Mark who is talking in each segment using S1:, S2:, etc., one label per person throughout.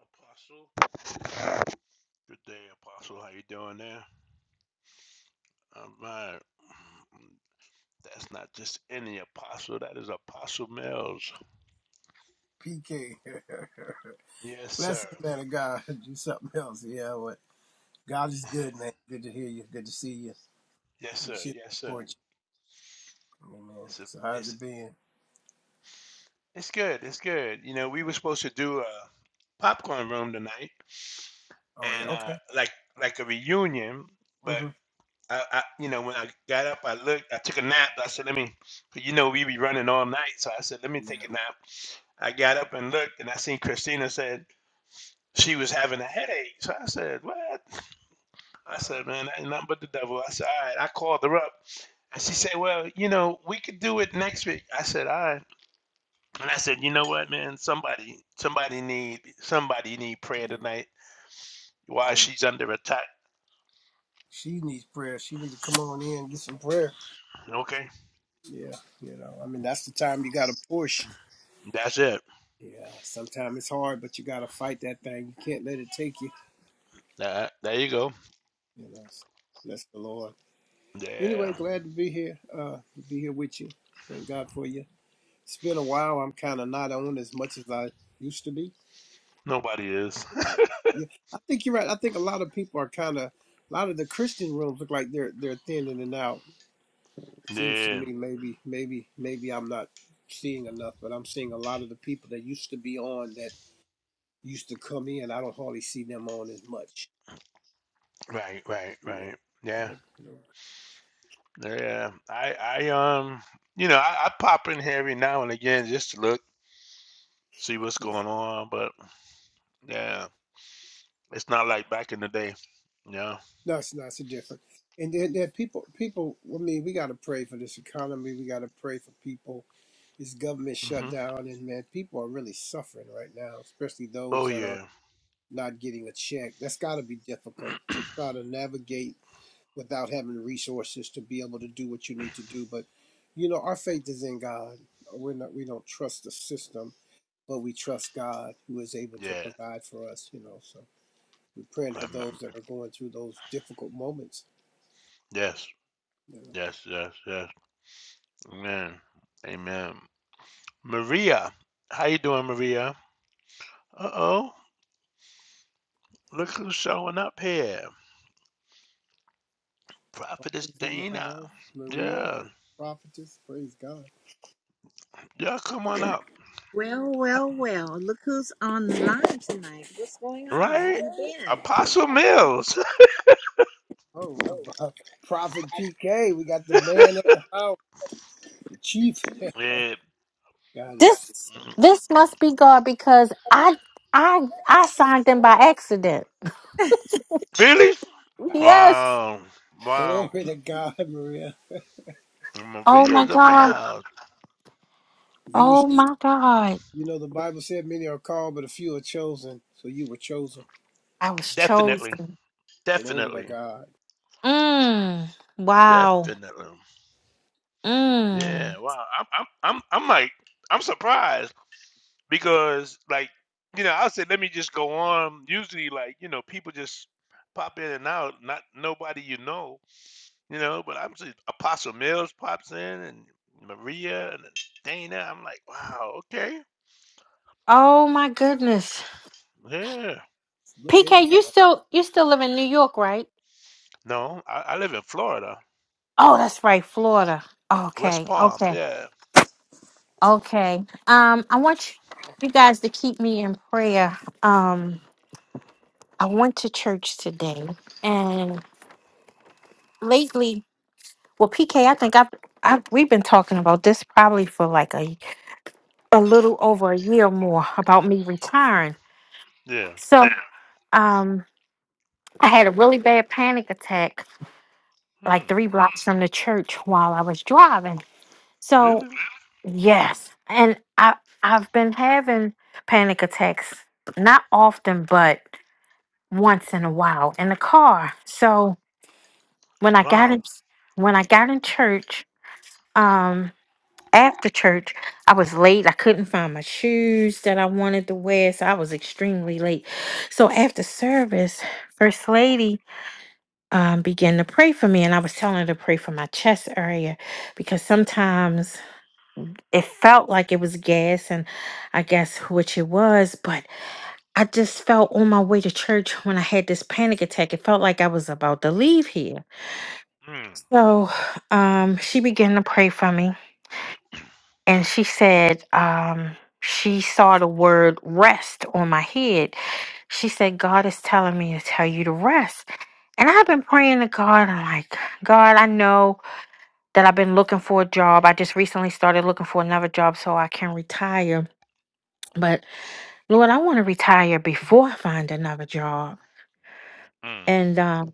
S1: Apostle. Good day, Apostle. How you doing there? Um, my, that's not just any apostle. That is Apostle Mills.
S2: PK.
S1: Yes, sir.
S2: Blessings, man of God. Do something else. Yeah, what? God is good, man. Good to hear you. Good to see you.
S1: Yes,
S2: I'm
S1: sir.
S2: just here
S1: Yes,
S2: to
S1: sir.
S2: support you. Amen.
S1: It's a,
S2: So how's
S1: it's
S2: it been?
S1: it's good. It's good. You know, we were supposed to do a popcorn room tonight,
S2: Oh, yeah.
S1: and uh,
S2: Okay.
S1: like like a reunion. But
S2: Mm-hmm.
S1: I, I, you know, when I got up, I looked. I took a nap. I said, let me. 'cause You know, we be running all night, so I said, let me
S2: Yeah.
S1: take a nap. I got up and looked, and I seen Christina said. she was having a headache. So I said, What? I
S2: Uh,
S1: said, Man, that ain't nothing but the devil. I said, All right. I called her up and she said, Well, you know, we could do it next week. I said, All right. And I said, You know what, man? Somebody, somebody need, somebody need prayer
S2: yeah.
S1: tonight while
S2: Always.
S1: she's under attack.
S2: She needs prayer. She needs to come on in and get some prayer.
S1: Okay.
S2: Yeah. You know, I mean, that's the time you got to push.
S1: That's it.
S2: Yeah. Sometimes it's hard, but you got to fight that thing. You can't let it take you.
S1: That, there you go.
S2: You know, so bless the Lord. Anyway,
S1: Yeah.
S2: glad to be here. Uh, to be here with you. Thank God for you. It's been a while. I'm kind of not on as much as I used to be.
S1: Nobody is.
S2: Yeah, Yeah, I think you're right. I think a lot of people are kind of a lot of the Christian rooms look like they're they're thinning and out. seems to
S1: yeah.
S2: me maybe maybe maybe I'm not seeing enough, but I'm seeing a lot of the people that used to be on that used to come in. I don't hardly see them on as much,
S1: Right, right,
S2: you know.
S1: right. Yeah.
S2: But you know,
S1: Yeah. I, I, um, you know, I, I pop in here every now and again just to look see what's
S2: yeah,
S1: going on. But Yeah, it's not like back in the day. Yeah.
S2: no, it's not so different. And then there are people people. I mean, we got to pray for this economy. We got to pray for people this government
S1: hmm
S2: shutdown and man people are really suffering right now especially those
S1: Oh
S2: that are
S1: yeah.
S2: not getting a check that's got to be difficult to try to navigate without having the resources to be able to do what you need to do but you know our faith is in god we're not we don't trust the system but we trust god who is able to
S1: Yeah.
S2: provide for us you know so we're praying
S1: I
S2: for
S1: remember.
S2: those that are going through those difficult moments
S1: Yes.
S2: you know
S1: Yes. Yes. Yes. Amen. Amen. Maria, how you doing, Maria? Uh oh, look who's showing up here. Prophetess
S2: prophets in the
S1: Dana.
S2: house maria
S1: Yeah.
S2: prophetess praise god
S1: Yeah. Come on up.
S3: Well,
S1: Uh,
S3: well, well. Look who's on the line tonight. What's going on? Where
S1: Right.
S3: you been?
S1: Apostle Mills.
S2: Oh, uh, Prophet PK, we got the man of the house, the chief.
S1: yeah.
S2: God is
S4: This this must be God because I I I signed in by accident.
S1: Really?
S4: Yes.
S1: Wow. Wow.
S2: glory to God, Maria.
S4: Oh my
S1: Maria's up in the
S4: God.
S1: house.
S2: You
S4: Oh
S2: was,
S4: my God.
S2: you know, the Bible said many are called, but a few are chosen. So you were chosen.
S4: I was
S1: Definitely.
S4: chosen.
S2: Glory to
S1: Definitely.
S2: God.
S4: Mm. Wow.
S1: Definitely.
S4: Mm.
S1: Yeah. Wow. I'm I'm I'm I'm like I'm surprised because like you know I said let me just go on. Usually like you know people just pop in and out. Not nobody you know. You know. But I'm seeing Apostle Mills pops in and Maria and Dana. I'm like wow. Okay.
S4: Oh my goodness.
S1: Yeah.
S2: Look at
S4: PK, you
S2: God.
S4: still you still live in New York, right?
S1: No. I, I live in Florida,
S4: Oh, that's right, Florida.
S1: West
S4: Okay.
S1: Palm.
S4: Okay.
S1: Yeah.
S4: Okay. Um, I want you, you guys to keep me in prayer. Um, I went to church today and lately Well, PK, I think I've, I've we've been talking about this probably for like a a little over a year more about me retiring.
S1: Yeah.
S4: So, um, I had a really bad panic attack
S1: Hmm.
S4: like three blocks from the church while I was driving. So,
S1: Really?
S4: yes, and I I've been having panic attacks not often, but once in a while in the car. So when I got
S1: Wow.
S4: in when I got in church. um. after church, I was late. I couldn't find my shoes that I wanted to wear, so I was extremely late. So after service, First Lady um, began to pray for me, and I was telling her to pray for my chest area because sometimes it felt like it was gas, and I guess which it was, but I just felt on my way to church when I had this panic attack. It felt like I was about to leave here.
S1: Hmm.
S4: So um, she began to pray for me and she said um, she saw the word rest on my head. She said, God is telling me to tell you to rest. And I've been praying to God. I'm like, God, I know that I've been looking for a job. I just recently started looking for another job so I can retire. But Lord, I want to retire before I find another job.
S1: Mm.
S4: And um,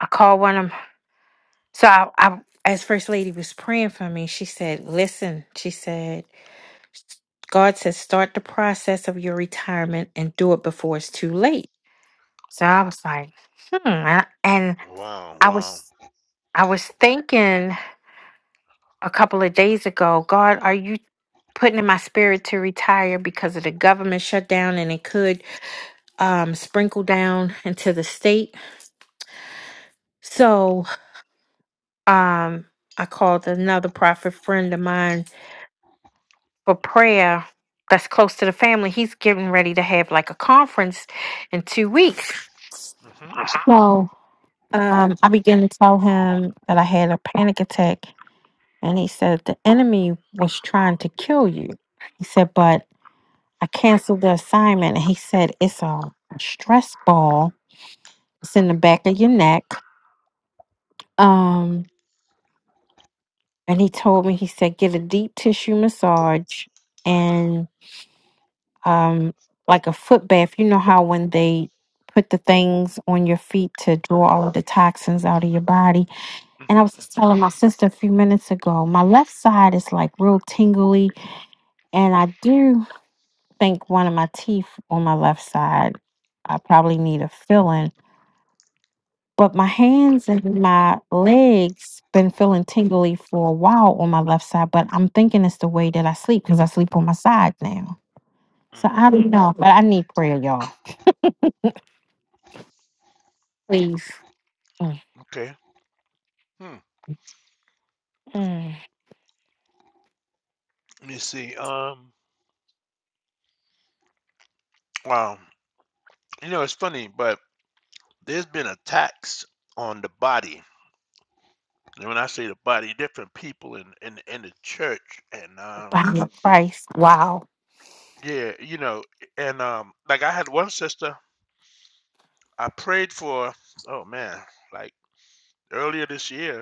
S4: I called one of them. So I, I, as First Lady was praying for me, she said, Listen, she said, God says, start the process of your retirement and do it before it's too late. So I was like, hmm. I- And
S1: Wow.
S4: I
S1: Wow.
S4: was, I was thinking a couple of days ago, God, are you putting in my spirit to retire because of the government shutdown and it could um, sprinkle down into the state? So um, I called another prophet friend of mine for prayer that's close to the family. He's getting ready to have like a conference in two weeks.
S1: Mhm.
S4: No, Um, um, I began to tell him that I had a panic attack, and he said the enemy was trying to kill you. He said, but I canceled the assignment, and he said it's a stress ball. It's in the back of your neck. Um, and he told me he said get a deep tissue massage and um, like a foot bath. You know how when they put the things on your feet to draw all of the toxins out of your body And I was just telling my sister a few minutes ago, my left side is like real tingly. And I do think one of my teeth on my left side, I probably need a filling. But my hands and my legs been feeling tingly for a while on my left side. But I'm thinking it's the way that I sleep because I sleep on my side now. So I
S1: Mhm.
S4: don't know. But I need prayer, y'all. Please. Mm,
S1: Okay. Hmm.
S4: mm.
S1: Let me see. Um. Wow. You know, it's funny, but there's been attacks on the body. And when I say the body, different people in in in the church, and um,
S4: Body Christ. Wow.
S1: yeah, you know, and um, like I had one sister. I prayed for. Oh man, like earlier this year.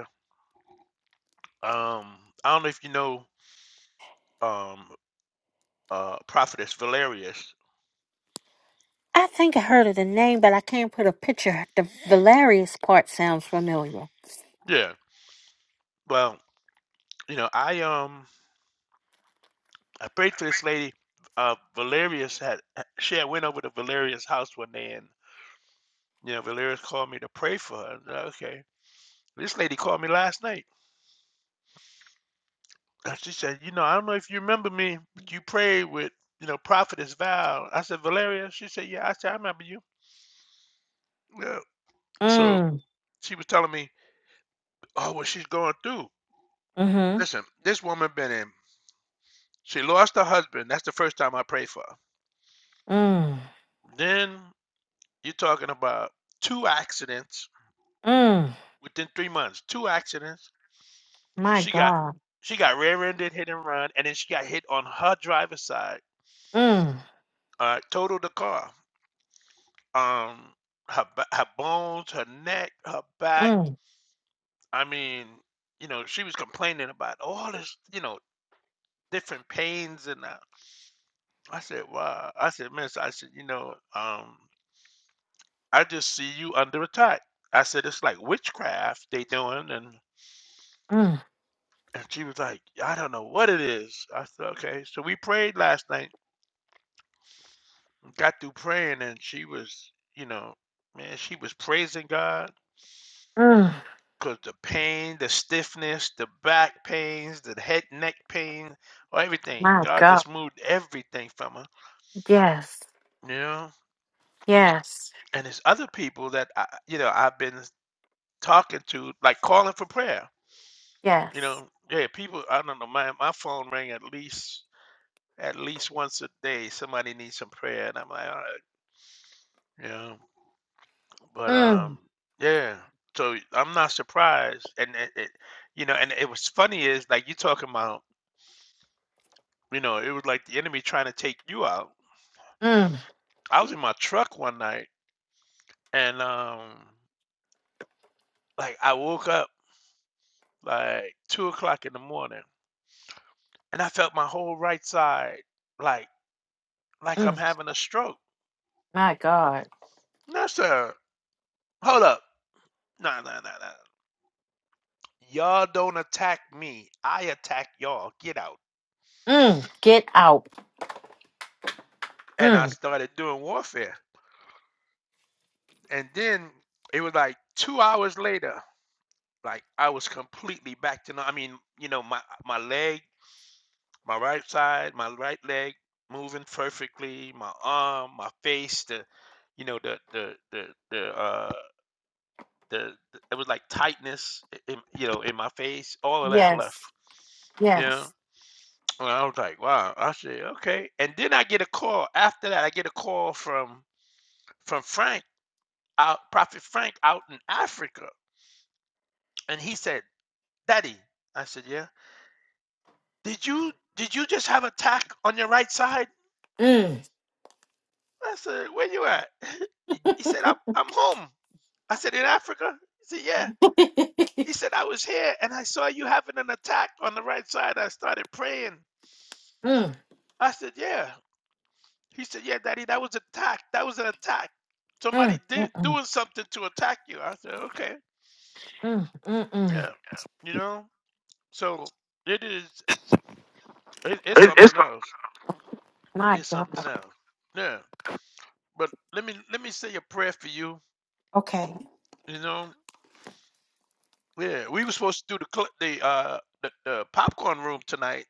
S1: Um, I don't know if you know. Um, uh, prophetess Valerius.
S4: I think I heard of the name, but I can't put a picture. The Valerius part sounds familiar.
S1: Yeah. Well, you know, I um I prayed for this lady. Uh, Valerius had she had went over to Valerius' house one day, and you know Valerius called me to pray for her. And, uh, okay, this lady called me last night. Uh, she said, you know, I don't know if you remember me, but you prayed with you know Prophetess Val. I said Valeria. She said, yeah. I said I remember you. Yeah. So
S4: Mm,
S1: she was telling me, oh, what she's going through.
S4: mm-hmm.
S1: Listen, this woman been in. She lost her husband. That's the first time I prayed for her.
S4: Mm,
S1: Then you're talking about two accidents
S4: mm.
S1: within three months. Two accidents
S4: My
S1: She got
S4: God.
S1: she got rear-ended hit and run, and then she got hit on her driver's side.
S4: Mm,
S1: Uh, totaled the car. Um, her ba- her bones, her neck, her back.
S4: mm,
S1: I mean, you know, she was complaining about all this, you know, different pains and that. I said, wow. I said, Miss, I said, you know, um, I just see you under attack. I said, it's like witchcraft they doing, and
S4: mm,
S1: and she was like, I don't know what it is. I said, okay. So we prayed last night got through praying and she was, you know, man, she was praising God
S4: mm.
S1: because the pain, the stiffness, the back pains, the head, neck pain, or everything.
S4: My
S1: God
S4: God.
S1: just moved everything from her,
S4: Yes.
S1: you know.
S4: Yes.
S1: And there's other people that I, you know, I've been talking to, like calling for prayer, you
S4: Yes.
S1: know. Yeah, people. I don't know. My my phone rang at least at least once a day. Somebody needs some prayer, and I'm like, all right, you know. But um,
S4: Mm,
S1: yeah. So I'm not surprised, and it, it, you know, and it was funny is like you talking about, you know, it was like the enemy trying to take you out.
S4: mm,
S1: I was in my truck one night, and um, like I woke up like two o'clock in the morning, and I felt my whole right side like like I'm
S4: mm.
S1: having a stroke.
S4: My God.
S1: No, sir. Hold up. No, no, no, no. Y'all don't attack me. I attack y'all. Get out.
S4: Mm. Get out.
S1: And I
S4: Mm.
S1: started doing warfare. and then it was like two hours later, like I was completely back to. nor- I mean, you know, my my leg, my right side, my right leg moving perfectly, my arm, my face, the, you know, the the the the uh the, the- it was like tightness, in, you know, in my face, all of that
S4: Yes.
S1: left. You know,
S4: Yes.
S1: and I was like, wow. I said, okay. And then I get a call after that. I get a call from from Frank out, Prophet Frank out in Africa, and he said Daddy, I said, yeah. Did you did you just have a tack on your right side?
S4: Mm,
S1: I said, where you at? He he said, I'm I'm home. I said, in Africa? He said, yeah. He said, I was here and I saw you having an attack on the right side. I started praying.
S4: mm,
S1: I said, yeah. He said, yeah, Daddy, that was an attack. That was an attack. Somebody
S4: mm, mm,
S1: did
S4: mm,
S1: doing something to attack you. I said, okay,
S4: mm, mm, mm.
S1: yeah. You know? So it is it, it's something else.
S4: My
S1: It's
S4: God.
S1: something else. Yeah. but let me let me say a prayer for you.
S4: Okay.
S1: You know, yeah, we were supposed to do the cl- the uh the, the popcorn room tonight,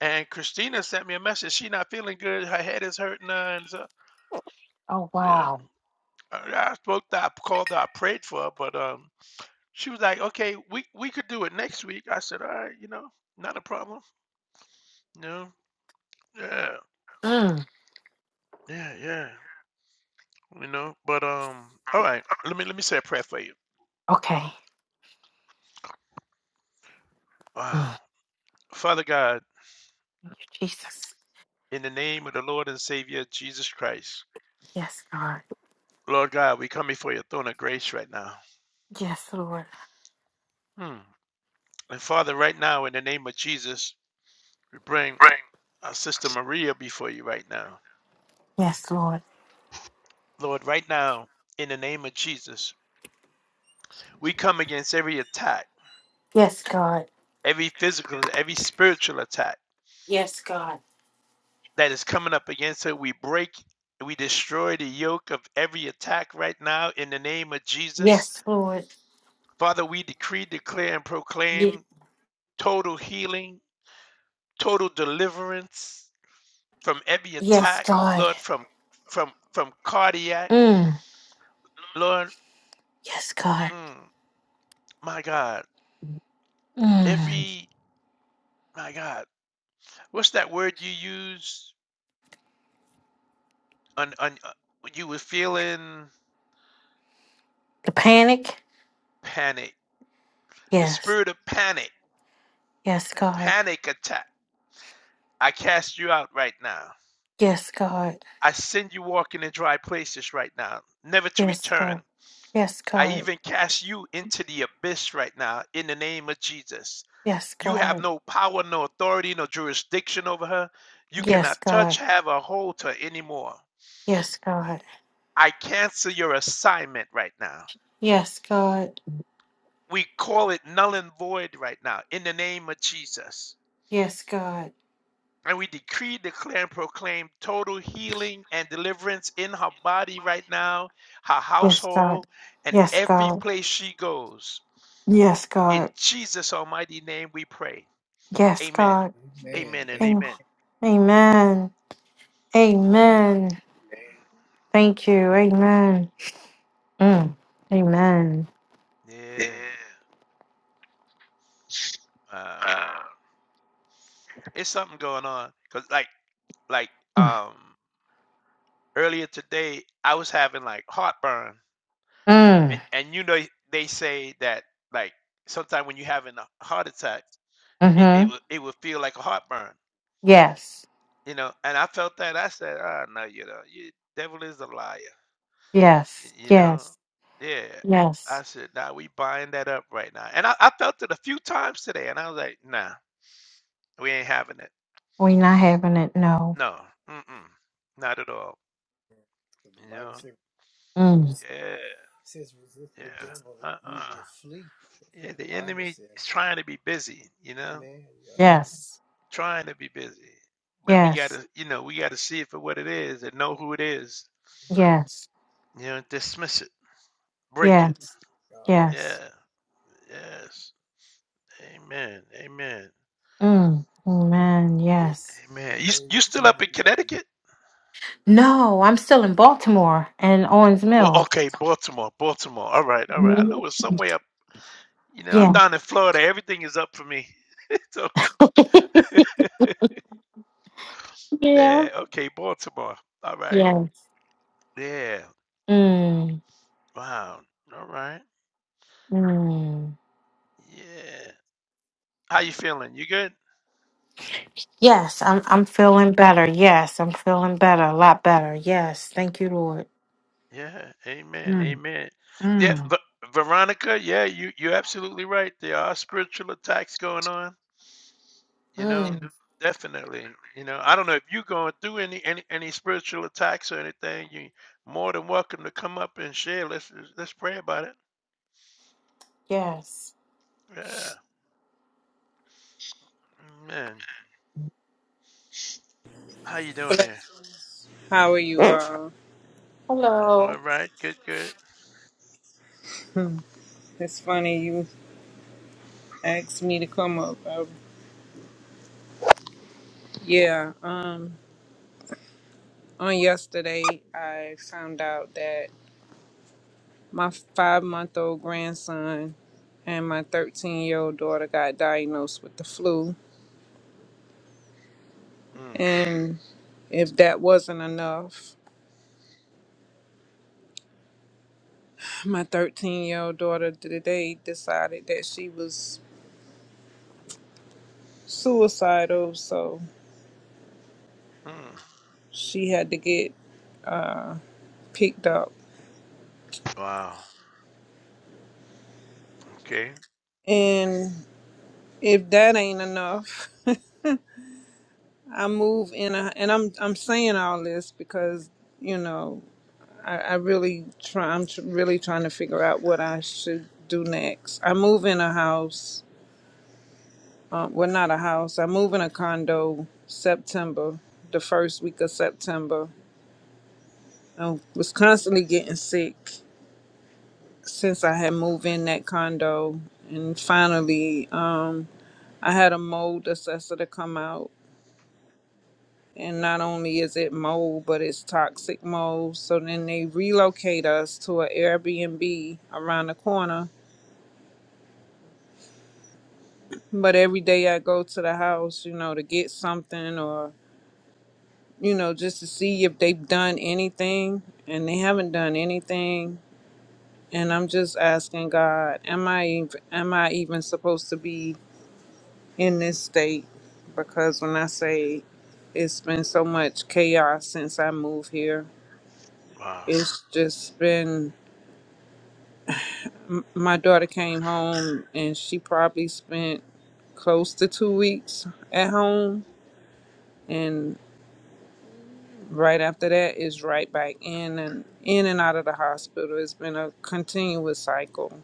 S1: and Christina sent me a message. She not feeling good. Her head is hurting her, and so
S4: Oh,
S1: yeah,
S4: wow.
S1: I, I spoke to, her, I called her, I prayed for her, but um, she was like, okay, we we could do it next week. I said, all right, you know, not a problem. You know, yeah,
S4: Mm.
S1: yeah, yeah. You know, but um, all right. Let me let me say a prayer for you.
S4: Okay. Mm.
S1: Wow, Father God,
S4: Thank you, Jesus.
S1: in the name of the Lord and Savior Jesus Christ.
S4: Yes, God.
S1: Lord God, we come before your throne of grace right now.
S4: Yes, Lord.
S1: Hmm. And Father, right now, in the name of Jesus, we bring
S4: Rain.
S1: our sister Maria before you right now.
S4: Yes, Lord.
S1: Lord, right now, in the name of Jesus, we come against every attack,
S4: Yes, God.
S1: every physical, every spiritual attack
S4: Yes, God.
S1: that is coming up against her. We break, we destroy the yoke of every attack right now in the name of Jesus.
S4: Yes, Lord.
S1: Father, we decree, declare, and
S4: Ye-
S1: proclaim total healing, total deliverance, from every
S4: yes,
S1: attack,
S4: God.
S1: Lord, from from from cardiac,
S4: Mm.
S1: Lord,
S4: Yes, God.
S1: mm, my God,
S4: Mm.
S1: every my God, what's that word you use on on uh, you were feeling
S4: The panic?
S1: panic, the
S4: Yes.
S1: spirit of panic
S4: Yes,
S1: and
S4: God.
S1: panic attack. I cast you out right now.
S4: Yes, God.
S1: I send you walking in dry places right now, never to
S4: Yes,
S1: return.
S4: God. Yes,
S1: I
S4: God.
S1: even cast you into the abyss right now in the name of Jesus.
S4: Yes,
S1: You have
S4: God.
S1: no power, no authority, no jurisdiction over her. You
S4: Yes,
S1: cannot touch,
S4: God.
S1: have, or hold her anymore.
S4: Yes, God.
S1: I cancel your assignment right now.
S4: Yes, God.
S1: We call it null and void right now in the name of Jesus.
S4: Yes, God.
S1: And we decree, declare, and proclaim total healing and deliverance in her body right now, her
S4: Yes, God.
S1: household, and
S4: Yes,
S1: every
S4: God.
S1: place she goes.
S4: Yes,
S1: In
S4: God.
S1: Jesus' almighty name we pray.
S4: Yes,
S1: Amen.
S4: God.
S2: Amen.
S1: Amen and
S2: Amen.
S4: Am-
S1: amen.
S4: Amen.
S2: Amen.
S4: Amen. Thank you. Amen. Mm. Amen.
S1: Yeah.
S4: Yeah.
S1: Uh, It's something going on. Cause like like um earlier today I was having like heartburn. And
S4: Mm.
S1: and you know they say that like sometimes when you're having a heart attack, it, it
S4: Mm-hmm.
S1: will it will feel like a heartburn.
S4: Yes.
S1: You know, and I felt that I said, ah no, you know, you devil is a liar. y-
S4: Yes.
S1: You know?
S4: Yes.
S1: Yeah. I
S4: Yes.
S1: said, nah, we buying that up right now. And I, I felt it a few times today and I was like, nah, we ain't having it.
S4: We not having it. No.
S1: No. Mm mm. Not at all.
S2: So the
S1: You
S2: Bible
S1: know?
S2: said, the
S4: Mm.
S2: devil
S1: Yeah.
S2: says resist
S1: Yeah.
S2: the devil and
S1: Uh
S2: he
S1: uh
S2: will flee.
S1: Yeah,
S2: When the
S1: the
S2: Bible
S1: enemy
S2: said,
S1: is trying to be busy, you know,
S2: Amen.
S4: Yes.
S1: trying to be busy. But we got
S4: Yes.
S1: to, you know, we got to see it for what it is and know who it is.
S2: Yeah. Amen.
S4: Yes.
S1: You know, dismiss it, break it.
S4: Yes.
S2: God.
S4: Yes.
S1: Yeah. Yes. Amen. Amen.
S4: Mm. Amen.
S2: Says,
S4: Yes.
S2: in
S1: Amen. You
S2: the name
S1: you
S2: of
S1: still up
S2: Jesus,
S1: in
S2: we got the
S1: Connecticut?
S4: No, I'm still in Baltimore and Owens
S1: Well,
S4: Mills.
S1: okay, Baltimore. Baltimore. All right. All right. I
S4: Mhm.
S1: know it's somewhere up. You know, I'm
S4: Yeah.
S1: down in Florida. Everything is up for me. so
S4: yeah.
S1: yeah. Okay, Baltimore. All right.
S4: Yes.
S1: Yeah.
S4: Mm.
S1: Wow. All right.
S4: Mm.
S1: Yeah. How you feeling? You good?
S4: Yes, I'm I'm feeling better. Yes, I'm feeling better, a lot better. Yes, thank you, Lord.
S1: Yeah. Amen.
S4: Mm,
S1: Amen. Yeah,
S4: mm,
S1: but Veronica, yeah, you you're absolutely right. There are spiritual attacks going on. You know,
S4: mm.
S1: definitely. You know, I don't know if you're going through any any any spiritual attacks or anything. You more than welcome to come up and share. Let's let's pray about it.
S4: Yes.
S1: Yeah. Amen. How you doing there?
S5: How are you all?
S4: Hello.
S1: All right. Good. Good.
S5: It's funny you asked me to come up. Um, yeah, um, on yesterday I found out that my five month old grandson and my 13 year old daughter got diagnosed with the flu.
S1: Hmm.
S5: And if that wasn't enough, my 13 year old daughter today decided that she was suicidal, so
S1: Hmm.
S5: she had to get picked up.
S1: Wow. Okay.
S5: And if that ain't enough, I move in a, and I'm I'm saying all this because you know I, I really try I'm tr- really trying to figure out what I should do next. I move in a house, um, well not a house. I move in a condo September, the first week of September. I was constantly getting sick since I had moved in that condo, and finally um, I had a mold assessor to come out And not only is it mold, but it's toxic mold. So then they relocate us to an Airbnb around the corner. But every day I go to the house, you know, to get something or, you know, just to see if they've done anything. And they haven't done anything. And I'm just asking God, am I ev- am I even supposed to be in this state? Because when I say it's been so much chaos since I moved here,
S1: Wow.
S5: it's just been M- my daughter came home and she probably spent close to two weeks at home and right after that is right back in and in and out of the hospital it's been a continuous cycle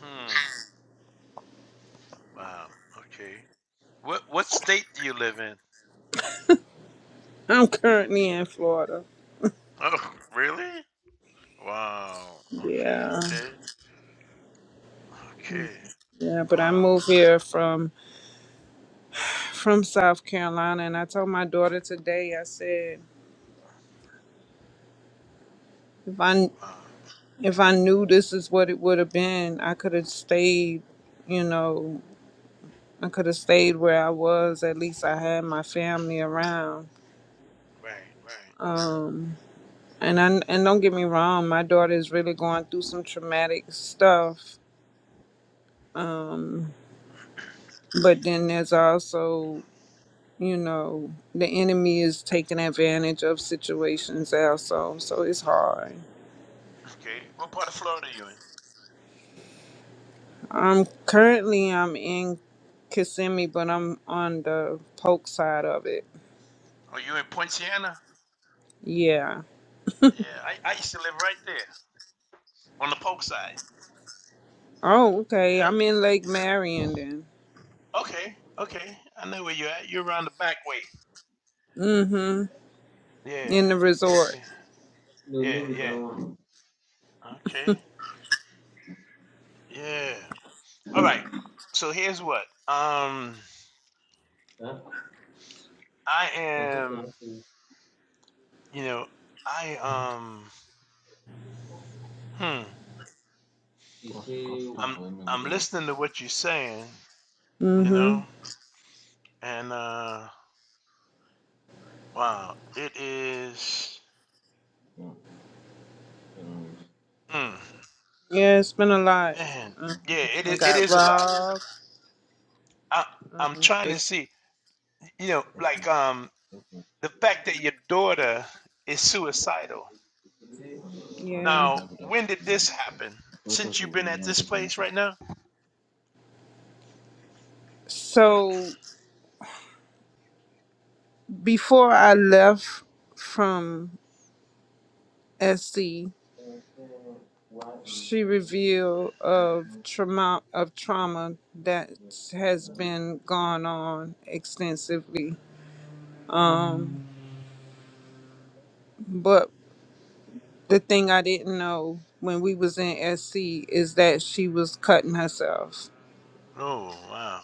S1: Hmm. Wow. Okay. What what state do you live in?
S5: i'm currently in florida
S1: Oh, really? Wow. Okay,
S5: yeah
S1: okay. Okay.
S5: yeah but i
S1: Wow.
S5: moved here from from south carolina and i told my daughter today i said if i
S1: Wow.
S5: if i knew this is what it would have been i could have stayed you know I could have stayed where I was. At least I had my family around.
S1: Right, right.
S5: Um, and I, and don't get me wrong, my daughter is really going through some traumatic stuff. But then there's also, you know, the enemy is taking advantage of situations also. So it's hard.
S1: Okay. What part of Florida are you in?
S5: I'm currently I'm in Kissimmee, but I'm on the Polk side of it.
S1: Are you in Poinciana?
S5: Yeah.
S1: Yeah, I, I used to live right there on the Polk side.
S5: Oh, okay.
S1: Yeah.
S5: I'm in Lake Marion then.
S1: Okay, okay. I know where you're at. You're around the back way.
S5: Mm-hmm.
S1: Yeah.
S5: In the resort.
S1: Yeah.
S6: No,
S1: Yeah,
S6: no be that
S1: yeah.
S6: one.
S1: Okay. Yeah. All right. So here's what. Um
S6: Huh?
S1: I
S6: Na something
S1: am,
S6: happen.
S1: you know, I um hmm.
S6: He What's say what's
S1: I'm
S6: for me? Go
S1: I'm
S6: tell
S1: listening to what you're saying, you
S5: Mm-hmm.
S1: know, and uh wow, it is
S6: him. Terrorist.
S1: mm,
S5: Yeah, it's been a lot.
S1: man,
S5: Um,
S1: yeah, it
S5: I
S1: is it
S5: got
S1: is a lot.
S5: robbed.
S1: I I'm
S5: Um,
S1: trying
S5: they,
S1: to see, you know,
S6: Okay.
S1: like um
S6: Okay. Okay.
S1: the fact that your daughter is suicidal.
S5: yeah.
S6: Operators
S1: Now,
S6: never got.
S1: when did this happen? Since
S6: Operators
S1: you've
S6: will
S1: been
S6: mean
S1: at
S6: one
S1: this
S6: people
S1: place
S6: nothing.
S1: right now?
S5: So before I left from SC,
S6: uh, say, why is
S5: she
S6: that?
S5: revealed
S6: There
S5: of trauma of trauma that
S6: is
S5: has
S6: no
S5: been gone on extensively. But the thing I didn't know when we was in SC is that she was cutting herself.
S1: Oh wow.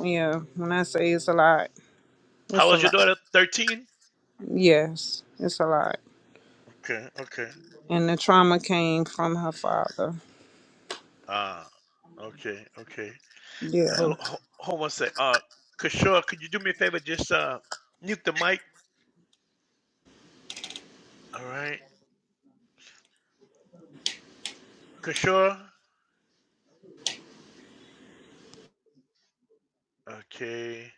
S5: Yeah, when I say it's a lot,
S1: How
S5: it's a
S1: old's your
S5: lot.
S1: daughter? Thirteen?
S5: Yes, it's a lot.
S1: Okay, okay.
S5: And the trauma came from her father.
S1: Ah, okay, okay.
S5: Yeah.
S1: Hold, hold, hold one sec. Uh, Kishore, could you do me a favor? Just uh, mute the mic. All right, Kishore. Okay.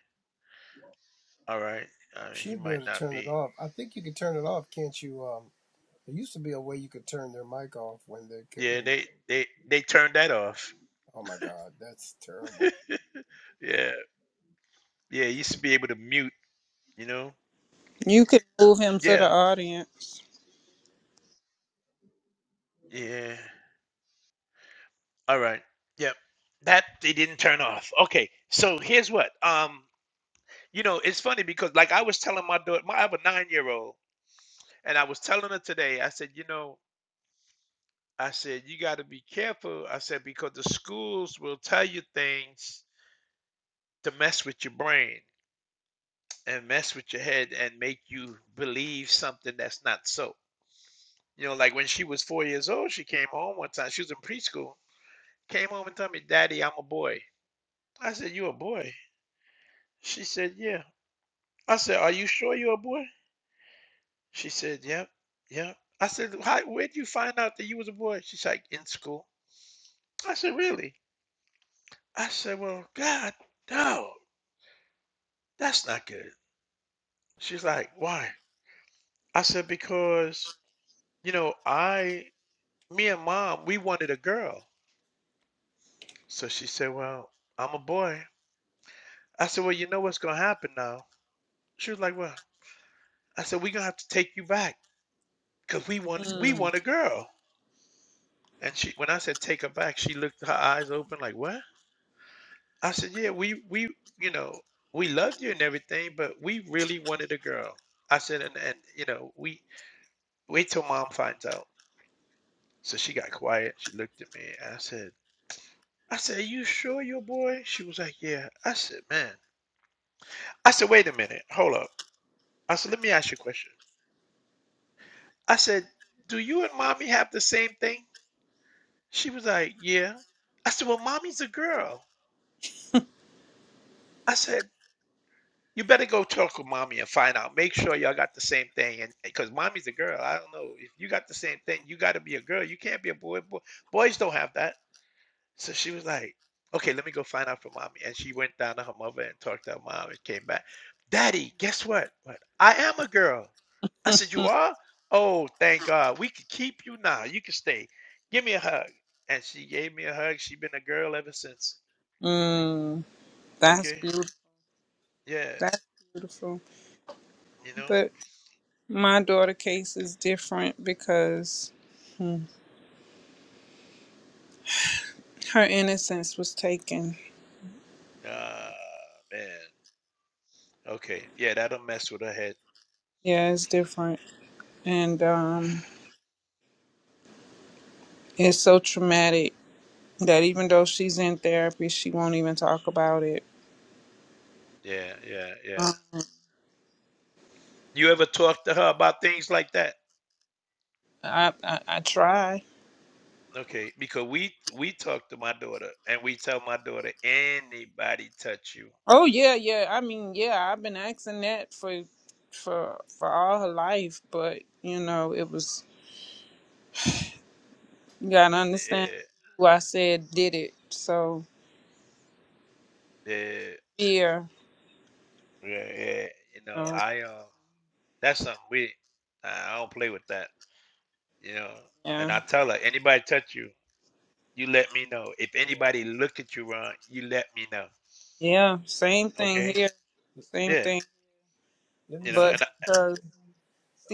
S1: All right. Uh, he
S2: She'd be
S1: might
S2: able to
S1: not
S2: turn it
S1: be.
S2: off. I think you could turn it off, can't you? Um, there used to be a way you could turn their mic off when they c-
S1: Yeah,
S2: when. They,
S1: they they they turned that off.
S2: oh my God, that's terrible.
S1: Yeah, yeah. You used to be able to mute. You know.
S5: You could move him to the
S1: Yeah.
S5: audience.
S1: Yeah. All right. Yep. That they didn't turn off. Okay. So here's what. Um. You know, it's funny because like I was telling my daughter, my I have a nine year old, and I was telling her today. I said, you know, I said, you got to be careful. I said, because the schools will tell you things to mess with your brain and mess with your head and make you believe something that's not so. You know, like when she was four years old, she came home one time. She was in preschool. Came home and told me, Daddy, I'm a boy. I said, You a boy? She said, Yeah. I said, Are you sure you're a boy? She said, Yep, yep. I said, How, where did you find out that you was a boy? She's like, In school. I said, Really? I said, Well, God, no, that's not good. She's like, "Why?" I said, "Because, you know, I, me and mom, we wanted a girl." So she said, "Well, I'm a boy." I said, "Well, you know what's gonna happen now." She was like, "Well," I said, "We're gonna have to take you back because we want, we
S5: Mm.
S1: want a girl." And she, when I said take her back, she looked her eyes open like, "What?" I said, "Yeah, we, we, you know, we loved you and everything, but we really wanted a girl." I said, "And, and you know, we wait till mom finds out." So she got quiet. She looked at me, and I said. I said, You sure your boy? She was like, Yeah. I said, Man. I said, Wait a minute. Hold up. I said, Let me ask you a question. I said, Do you and mommy have the same thing? She was like, Yeah. I said, Well, mommy's a girl. I said, You better go talk with mommy and find out. Make sure y'all got the same thing. And because mommy's a girl, I don't know. If you got the same thing, you got to be a girl. You can't be a boy. boy. Boys don't have that. So she was like, okay, let me go find out for mommy. And she went down to her mother and talked to her mom and came back. Daddy, guess what? What? I am a girl. I said, you are? Oh, thank God. We can keep you now. You can stay. Give me a hug. And she gave me a hug. She been a girl ever since.
S5: Mm. That's
S1: Okay.
S5: beautiful.
S1: Yeah.
S5: That's beautiful.
S1: You know?
S5: But my daughter case is different because hmm, her innocence was taken.
S1: Ah, man. Okay. Yeah, that'll mess with her head.
S5: Yeah, it's different. And um, it's so traumatic that even though she's in therapy, she won't even talk about it.
S1: Yeah, yeah, yeah.
S5: Um,
S1: You ever talk to her about things like that?
S5: I, I, I try.
S1: Okay, because we we talk to my daughter and we tell my daughter anybody touch you,
S5: Oh yeah, yeah. I mean, yeah, I've been asking that for for for all her life, but you know, it was you gotta understand
S1: yeah,
S5: who I said did it. So
S1: yeah,
S5: fear,
S1: yeah, yeah, you
S5: you
S1: know
S5: know,
S1: I uh that's something we I I don't play with that, you know. And
S5: yeah.
S1: I tell her anybody touch you, you let me know. If
S2: Uh,
S1: anybody look at you wrong, you let me know.
S5: Yeah. Same thing
S1: Okay,
S5: here, same
S1: yeah,
S5: thing.
S2: let
S1: you
S2: me
S1: know,
S2: say,
S5: But
S1: and I,
S5: because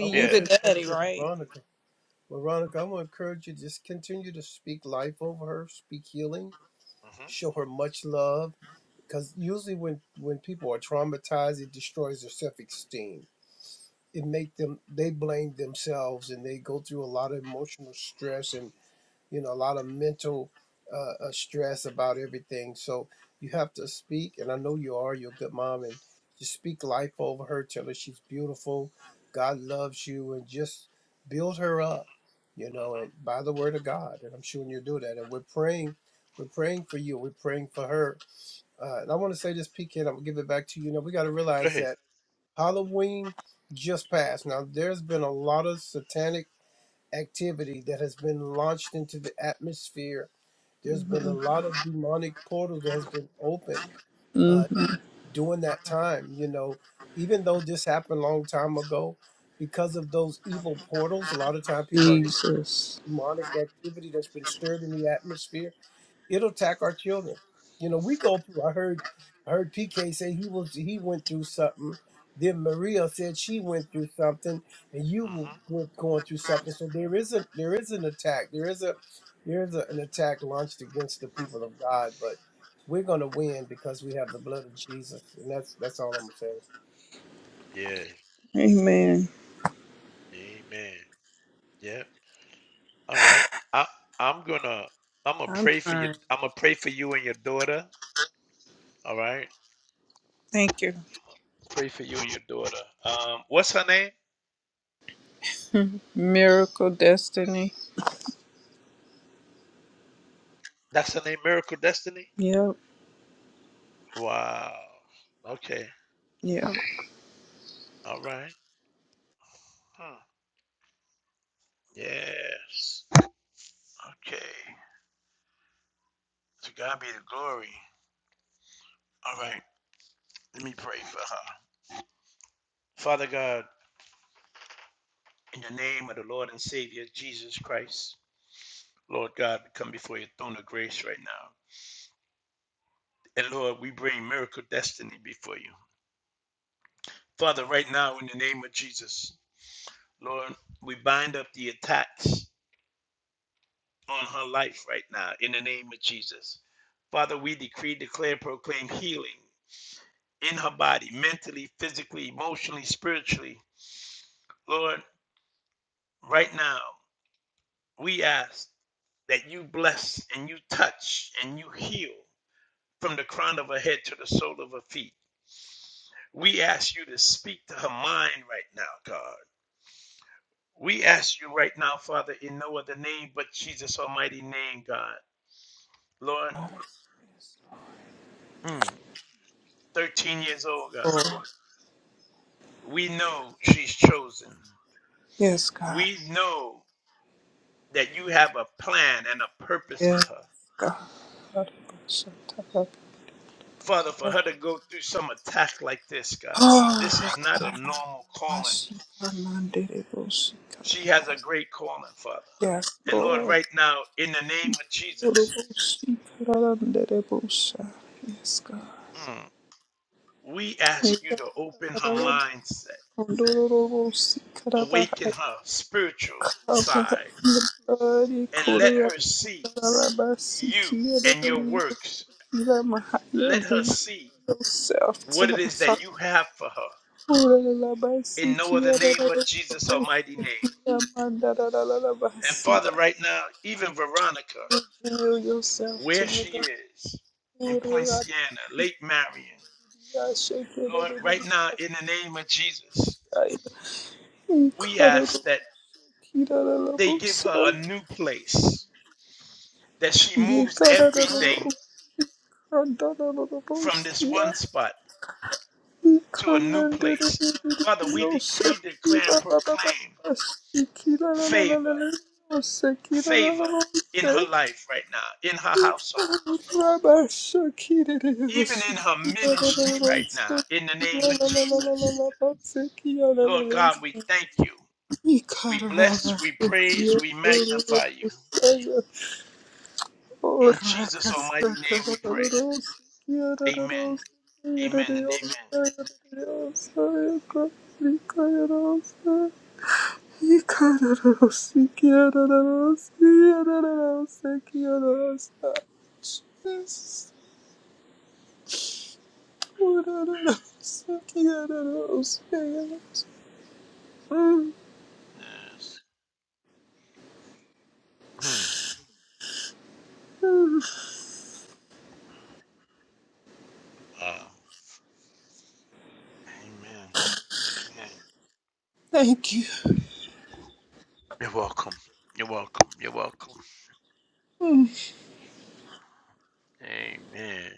S2: I
S5: you
S2: want
S1: yeah,
S2: to
S5: the
S2: say something
S5: daddy,
S2: to
S5: right?
S2: Veronica. Veronica, I want to encourage you to just continue to speak life over her, speak healing,
S1: hmm
S2: show her much love. Because usually when when people are traumatized, it destroys their self esteem. It make them they blame themselves and they go through a lot of emotional stress and you know, a lot of mental uh, uh, stress about everything. So you have to speak, and I know you are. You're a good mom, and just speak life over her. Tell her she's beautiful. God loves you, and just build her up, you
S1: hmm
S2: know,
S1: hmm
S2: and by the word of God. And I'm sure you'll do that. And we're praying. We're praying for you. We're praying for her. Uh, and I want to say this, PK, and I'm going to give it back to you. Now, we got to
S1: go
S2: realize
S1: ahead,
S2: that Halloween just passed. Now, there's been a lot of satanic activity that has been launched into the atmosphere. There's been a
S5: hmm
S2: lot of demonic portals that has been open
S5: hmm
S2: uh, during that time. You know, even though this happened a long time ago, because of those evil portals, a lot of time people don't understand
S5: Jesus.
S2: demonic activity that's been stirred in the atmosphere It'll attack our children. You know, we go through. I heard, I heard PK say he was he went through something. Then Maria said she went through something, and you
S1: hmm
S2: went going through something. So there is a there is an attack. There is a there is a, an attack launched against the people of God. But we're gonna win because we have the blood of Jesus, and that's that's all I'm saying.
S1: yeah,
S5: Amen.
S1: amen, yeah. All right. I I'm gonna I'm gonna
S5: I'm
S1: pray for you.
S5: trying.
S1: I'm gonna pray for you and your daughter. All right.
S5: Thank you.
S1: Pray for you and your daughter. Um, what's her name?
S5: Miracle destiny.
S1: That's her name, Miracle Destiny.
S5: Yep.
S1: Wow. Okay.
S5: Yep.
S1: All right. Hmm. Yes. Okay. To God be the glory. All right. Let me pray for her. Father God, in the name of the Lord and Savior Jesus Christ, Lord God, we come before your throne of grace right now. And Lord, we bring miracle destiny before you. Father, right now, in the name of Jesus, Lord, we bind up the attacks on her life right now, in the name of Jesus. Father, we decree, declare, proclaim healing in her body, mentally, physically, emotionally, spiritually. Lord, right now, we ask that you bless and you touch and you heal from the crown of her head to the sole of her feet. We ask you to speak to her mind right now, God. We ask you right now, Father, in no other name but Jesus' almighty name, God. Lord, mm, 13 years old, God,
S5: Lord.
S1: we know she's chosen.
S5: Yes, God.
S1: We know that you have a plan and a purpose for
S5: Yes,
S1: her.
S5: God.
S1: Father, for her to go through some attack like this, God, this
S5: Oh,
S1: is not a normal calling.
S5: Rakarabasi, Kananderebos,
S1: She has a
S5: Karabas.
S1: great calling, Father.
S5: Yes,
S1: And Lord,
S5: Lord.
S1: right now, in the name of Jesus,
S5: Orobos, Karanderebos. Yes, God.
S1: mm, we ask you to open her mindset
S5: Kondorobos,
S1: awaken
S5: Karabahai,
S1: her spiritual
S5: Kabahai,
S1: side
S5: the
S1: and let
S5: blood,
S1: her see
S5: Korabasi,
S1: you and your
S5: Kiyadabili,
S1: works.
S5: Ilamahaya,
S1: Let her
S5: reveal
S1: see
S5: yourself to
S1: what
S5: her,
S1: it is
S5: Father.
S1: that you have for her in
S5: Korabasi,
S1: no other name but Jesus'
S5: Kiyadabili,
S1: almighty name. And
S5: Yamandarararabasi.
S1: Father, right now, even Veronica,
S5: Reveal yourself to
S1: where
S5: her,
S1: she
S5: God.
S1: is in
S5: Uraradiya
S1: Poinciana, Lake Marion, Lord, right now,
S5: shekererereriyasai.
S1: in the name of Jesus, we ask that they give her
S5: Ikararokirararabosai.
S1: a new place, that she moves everything from this
S5: Yekarararorokandarararabosiya.
S1: one spot to a new place. Father, we decree, declare, and proclaim
S5: Ikananderererereriyosakibababababasi.
S1: favor, favor in
S5: Kirararararariyosakirarararabosai.
S1: her life right now, in her household,
S5: Ikararosi,
S1: even
S5: kiarararose,
S1: in her ministry right now, in the name of Jesus.
S5: kiarararose,
S1: Lord
S5: kiarararose.
S1: God, we thank you. We bless, we praise, we magnify you. In Jesus' almighty name we pray. Amen. Amen and amen.
S5: Mm,
S1: Yes. Hmm. Uh, amen. Amen.
S5: Thank you.
S1: You're welcome. You're welcome. You're welcome.
S5: Mm.
S1: Amen.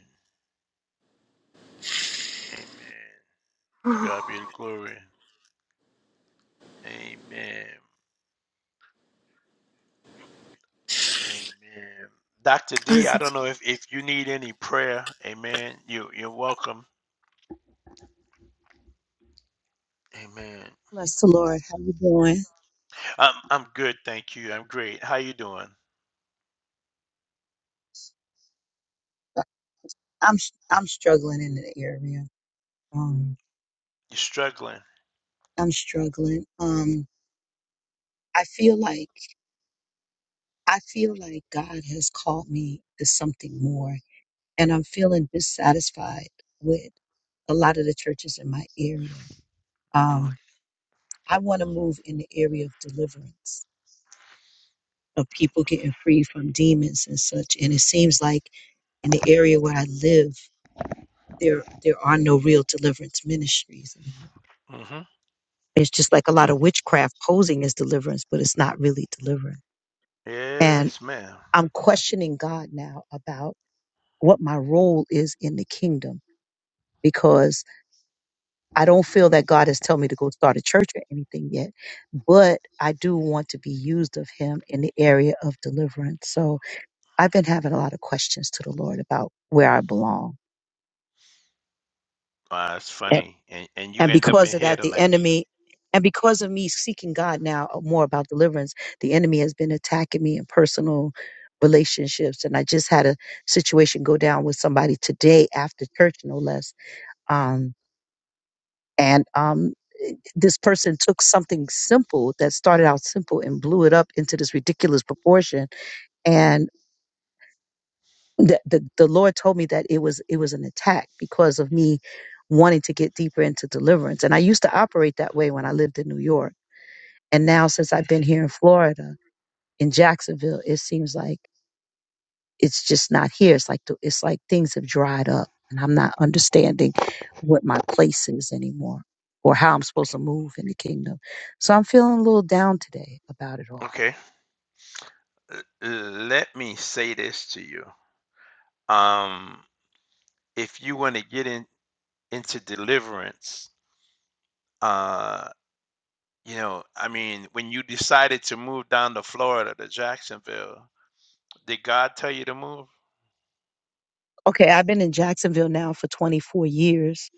S1: Amen. To God be the glory. Amen. Amen. Dr. D, I don't know if, if you need any prayer. Amen. You you're welcome. Amen.
S7: Bless the Lord. How you doing?
S1: I'm I'm good, thank you. I'm great. How you doing?
S7: I'm I'm struggling in the area. Um,
S1: You struggling?
S7: I'm struggling. Um, I feel like I feel like God has called me to something more, and I'm feeling dissatisfied with a lot of the churches in my area. Um, I want to move in the area of deliverance, of people getting free from demons and such. And it seems like in the area where I live, there there are no real deliverance ministries anymore.
S1: Mm-hmm.
S7: It's just like a lot of witchcraft posing as deliverance, but it's not really deliverance. And
S1: Yes, ma'am.
S7: I'm questioning God now about what my role is in the kingdom because I don't feel that God has told me to go start a church or anything yet, but I do want to be used of Him in the area of deliverance. So I've been having a lot of questions to the Lord about where I belong.
S1: Wow, that's funny. And and you
S7: And
S1: end up in
S7: because of
S1: here
S7: that, the
S1: tonight.
S7: enemy, and because of me seeking God now uh, more about deliverance, the enemy has been attacking me in personal relationships. And I just had a situation go down with somebody today after church, no less. Um, and um, this person took something simple that started out simple and blew it up into this ridiculous proportion. And the, the, the Lord told me that it was it was an attack because of me wanting to get deeper into deliverance. And I used to operate that way when I lived in New York And now since I've been here in Florida, in Jacksonville, it seems like it's just not here. It's like it's like things have dried up, and I'm not understanding what my place is anymore, or how I'm supposed to move in the kingdom. So I'm feeling a little down today about it all.
S1: Okay. L- Let me say this to you. Um, if you want to get in into deliverance, uh. You know, I mean, when you decided to move down to Florida to Jacksonville, did God tell you to move?
S7: Okay, I've been in Jacksonville now for 24 years.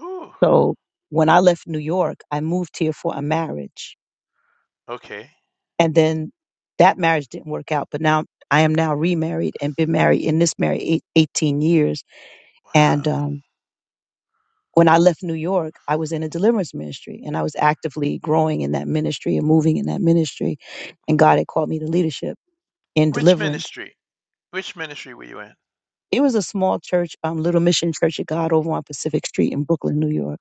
S1: Ooh,
S7: So when I left New York, I moved here for a marriage,
S1: okay.
S7: and then that marriage didn't work out. But now I am now remarried and been married in this married eight, 18 years, and
S1: Wow.
S7: um, when I left New York, I was in a deliverance ministry and I was actively growing in that ministry and moving in that ministry. And God had called me to leadership in
S1: Which
S7: deliverance.
S1: ministry? Which ministry were you in?
S7: It was a small church, um, Little Mission Church of God over on Pacific Street in Brooklyn, New York.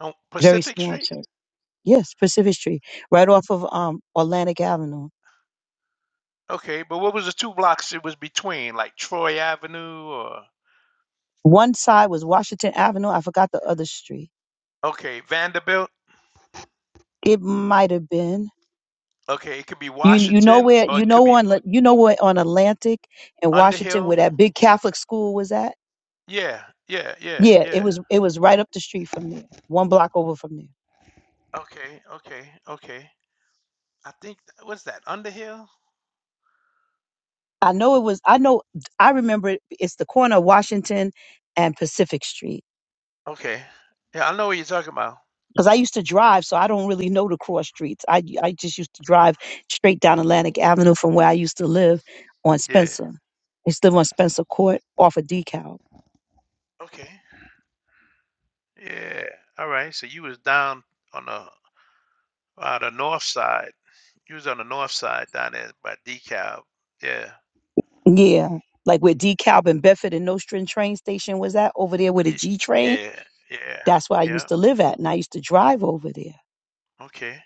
S1: Oh,
S7: Very
S1: Pacific
S7: small
S1: Street?
S7: church. Yes, Pacific Street, right off of um, Atlantic Avenue.
S1: Okay, but what was the two blocks it was between? Like Troy Avenue or
S7: One side was Washington Avenue. I forgot the other street.
S1: okay, Vanderbilt?
S7: It might have been.
S1: Okay, it could be
S7: You, you know
S1: Washington
S7: where
S1: or
S7: you
S1: it could
S7: know
S1: be
S7: on you know where on Atlantic and Washington
S1: Underhill.
S7: where that big Catholic school was at
S1: Yeah, yeah, yeah,
S7: Yeah, it
S1: yeah.
S7: was it was right up the street from there, one block over from there.
S1: Okay, okay, okay. I think what's that? Underhill?
S7: I know it was. I know I remember it, it's the corner of Washington and Pacific Street
S1: Okay. Yeah, I know what you're talking about.
S7: because I used to drive, so I don't really know the cross streets. I I just used to drive straight down Atlantic Avenue from where I used to live on
S1: Yeah.
S7: Spencer. I used to live on Spencer Court off of DeKalb.
S1: Okay. Yeah. All right. So you was down on the uh, the north side. You was on the north side down there by DeKalb. Yeah.
S7: Yeah, like where DeKalb and Bedford and Nostrand train station was at over there with a
S1: Y-
S7: G train.
S1: Yeah. Yeah.
S7: That's where I
S1: Yeah.
S7: used to live at, and I used to drive over there.
S1: Okay.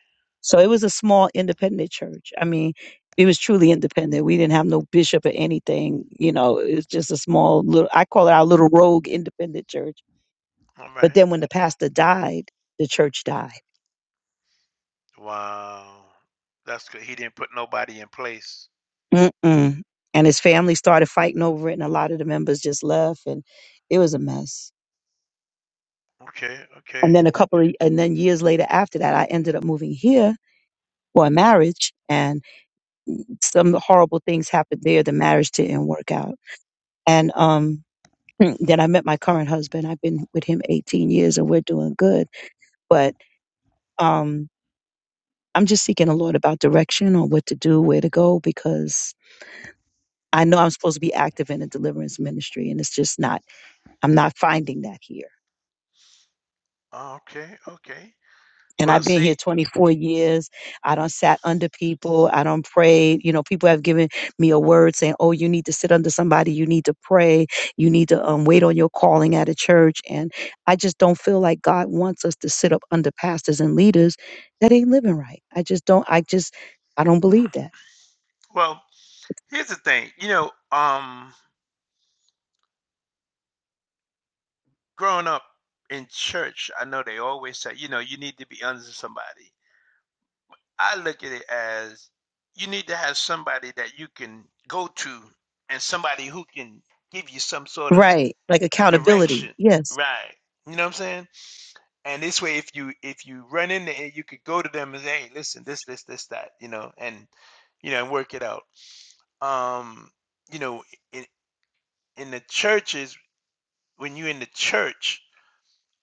S7: So it was a small independent church. I mean, it was truly independent. We didn't have no bishop or anything. You know, it was just a small little, I call it our little rogue independent church.
S1: All
S7: But
S1: right.
S7: then when the pastor died, the church died.
S1: Wow. That's good. He didn't put nobody in place.
S7: Mm-mm. And his family started fighting over it, and a lot of the members just left, and it was a mess.
S1: Okay. Okay.
S7: And then a couple of, and then years later after that, I ended up moving here for a marriage, and some horrible things happened there. The marriage didn't work out. And um, Then I met my current husband. I've been with him 18 years and we're doing good. But um, I'm just seeking the Lord about direction on what to do, where to go, because I know I'm supposed to be active in the deliverance ministry and it's just not, I'm not finding that here.
S1: Oh, okay. Okay.
S7: and
S1: Well,
S7: I've been here
S1: see.
S7: 24 years. I don't sat under people. I don't pray. You know, people have given me a word saying, "Oh, you need to sit under somebody. You need to pray. You need to um, wait on your calling at a church." And I just don't feel like God wants us to sit up under pastors and leaders that ain't living right. I just don't. I just I don't believe that.
S1: Well, here's the thing. You know, um, growing up in church, I know they always say, you know, you need to be under somebody. I look at it as you need to have somebody that you can go to and somebody who can give you some sort of
S7: Right. Like accountability.
S1: direction,
S7: Yes.
S1: right? You know what I'm saying? And this way, if you if you run into it, you could go to them and say, "Hey, listen, this, this, this, that," you know, and you know, and work it out. Um, you know, in in the churches, when you're in the church,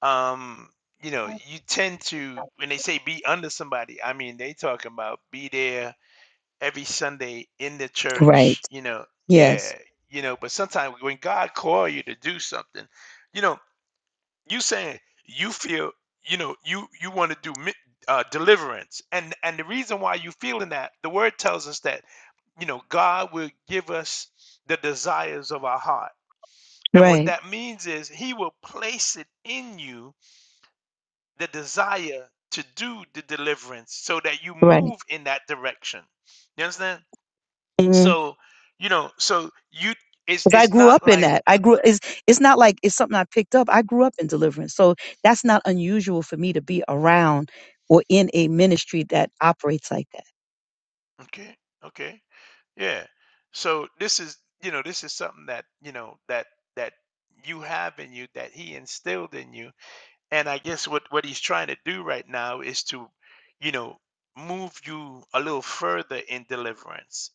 S1: um, you know, you tend to when they say be under somebody, I mean, they talking about be there every Sunday in the
S7: Right.
S1: church, you know,
S7: Yes.
S1: yeah, you know, but sometimes when God call you to do something, you know, you saying you feel, you know, you you want to do mi- uh, deliverance, and and the reason why you feeling that, the word tells us that, you know, God will give us the desires of our heart, and what
S7: Right.
S1: that means is He will place it in you the desire to do the deliverance, so that you
S7: Right.
S1: move in that direction. You understand?
S7: mm
S1: so you know so you it's
S7: Cause I
S1: it's
S7: grew
S1: not
S7: up in
S1: like
S7: that. I grew. It's it's not like it's something I picked up. I grew up in deliverance, so that's not unusual for me to be around or in a ministry that operates like that.
S1: okay okay yeah so this is you know this is something that you know that that you have in you that he instilled in you and i guess what what he's trying to do right now is to you know move you a little further in deliverance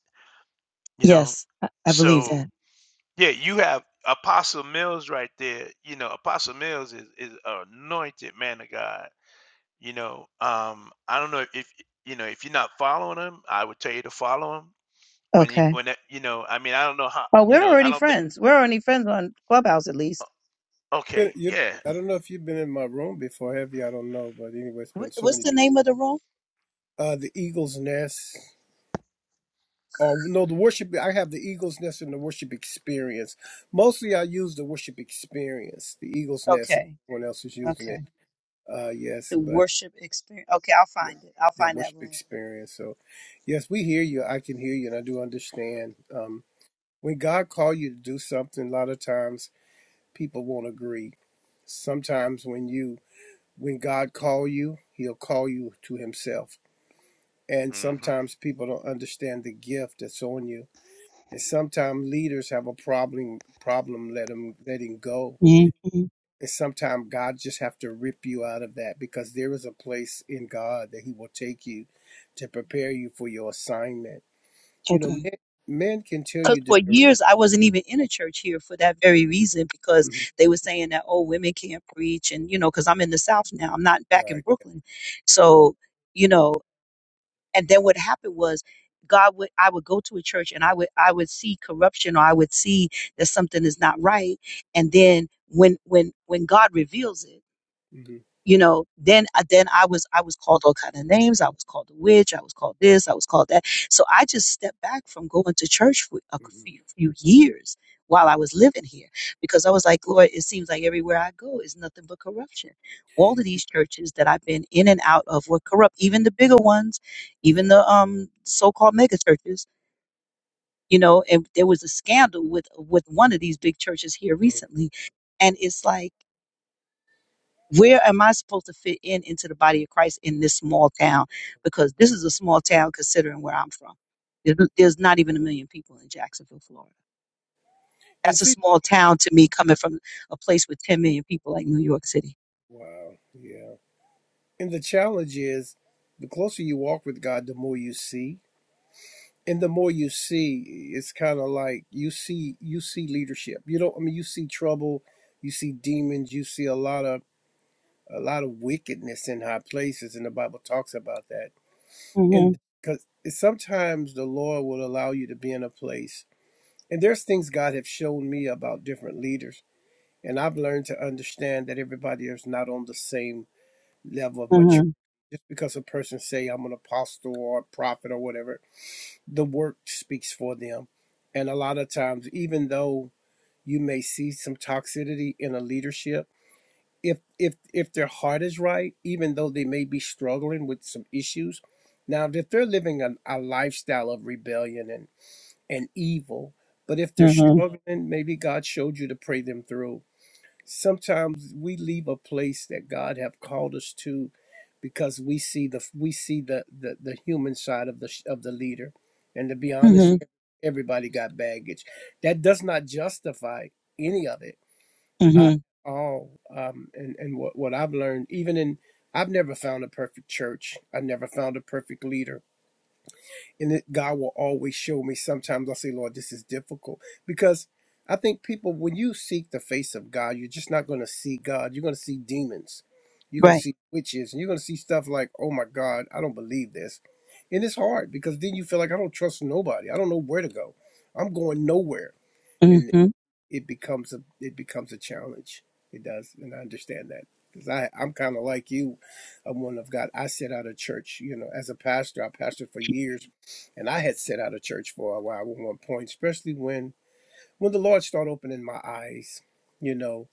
S1: you know
S7: Yes, I, I believe
S1: so
S7: that.
S1: yeah you have apostle mills right there you know apostle mills is is an anointed man of god You know, um, I don't know if you know if you're not following him, I would tell you to follow him. When you
S7: Okay.
S1: when that, you know, I mean, I don't know how
S7: Oh,
S1: you
S7: we're
S1: know. I
S7: already
S1: don't think.
S7: friends. We're already friends on Clubhouse, at least.
S2: Been-
S1: Okay,
S2: you-
S1: yeah.
S2: I don't know if you've been in my room before, have you? I don't know, but anyway, it's
S7: What,
S2: been so
S7: what's
S2: many
S7: the
S2: people.
S7: name of the room?
S2: Uh, the Eagle's Nest. or no the worship i have the eagle's nest and the worship experience mostly i use the worship experience the eagle's nest
S7: Okay.
S2: everyone else is using
S7: Okay.
S2: it uh yes
S7: The
S2: but
S7: worship experience. Okay, I'll
S2: yeah,
S7: find it. I'll
S2: yeah
S7: find that
S2: worship
S7: room.
S2: experience so yes we hear you i can hear you and i do understand um when god called you to do something a lot of times people won't agree sometimes when you when god call you he'll call you to himself and
S1: Mm-hmm.
S2: sometimes people don't understand the gift that's on you And sometimes leaders have a problem problem let let 'em- letting go.
S7: hmm
S2: And sometimes God just have to rip you out of that because there is a place in God that He will take you to prepare you for your assignment. You know,
S7: Okay.
S2: men men can tell
S7: Because
S2: you the
S7: for
S2: direction,
S7: years I wasn't even in a church here for that very reason, because
S2: Mhm.
S7: they were saying that oh women can't preach, and you know, because I'm in the South now, I'm not back in
S2: right?
S7: Brooklyn,
S2: hmm
S7: so you know. and then what happened was god would i would go to a church and i would i would see corruption or i would see that something is not right and then when when when god reveals it you know then uh, then i was i was called all kind of names i was called a witch i was called this i was called that so i just stepped back from going to church for a
S2: hmm
S7: few, few years while i was living here because i was like lord it seems like everywhere i go is nothing but corruption all of these churches that i've been in and out of were corrupt even the bigger ones even
S2: Yeah,
S7: the um so-called mega churches you know and there was a scandal with with one of these big churches here
S2: Mhm.
S7: recently and it's like where am I supposed to fit in into the body of Christ in this small town? Because this is a small town considering where I'm from. There- There's not even a million people in Jacksonville, Florida.
S2: and
S7: That's a
S2: see,
S7: small town to me, coming from a place with 10 million people like New York City.
S2: wow, yeah. And the challenge is, the closer you walk with God, the more you see. and the more you see it's kind of like you see you see leadership you don't i mean you see trouble you see demons you see a lot of a lot of wickedness in high places and the bible talks about that
S7: hmm
S2: and because sometimes the lord will allow you to be in a place and there's things god have shown me about different leaders and i've learned to understand that everybody is not on the same level of maturity
S7: hmm
S2: just because a person say i'm an apostle or a prophet or whatever the work speaks for them. And a lot of times, even though you may see some toxicity in a leadership, if if if their heart is right, even though they may be struggling with some issues, now if they're living a, a lifestyle of rebellion and and evil, but if they're
S7: hmm
S2: struggling, maybe God showed you to pray them through sometimes we leave a place that God have called us to because we see the we see the the, the human side of the of the leader and to be honest
S7: hmm
S2: everybody got baggage that does not justify any of it uh,
S7: hmm
S2: at all um, and and what, what I've learned even in I've never found a perfect church I've never found a perfect leader and it, God will always show me. Sometimes I say, Lord, this is difficult because I think people, when you seek the face of God, you're just not going to see God. You're going to see demons. You're going to
S7: Right.
S2: see witches, and you're going to see stuff like, oh my God, I don't believe this. And it's hard because then you feel like I don't trust nobody. I don't know where to go. I'm going nowhere.
S7: hmm
S2: And it becomes a it becomes a challenge. It does, and I understand that because I I'm kind of like you, a woman of God. I sit out of church, you know, as a pastor. I pastored for years, and I had sit out of church for a while at one point, especially when when the Lord started opening my eyes, you know,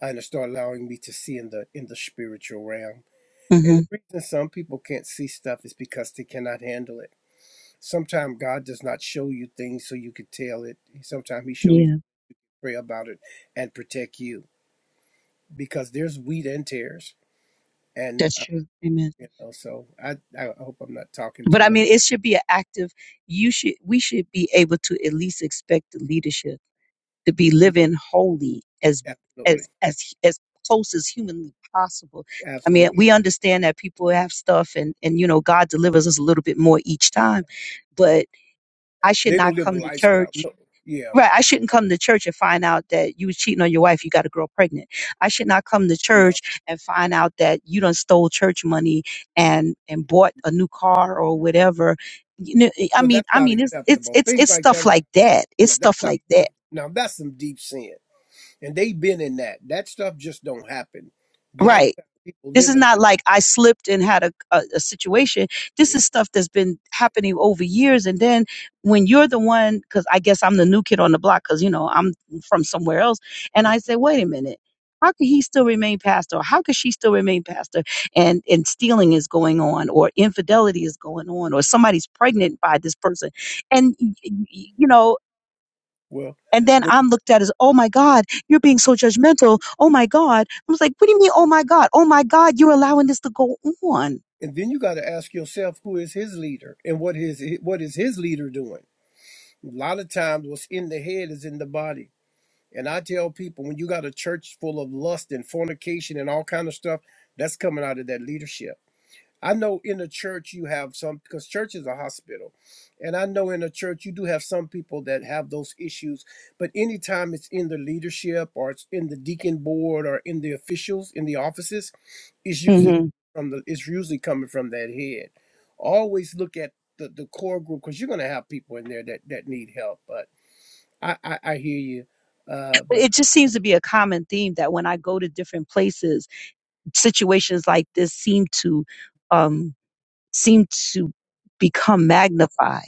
S2: and start allowing me to see in the in the spiritual realm. And
S7: hmm
S2: the reason some people can't see stuff is because they cannot handle it. Sometimes God does not show you things so you could tell it. Sometimes He show you to
S7: Yeah,
S2: pray about it and protect you because there's wheat and tears, and
S7: that's
S2: uh,
S7: true. Amen.
S2: you know. So I I hope I'm not talking
S7: But
S2: too
S7: I mean,
S2: much.
S7: it should be an active. You should. We should be able to at least expect the leadership to be living holy as
S2: Absolutely,
S7: as as as close as humanly possible. I mean,
S2: absolutely.
S7: we understand that people have stuff and and you know God delivers us a little bit more each time, but I should
S2: They
S7: not
S2: don't live a
S7: come to
S2: lifestyle.
S7: church.
S2: No, yeah,
S7: Right, I shouldn't come to church and find out that you was cheating on your wife, you got a girl pregnant. I should not come to
S2: no.
S7: church and find out that you done stole church money and and bought a new car or whatever. You know, I
S2: Well,
S7: mean,
S2: that's
S7: I
S2: not
S7: mean, it's it's
S2: acceptable.
S7: it's
S2: Things
S7: it's
S2: like that
S7: stuff
S2: is
S7: like
S2: not.
S7: that. It's
S2: Yeah, that's
S7: stuff
S2: not
S7: like that.
S2: acceptable. Now that's some deep sin, and they've been in that. That stuff just don't happen. A lot of
S7: Right
S2: times people
S7: This is
S2: live in
S7: not
S2: that.
S7: like I slipped and had a, a, a situation. This
S2: Yeah,
S7: is stuff that's been
S2: yeah,
S7: happening over years. And then when
S2: yeah.
S7: you're the one, because I guess I'm the new kid on the block, because, you know, I'm from somewhere else. And
S2: Mm.
S7: I say, wait a minute. How could he still remain pastor? Or how could she still remain pastor? And and stealing is going on, or infidelity is going on, or somebody's pregnant by this person. And you know,
S2: Well,
S7: and then
S2: what,
S7: I'm looked at as, oh my God, you're being so judgmental. Oh my God. I was like, what do you mean, oh my God? Oh my God, you're allowing this to go on.
S2: and then you got to ask yourself who is his leader and what is what is his leader doing. A lot of times, what's in the head is in the body And I tell people when you got a church full of lust and fornication and all kind of stuff, that's coming out of that leadership. I know in the church you have some because church is a hospital. And I know in the church you do have some people that have those issues, but anytime it's in the leadership or it's in the deacon board or in the officials in the offices, it's usually
S7: hmm
S2: from the it's usually coming from that head. Always look at the, the core group because you're gonna have people in there that that need help. But I I, I hear you. Uh
S7: But
S2: but
S7: it just seems to be a common theme that when I go to different places, situations like this seem to um, seem to become magnified.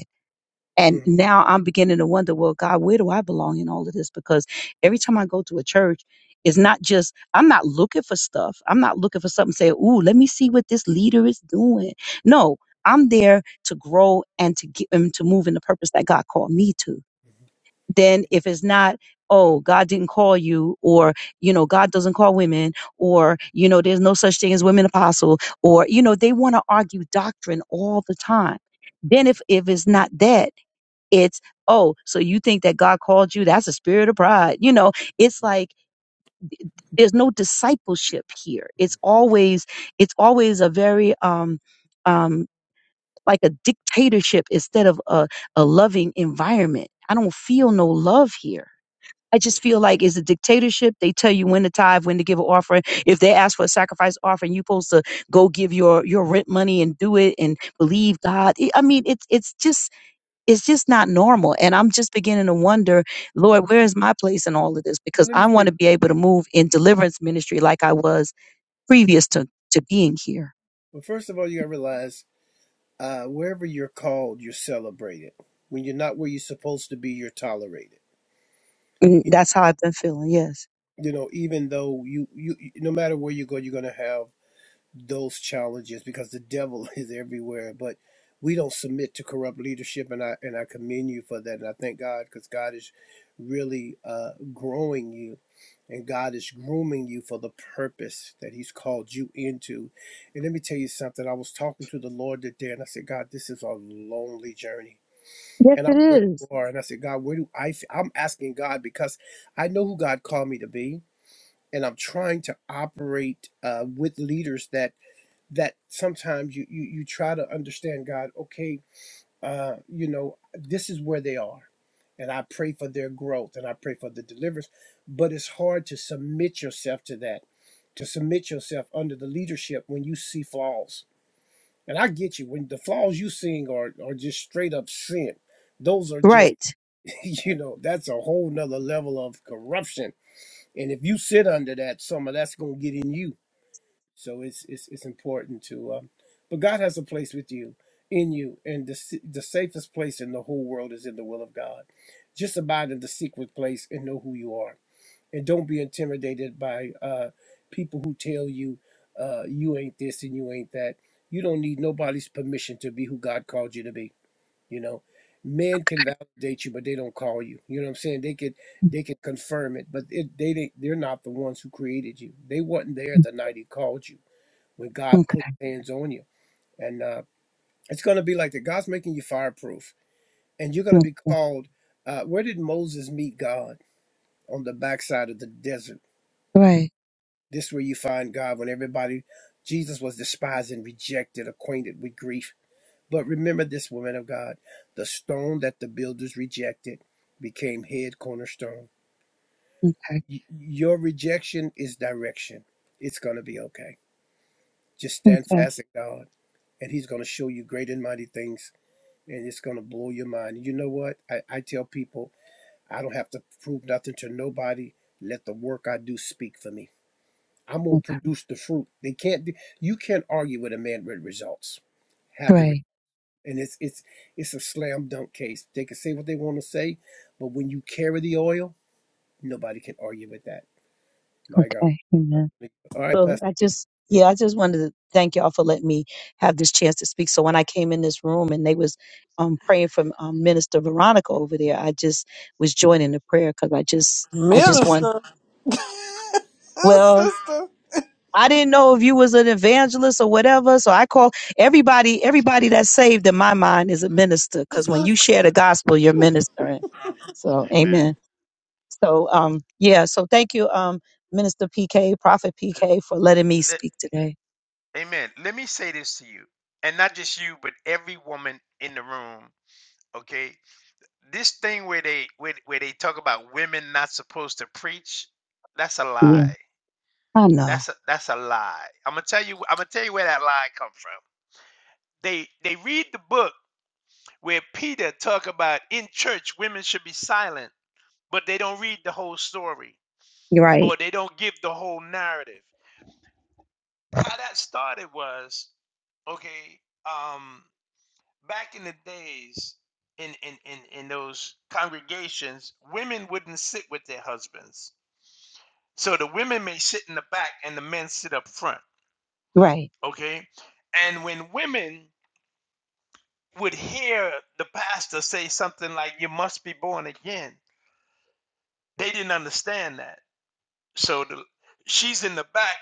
S2: mm-hmm.
S7: And now I'm beginning to wonder, well, God, where do I belong in all of this? Because every
S2: Yes.
S7: time I go to a church, it's not just, I'm not looking for stuff. I'm not looking for something, say, ooh, let me see what this leader is doing. No, I'm there to grow and to get and to move in the purpose that God called me to. Then if it's not, oh, God didn't call you, or, you know, God doesn't call women, or, you know, there's no such thing as women apostle, or, you know, they want to argue doctrine all the time. Then if, if it's not that, it's, oh, so you think that God called you? That's a spirit of pride. You know, it's like there's no discipleship here. It's always, it's always a very, um, um, like a dictatorship instead of a, a loving environment. I don't feel no love here. I
S2: Yeah.
S7: just feel like it's a dictatorship. They tell you when to tithe, when to give an offering. If they ask for a sacrifice offering, you're supposed to go give your your rent money and do it and
S2: Yeah.
S7: believe God. I I mean, it's it's just it's just not normal. And I'm just beginning to wonder, Lord, where is my place in all of this?
S2: Well,
S7: Because
S2: let
S7: I
S2: me say.
S7: want to be able to move in deliverance ministry like I was previous to, to being here.
S2: Well, first of all, you gotta realize uh, wherever you're called, you're celebrated. When you're not where you're supposed to be, you're tolerated.
S7: And
S2: You,
S7: that's how I've been feeling. Yes.
S2: you know, even though you, you, you- no matter where you go, you're gonna have those challenges because the devil is everywhere. But we don't submit to corrupt leadership, and I and I commend you for that, and I thank God because God is really uh, growing you and God is grooming you for the purpose that He's called you into. And let me tell you something. I was talking to the Lord today, and I said, God, this is a lonely journey.
S7: Yes,
S2: And I'm where
S7: it is.
S2: you are. And I said, God, where do I?" i F-? I'm asking God because I know who God called me to be, and I'm trying to operate uh, with leaders that that sometimes you you you try to understand God. Okay, uh, you know, this is where they are. And I pray for their growth and I pray for the deliverance. But it's hard to submit yourself to that, to submit yourself under the leadership when you see flaws. And I get you, when the flaws you seeing are, are just straight up sin. Those are just,
S7: Right.
S2: you know, that's a whole nother level of corruption. And if you sit under that, some of that's gonna get in you so it's it's it's important to. Um, but God has a place with you, in you, and the the safest place in the whole world is in the will of God. Just abide in the secret place and know who you are, and don't be intimidated by uh, people who tell you uh, you ain't this and you ain't that. You don't need nobody's permission to be who God called you to be. You know, men can validate you, but they don't call you. You know what I'm saying? They could they could confirm it, but it, they they- they're not the ones who created you. They wasn't there the night He called you when God
S7: Okay.
S2: puts hands on you. And uh, it's going to be like that. God's making you fireproof, and you're going to be
S7: okay.
S2: called. Uh, where did Moses meet God? On the backside of the desert.
S7: Right.
S2: This is where you find God when everybody, Jesus was despised and rejected, acquainted with grief. But remember this woman of God, the stone that the builders rejected became head cornerstone.
S7: Okay.
S2: Y- your rejection is direction. It's going to be okay. Just stand
S7: Okay.
S2: fast in God, and He's going to show you great and mighty things and it's going to blow your mind. And you know what? I, I tell people I don't have to prove nothing to nobody. Let the work I do speak for me. I'm going to
S7: Okay.
S2: produce the fruit. They can't do, you can't argue with a man with results. Have the re-
S7: Right.
S2: and it's it's it's a slam dunk case. They can say what they want to say, but when you carry the oil, nobody can argue with that. My God.
S7: Okay. Amen.
S2: All right,
S7: So
S2: Pastor.
S7: I just, yeah, I just wanted to thank y'all for letting me have this chance to speak. So when I came in this room and they was um, praying for um, Minister Veronica over there, I just was joining the prayer because I just, I just want.
S5: Minister.
S7: Well,
S5: sister.
S7: I didn't know if you was an evangelist or whatever, so I call everybody, everybody that's saved in my mind is a minister because when
S5: Sister.
S7: you share the gospel, you're ministering. So,
S1: Amen.
S7: Amen. So, um, yeah. So thank you, um, Minister PK, Prophet
S1: L-
S7: PK, for letting me
S1: let,
S7: speak today.
S1: amen. Let me say this to you, and not just you, but every woman in the room. Okay, this thing where they where, where they talk about women not supposed to preach, that's a
S7: Yeah,
S1: lie.
S7: I know.
S1: That's a that's a lie. I'm gonna tell you. I'm gonna tell you where that lie come from. They they read the book where Peter talk about in church women should be silent, but they don't read the whole story
S7: Right,
S1: or they don't give the whole narrative. How that started was okay. Um, back in the days, in in in in those congregations, women wouldn't sit with their husbands, so the women may sit in the back and the men sit up front.
S7: right.
S1: Okay, and when women would hear the pastor say something like "You must be born again," they didn't understand that So the, she's in the back,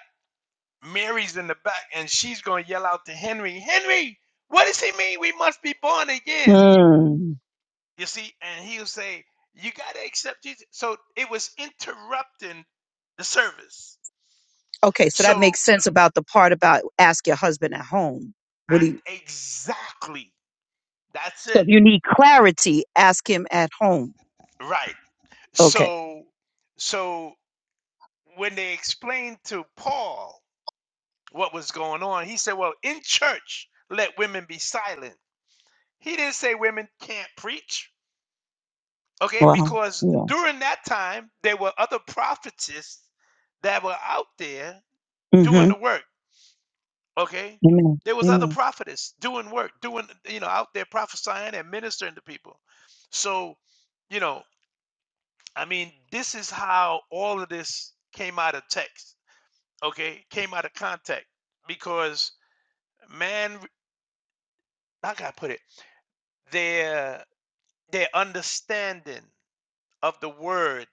S1: Mary's in the back, and she's going to yell out to Henry, Henry, what does he mean? We must be born again.
S7: Mm.
S1: You see, and he'll say, You got to accept Jesus. So it was interrupting the service.
S7: Okay, so that
S1: So
S7: makes sense about the part about ask your husband at home. What do you?
S1: I, exactly, that's
S7: So
S1: it.
S7: if you need clarity, ask him at home.
S1: Right.
S7: Okay.
S1: So, so when they explained to Paul what was going on, he said, Well, in church, let women be silent. He didn't say women can't preach. Okay,
S7: Wow.
S1: because
S7: yeah.
S1: during that time, there were other prophetesses that were out there doing
S7: Mm-hmm.
S1: the work. Okay,
S7: Amen.
S1: there was other
S7: Amen.
S1: prophetess doing work, doing you know out there prophesying and ministering to people. So, you know, I mean, this is how all of this came out of text. Okay, came out of context because man, how can I put it? Their their understanding of the word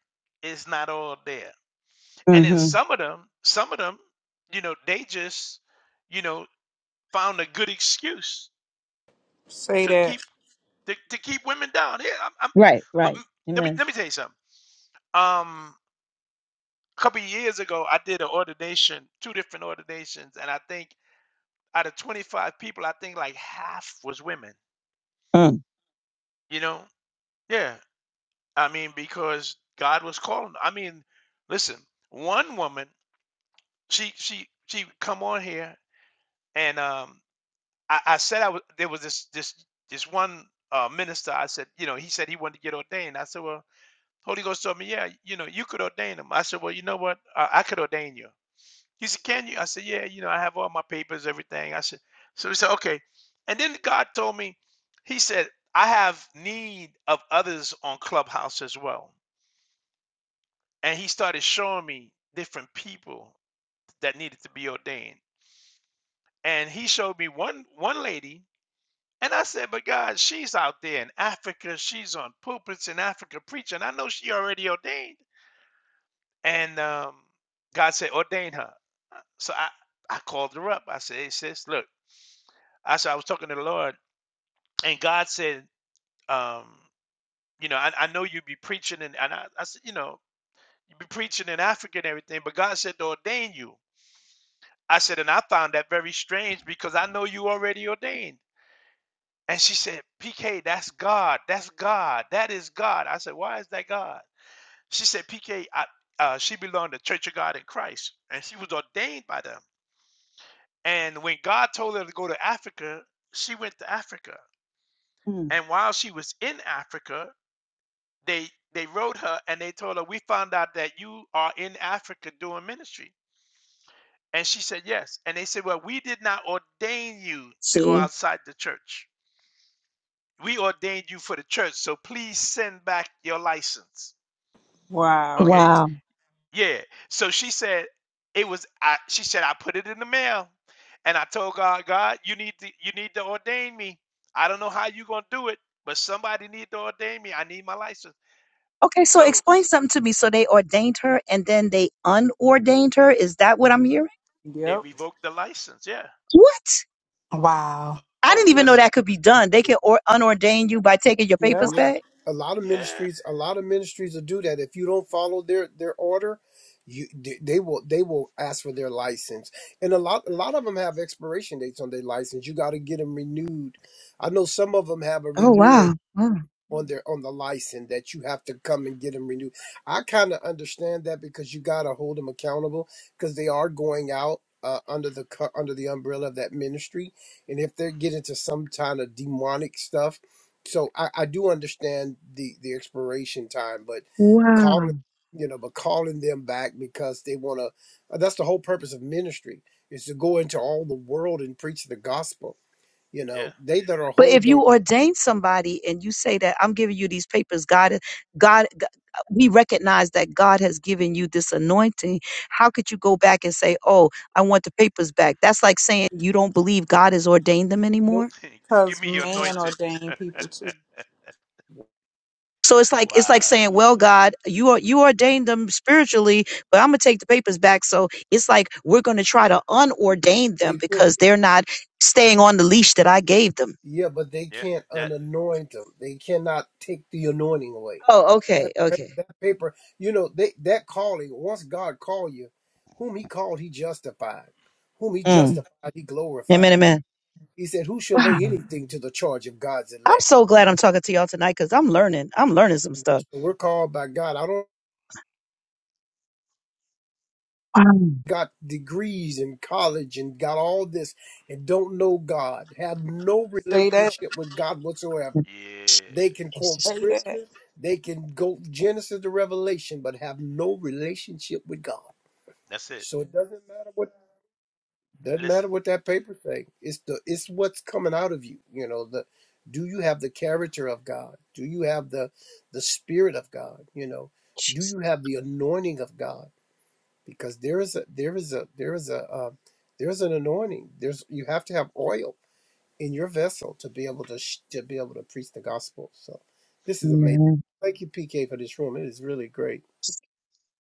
S1: is not all there And then
S7: Mm-hmm.
S1: some of them, some of them, you know, they just, you know, found a good excuse
S5: Say
S1: to
S5: that.
S1: keep to, to keep women down. Yeah, I'm, I'm
S7: Right,
S1: but
S7: right.
S1: let me
S7: Amen.
S1: let me tell you something. Um, a couple of years ago, I did an ordination, two different ordinations, and I think out of 25 people, I think like half was women.
S7: Mm.
S1: You know, yeah. I mean, because God was calling. I mean, listen, one woman, she she she come on here and um I, I said I was there was this this this one uh, minister. I said, you know, he said he wanted to get ordained. I said, well, Holy Ghost told me, yeah, you know, you could ordain him. I said, well, you know what, uh, I could ordain you. He said, can you? I said, yeah, you know, I have all my papers, everything. I said, so he said, okay. And then God told me, he said, I have need of others on Clubhouse as well. And he started showing me different people that needed to be ordained. And he showed me one one lady And I said, but God, she's out there in Africa. She's on pulpits in Africa preaching. I know she already ordained. And um, God said, ordain her. Uh, So I, I called her up. I said, hey, sis, look. I said, I was talking to the Lord. And God said, um, you know, I, I know you be preaching. And, and I, I said, you know, you be preaching in Africa and everything. But God said to ordain you. I said, and I found that very strange because I know you already ordained. And she said, PK, that's God. That's God. That is God. I said, why is that God? She said, PK, uh, she belonged to Church of God in Christ, and she was ordained by them. And when God told her to go to Africa, she went to Africa.
S7: Mm.
S1: And while she was in Africa, they they wrote her and they told her, we found out that you are in Africa doing ministry. And she said, yes. And they said, well, we did not ordain you to go
S7: See?
S1: outside the church. we ordained you for the church, so please send back your license.
S5: Wow.
S1: Okay?
S7: Wow.
S1: Yeah. So she said it was I she said I put it in the mail and I told God, God, you need to you need to ordain me. I don't know how you're gonna do it, but somebody need to ordain me. I need my license.
S7: Okay, so
S1: So
S7: explain something to me. So they ordained her and then they unordained her. Is that what I'm hearing?
S1: they
S5: Yep.
S1: revoked the license, yeah.
S7: What?
S8: Wow.
S7: I
S1: Oh,
S7: didn't even know
S1: listen,
S7: that could be done. They can or- unordain you by taking your
S5: Yep.
S7: papers
S2: Yeah,
S7: back.
S2: a lot of
S1: yeah,
S2: ministries, a lot of ministries will do that. If you don't follow their their order, you they they will they will ask for their license, and a lot a lot of them have expiration dates on their license. You got to get them renewed. I know some of them have a
S7: Oh
S2: renewing
S7: wow. Oh,
S2: on their on the license that you have to come and get them renewed. I kind of understand that because you got to hold them accountable because they are going out uh, under the co- under the umbrella of that ministry, and if they get into some kind of demonic stuff, so I, I do understand the the expiration time, but
S7: wow.
S2: calling you know, but calling them back because they want to. That's the whole purpose of ministry is to go into all the world and preach the gospel. You
S1: yeah.
S2: know, they that are
S7: But
S2: whole
S7: if you
S2: don't
S7: ordain somebody and you say that I'm giving you these papers, God God G- we recognize that God has given you this anointing. How could you go back and say, "Oh, I want the papers back"? That's like saying you don't believe God has ordained them
S2: know
S7: anymore.
S1: Give
S5: Cause
S1: me your
S5: man
S1: anointing.
S5: ordained people to
S7: So it's like it's like
S1: Wow.
S7: saying, "Well, God, you are, you ordained them spiritually, but I'm gonna take the papers back." So it's like we're gonna try to unordain them
S2: they can't.
S7: because they're not staying on the leash that I gave them.
S2: Yeah, but they
S1: Yeah,
S2: can't
S1: that
S2: unanoint them. They cannot take the anointing away.
S7: Oh, okay,
S2: That pa-
S7: okay.
S2: that paper, you know, they that calling. Once God called you, whom He called, He justified. Whom He
S1: yeah.
S7: Mm.
S2: justified, He
S7: Amen,
S2: glorified.
S7: amen.
S2: He said, "Who shall
S7: Wow.
S2: lay anything to the charge of God's
S7: I'm
S2: elect?"
S7: so glad I'm talking to y'all tonight because I'm learning. I'm learning some
S2: You know,
S7: stuff.
S2: so we're called by God. I don't
S7: Wow.
S2: got degrees in college and got all this and don't know God, have no
S5: say that.
S2: relationship with God whatsoever.
S1: Yeah.
S2: They can quote
S7: Jesus,
S5: Say that.
S2: scriptures, they can go Genesis to Revelation, but have no relationship with God.
S1: That's it.
S2: So it doesn't matter what doesn't
S1: Listen,
S2: matter what that paper say. It's the it's what's coming out of you. You know, the do you have the character of God? Do you have the the spirit of God? You know, do
S7: Jesus.
S2: you have the anointing of God? Because there is a there is a there is a uh, there's an anointing. There's you have to have oil in your vessel to be able to sh- to be able to preach the gospel. So this is amazing.
S7: Amen.
S2: Thank you, PK, for this room. It is really great.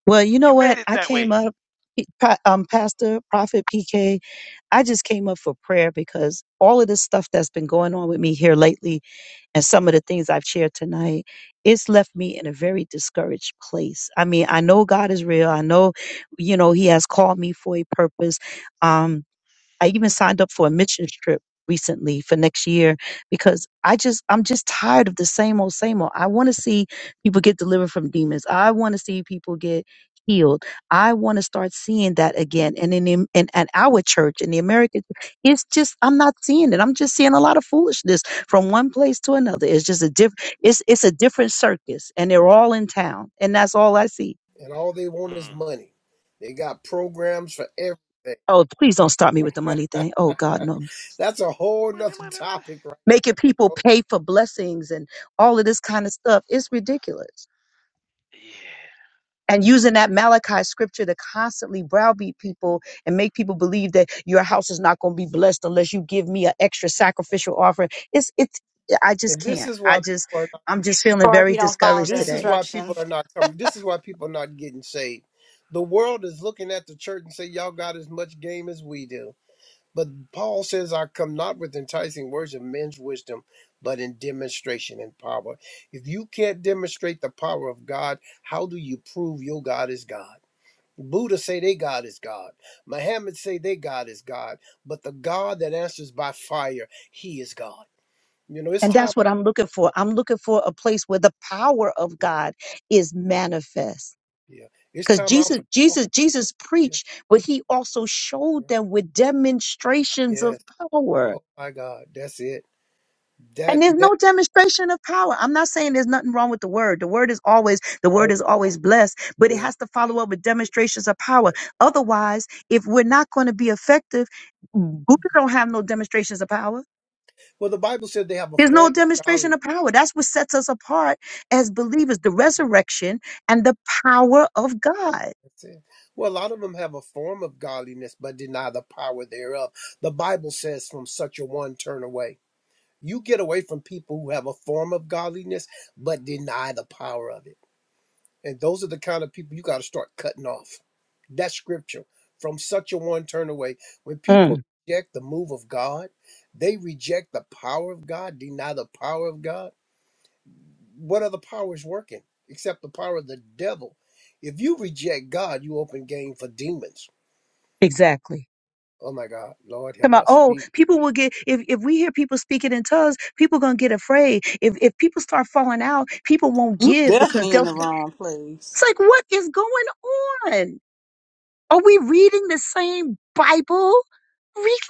S7: Well, you know
S1: you made
S7: what?
S1: it
S7: I
S1: that way.
S7: came up, P- Pro- um, Pastor, Prophet PK. I just came up for prayer because all of this stuff that's been going on with me here lately and some of the things I've shared tonight, it's left me in a very discouraged place. I mean, I know God is real. I know, you know, He has called me for a purpose. Um, I even signed up for a missions trip recently for next year because I just I'm just tired of the same old same old. I want to see people get delivered from demons. I want to see people get healed. I want to start seeing that again. And in the- in at our church in the American, it's just I'm not seeing it. I'm just seeing a lot of foolishness from one place to another. It's just a different. It's it's a different circus, and they're all in town, and that's all I see.
S2: And all they want is
S1: Mm.
S2: money. They got programs for everything.
S7: Oh, please don't start me with the money thing. Oh God, no.
S2: That's a whole
S1: Money,
S2: nother
S1: money, money.
S2: topic right
S7: making
S2: there. But,
S7: people
S2: oh,
S7: pay for blessings and all of this kind of stuff. It's ridiculous.
S1: Yeah.
S7: And using that Malachi scripture to constantly browbeat people and make people believe that your house is not going to be blessed unless you give me an extra sacrificial offering. It's, it's, I just
S2: and this
S7: can't.
S2: is why
S7: I just,
S2: people are not,
S7: I'm just feeling
S8: Or if you
S7: very
S8: don't follow
S7: discouraged
S8: the
S2: this is
S7: today.
S2: why people
S8: instructions.
S2: are not coming. This is why people are not getting saved. The world is looking at the church and say, Y'all got as much game as we do. But Paul says, I come not with enticing words of men's wisdom, but in demonstration and power. If you can't demonstrate the power of God, how do you prove your God is God? Buddha say their God is God. Muhammad say their God is God. But the God that answers by fire, he is God. You know,
S1: Come
S2: it's
S7: And
S1: on.
S2: time
S7: that's what
S2: out.
S7: I'm looking for. I'm looking for a place where the power of
S2: Yeah,
S7: God is manifest.
S2: yeah. It's
S7: Because
S2: time out
S7: Jesus,
S2: for talking.
S7: Jesus, Jesus
S2: Yeah,
S7: preached, but he also
S2: yeah.
S7: showed them with demonstrations of
S2: Yes.
S7: power.
S2: Oh my God. That's it. That
S7: And there's
S2: that
S7: no demonstration of power. I'm not saying there's nothing wrong with the word. The word is always the word
S2: all
S7: is always blessed, but it
S2: yeah,
S7: has to follow up with demonstrations of
S2: yeah.
S7: power. Otherwise, if we're not going to be effective, Buddha don't have no demonstrations of power.
S2: Well the Bible said they have a
S7: There's no
S2: form of godliness
S7: demonstration of power. That's what sets us apart as believers, the resurrection and the power of God.
S2: That's it. Well, a lot of them have a form of godliness, but deny the power thereof. The Bible says, from such a one, turn away. You get away from people who have a form of godliness, but deny the power of it. And those are the kind of people you got to start cutting off. That's scripture. From such a one, turn away. When people
S7: Mm,
S2: reject the move of God, they reject the power of God, deny the power of God. What other power is working except the power of the devil? If you reject God, you open game for demons
S7: exactly.
S2: Oh my God, Lord
S7: Come
S2: help
S7: on,
S2: us.
S7: oh,
S2: Jesus.
S7: people will get if, if we hear people speaking in tongues, people gonna get afraid. If if people start falling out, people won't
S5: You
S7: give because
S5: definitely in
S7: they'll
S5: the wrong
S7: It's
S5: place.
S7: like, what is going on? Are we reading the same Bible? Really?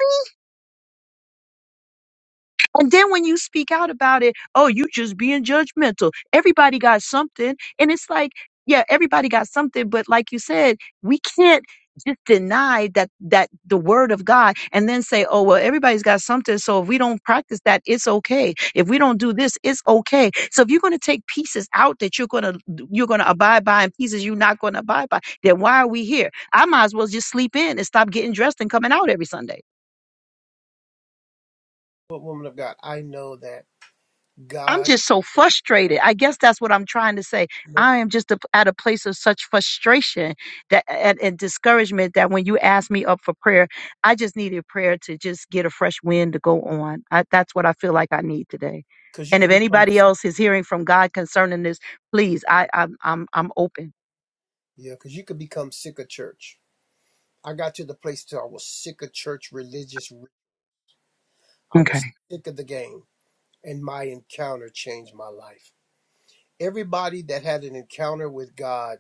S7: And then when you speak out about it, oh, you just being judgmental. Everybody got something. And it's like, yeah, everybody got something, but like you said, we can't just deny that that the word of God and then say, "Oh, well, everybody's got something, so if we don't practice that, it's okay. If we don't do this, it's okay." So if you're going to take pieces out that you're going to you're going to abide by and pieces you're not going to abide by, then why are we here? I might as well just sleep in and stop getting dressed and coming out every Sunday.
S2: But woman of God, I know that
S7: I'm
S2: God,
S7: just so frustrated. I guess that's what I'm trying to say.
S2: no,
S7: I am just a, at a place of such frustration that and, and discouragement that when you asked me up for prayer, I just needed prayer to just get a fresh wind to go on. I, that's what I feel like I need today.
S2: because you
S7: And if
S2: can become,
S7: anybody else is hearing from God concerning this, please, I, I'm I'm I'm open.
S2: yeah, because you can become sick of church. I got to the place till I was sick of church, religious. I
S7: Okay.
S2: was sick of the game, and my encounter changed my life. Everybody that had an encounter with God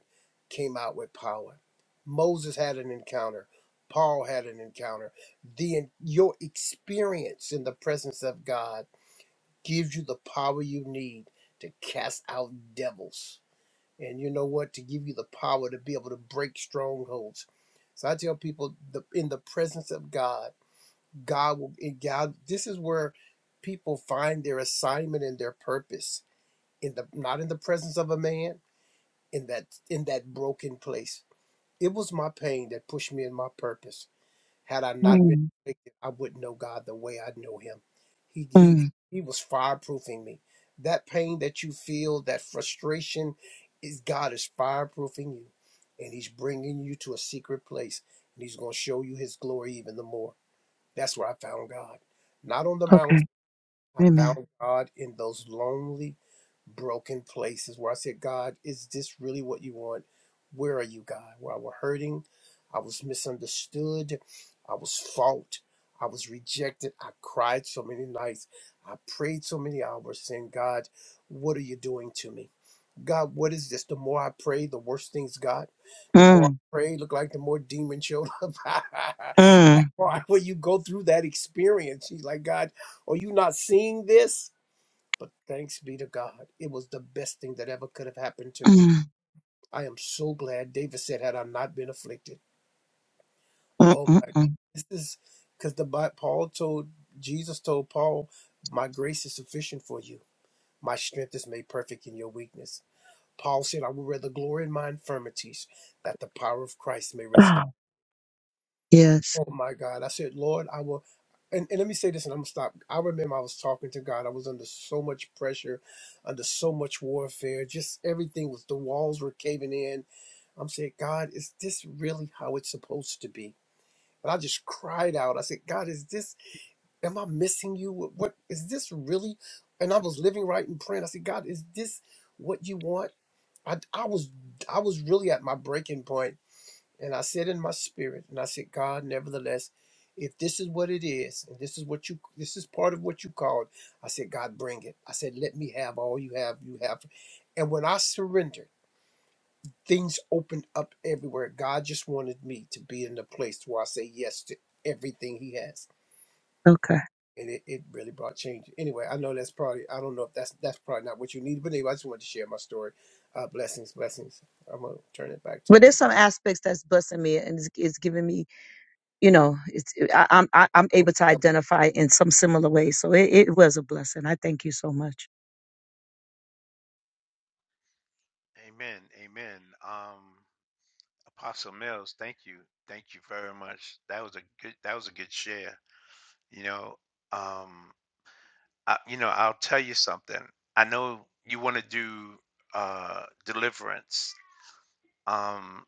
S2: came out with power. Moses had an encounter. Paul had an encounter. The your experience in the presence of God gives you the power you need to cast out devils. And you know what? To give you the power to be able to break strongholds. So I tell people the, in the presence of God, God will, in God, this is where people find their assignment and their purpose in the, not in the presence of a man in that, in that broken place. It was my pain that pushed me in my purpose. Had I not been
S7: Mm,
S2: afflicted, I wouldn't know God the way I know Him. He he
S7: mm,
S2: he was fireproofing me. That pain that you feel, that frustration, is God is fireproofing you, and He's bringing you to a secret place, and He's going to show you His glory even the more. That's where I found God, not on the
S7: okay.
S2: mountain. I
S7: Amen.
S2: found God in those lonely broken places where I said, God, is this really what you want? Where are you, God? Where I was hurting, I was misunderstood, I was fought, I was rejected. I cried so many nights, I prayed so many hours, saying, God, what are you doing to me? God, what is this? The more I pray, the worse things got. The more I
S7: Mm,
S2: pray, look like the more demon showed up.
S7: mm,
S2: Why would you go through that experience? She's like, God, are you not seeing this? But thanks be to God, it was the best thing that ever could have happened to me.
S7: mm,
S2: I am so glad David said, had I not been afflicted.
S7: mm,
S2: Oh
S7: mm,
S2: my God.
S7: mm.
S2: This is because the Bi- Paul told Jesus told Paul, My grace is sufficient for you. My strength is made perfect in your weakness. Paul said, I would rather glory in my infirmities, that the power of Christ may rest upon
S7: Oh, yes.
S2: Oh my God. I said, Lord, I will. And, and let me say this and I'm going to stop. I remember I was talking to God. I was under so much pressure, under so much warfare. Just everything was, the walls were caving in. I'm saying, God, is this really how it's supposed to be? And I just cried out. I said, God, is this, am I missing you? What, what is this really? And I was living right in praying. I said, God, is this what you want? I, I was I was really at my breaking point and I said in my spirit, and I said, God, nevertheless, if this is what it is, and this is what you, this is part of what you called, I said, God, bring it. I said, let me have all you have, you have. And when I surrendered, things opened up everywhere. God just wanted me to be in the place where I say yes to everything He has.
S7: Okay.
S2: And it, it really brought change. Anyway, I know that's probably, I don't know if that's, that's probably not what you need, but anyway, I just wanted to share my story. Uh, blessings, blessings. I'm going to turn it back to
S7: But there's
S2: Pete.
S7: some aspects that's busting me, and it's, it's giving me, you know, it's I, I'm I, I'm
S2: I hope
S7: able to
S2: it's helping.
S7: identify in some similar way. So it, it was a blessing. I thank you so much.
S1: Amen. Amen. Um, Apostle Mills, thank you. Thank you very much. That was a good that was a good share. You know, um I, you know, I'll tell you something. I know you want to do uh deliverance. Um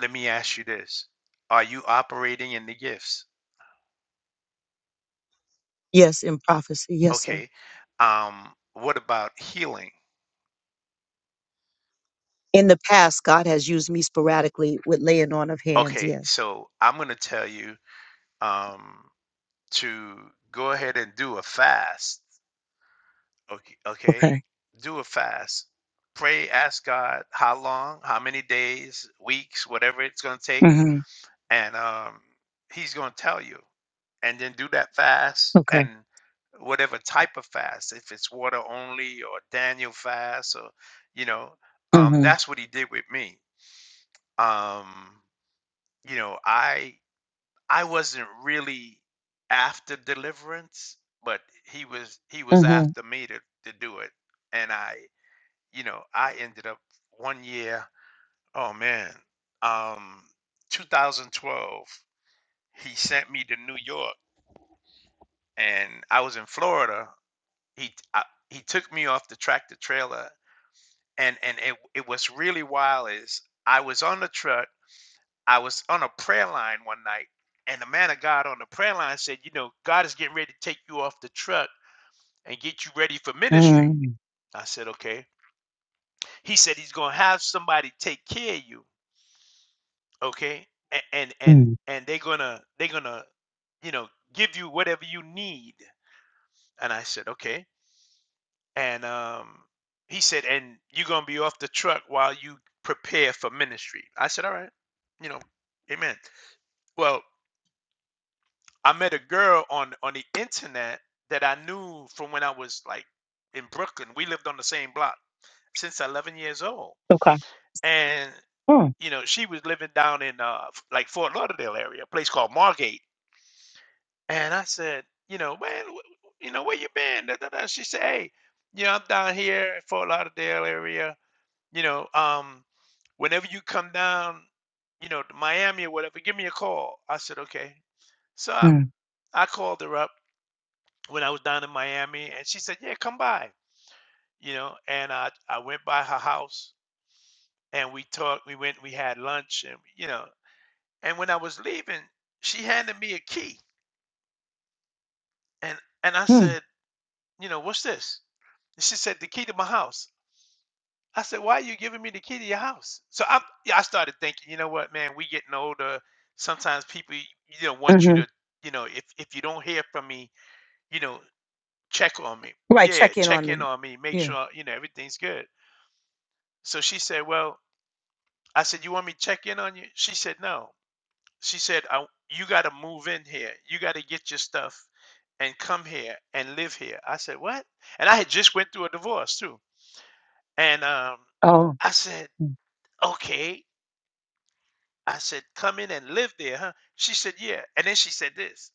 S1: let me ask you this. Are you operating in the gifts?
S7: Yes, in prophecy, yes, sir.
S1: Okay. Um what about healing?
S7: In the past, God has used me sporadically with laying on of hands.
S1: Okay,
S7: Yes.
S1: so I'm going to tell you um to go ahead and do a fast. Okay, okay,
S7: Okay.
S1: do a fast. Pray, ask God how long, how many days, weeks, whatever it's going to take,
S7: Mm-hmm.
S1: and um, He's going to tell you. And then do that fast,
S7: Okay.
S1: and whatever type of fast, if it's water only or Daniel fast, or you know, um,
S7: Mm-hmm.
S1: that's what He did with me. Um, you know, I I wasn't really after deliverance, but he was he was
S7: Mm-hmm.
S1: after me to, to do it. And I, you know, I ended up one year, oh man, um 2012, he sent me to New York and I was in Florida. He I, he took me off the tractor trailer and and it it was really wild is I was on the truck I was on a prayer line one night, and the man of God on the prayer line said, You know, God is getting ready to take you off the truck and get you ready for ministry.
S7: Mm-hmm.
S1: I said, Okay. He said he's gonna have somebody take care of you, okay? And and and,
S7: Mm.
S1: and they're gonna they're gonna, you know, give you whatever you need. And I said, Okay. And um he said, and you're gonna be off the truck while you prepare for ministry. I said, All right, you know, amen. Well, I met a girl on on the internet that I knew from when I was like in Brooklyn. We lived on the same block since 11 years old,
S7: Okay.
S1: and
S7: Mm-hmm.
S1: you know she was living down in uh f- like Fort Lauderdale area, a place called Margate. And I said, you know, man, wh- you know where you been? Da, da, da." She said, hey, you know I'm down here in Fort Lauderdale area. You know, um, whenever you come down, you know to Miami or whatever, give me a call. I said, okay. So I, I called her up when I was down in Miami, and she said, "Yeah, come by," you know. And I I went by her house, and we talked. We went, we had lunch, and you know. And when I was leaving, she handed me a key, and and I
S7: Mm-hmm.
S1: said, "You know, what's this?" And she said, "The key to my house." I said, "Why are you giving me the key to your house?" So I yeah, I started thinking, you know what, man, we getting older. Sometimes people, you know, want you
S7: Mm-hmm.
S1: to, you know, if if you don't hear from me, you know, check on me.
S7: Right.
S1: Yeah,
S7: Check in on
S1: check in
S7: me.
S1: on me. Make
S7: Yeah.
S1: sure you know everything's good. So she said, Well, I said, You want me to check in on you? She said, No. She said, I, You got to move in here. You got to get your stuff and come here and live here. I said, What? And I had just went through a divorce too. And um,
S7: Oh.
S1: I said, Okay. I said, Come in and live there, huh? She said, Yeah. And then she said this.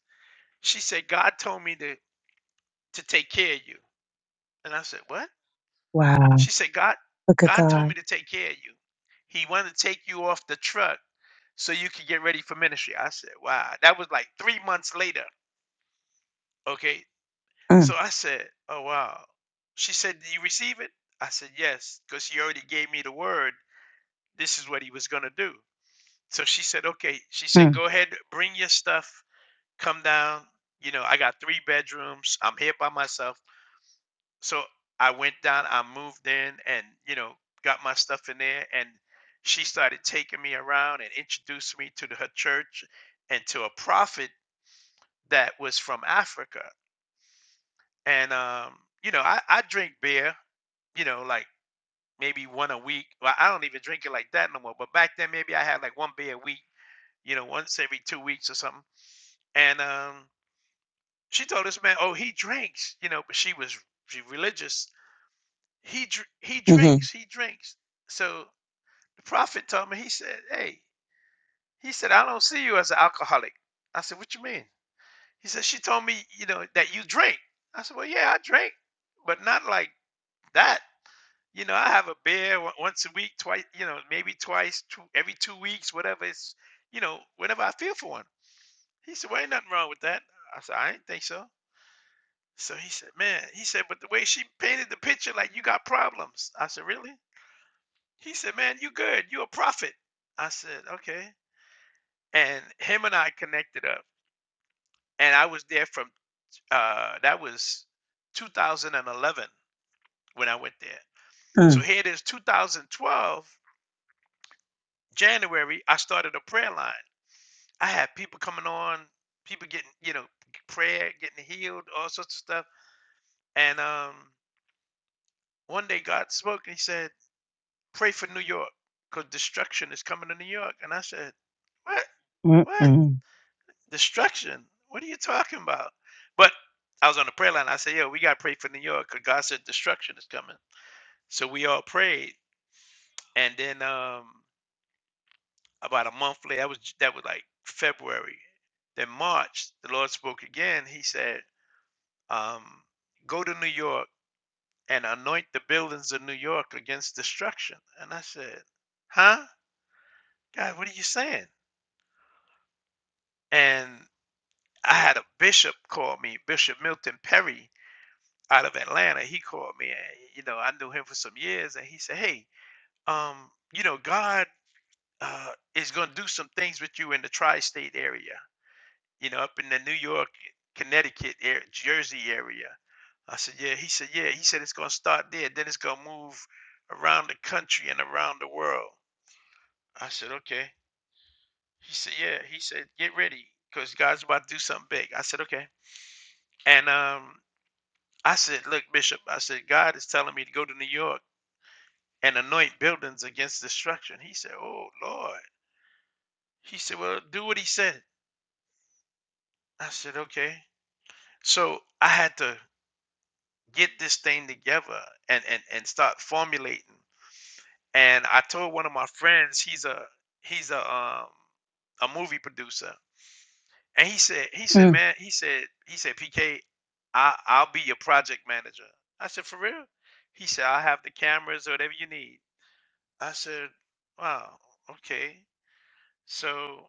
S1: She said, God told me to, to take care of you. And I said, What?
S7: Wow.
S1: She said, God,
S7: Look at
S1: God told
S7: God.
S1: me to take care of you. He wanted to take you off the truck so you can get ready for ministry. I said, wow. That was like three months later. Okay. So
S7: Mm-hmm.
S1: I said, oh, wow. She said, do you receive it? I said, yes, because he already gave me the word. This is what he was going to do. So she said, okay. She said,
S7: Mm-hmm.
S1: go ahead, bring your stuff, come down. You know, I got three bedrooms. I'm here by myself. So I went down, I moved in and, you know, got my stuff in there. And she started taking me around and introduced me to the, her church and to a prophet that was from Africa. And um, you know, I, I drink beer, you know, like maybe one a week. Well, I don't even drink it like that no more. But back then maybe I had like one beer a week, you know, once every two weeks or something. And um she told this man, Oh, he drinks, you know, but she was she religious. He dr- he
S7: Mm-hmm.
S1: drinks, he drinks. So the prophet told me, he said, Hey, he said, I don't see you as an alcoholic. I said, What you mean? He said, She told me, you know, that you drink. I said, Well, yeah, I drink, but not like That you know, I have a beer on- once a week, twice, you know, maybe twice, two, every two weeks, whatever. It's you know, whenever I feel for one. He said, "Well, ain't nothing wrong with that." I said, "I didn't think so." So he said, "Man," he said, "but the way she painted the picture, like you got problems." I said, "Really?" He said, "Man, you good? You a prophet?" I said, "Okay." And him and I connected up, and I was there from uh, that was 2011 when I went there.
S7: Mm.
S1: So here it is, 2012. January, I started a prayer line. I had people coming on, people getting, you know, prayer, getting healed, all sorts of stuff. And um, one day God spoke and he said, Pray for New York because destruction is coming to New York. And I said, What?
S7: Mm.
S1: What?
S7: Mm.
S1: Destruction? What are you talking about? But I was on the prayer line. I said, Yo, we got to pray for New York because God said destruction is coming. So we all prayed. And then um, about a month later. That was that was like February. Then March, the Lord spoke again. He said, um, "Go to New York and anoint the buildings of New York against destruction." And I said, "Huh, God, what are you saying?" And I had a bishop call me, Bishop Milton Perry out of Atlanta. He called me, and you know I knew him for some years, and he said, "Hey, um, you know God." Uh, is going to do some things with you in the tri-state area you know, up in the New York, Connecticut, air, Jersey area. I said, yeah. He said, yeah. He said it's gonna start there, then it's gonna move around the country and around the world. I said, okay. He said, yeah. He said, get ready, cause God's about to do something big. I said, okay. And um, I said, look, Bishop. I said, God is telling me to go to New York and anoint buildings against destruction. He said, oh Lord. He said, well, do what he said. I said, okay. So I had to get this thing together and and and start formulating. And I told one of my friends, he's a he's a um a movie producer, and he said he
S7: Mm.
S1: said man he said he said PK, I I'll be your project manager. I said for real. He said I'll have the cameras or whatever you need. I said wow okay. So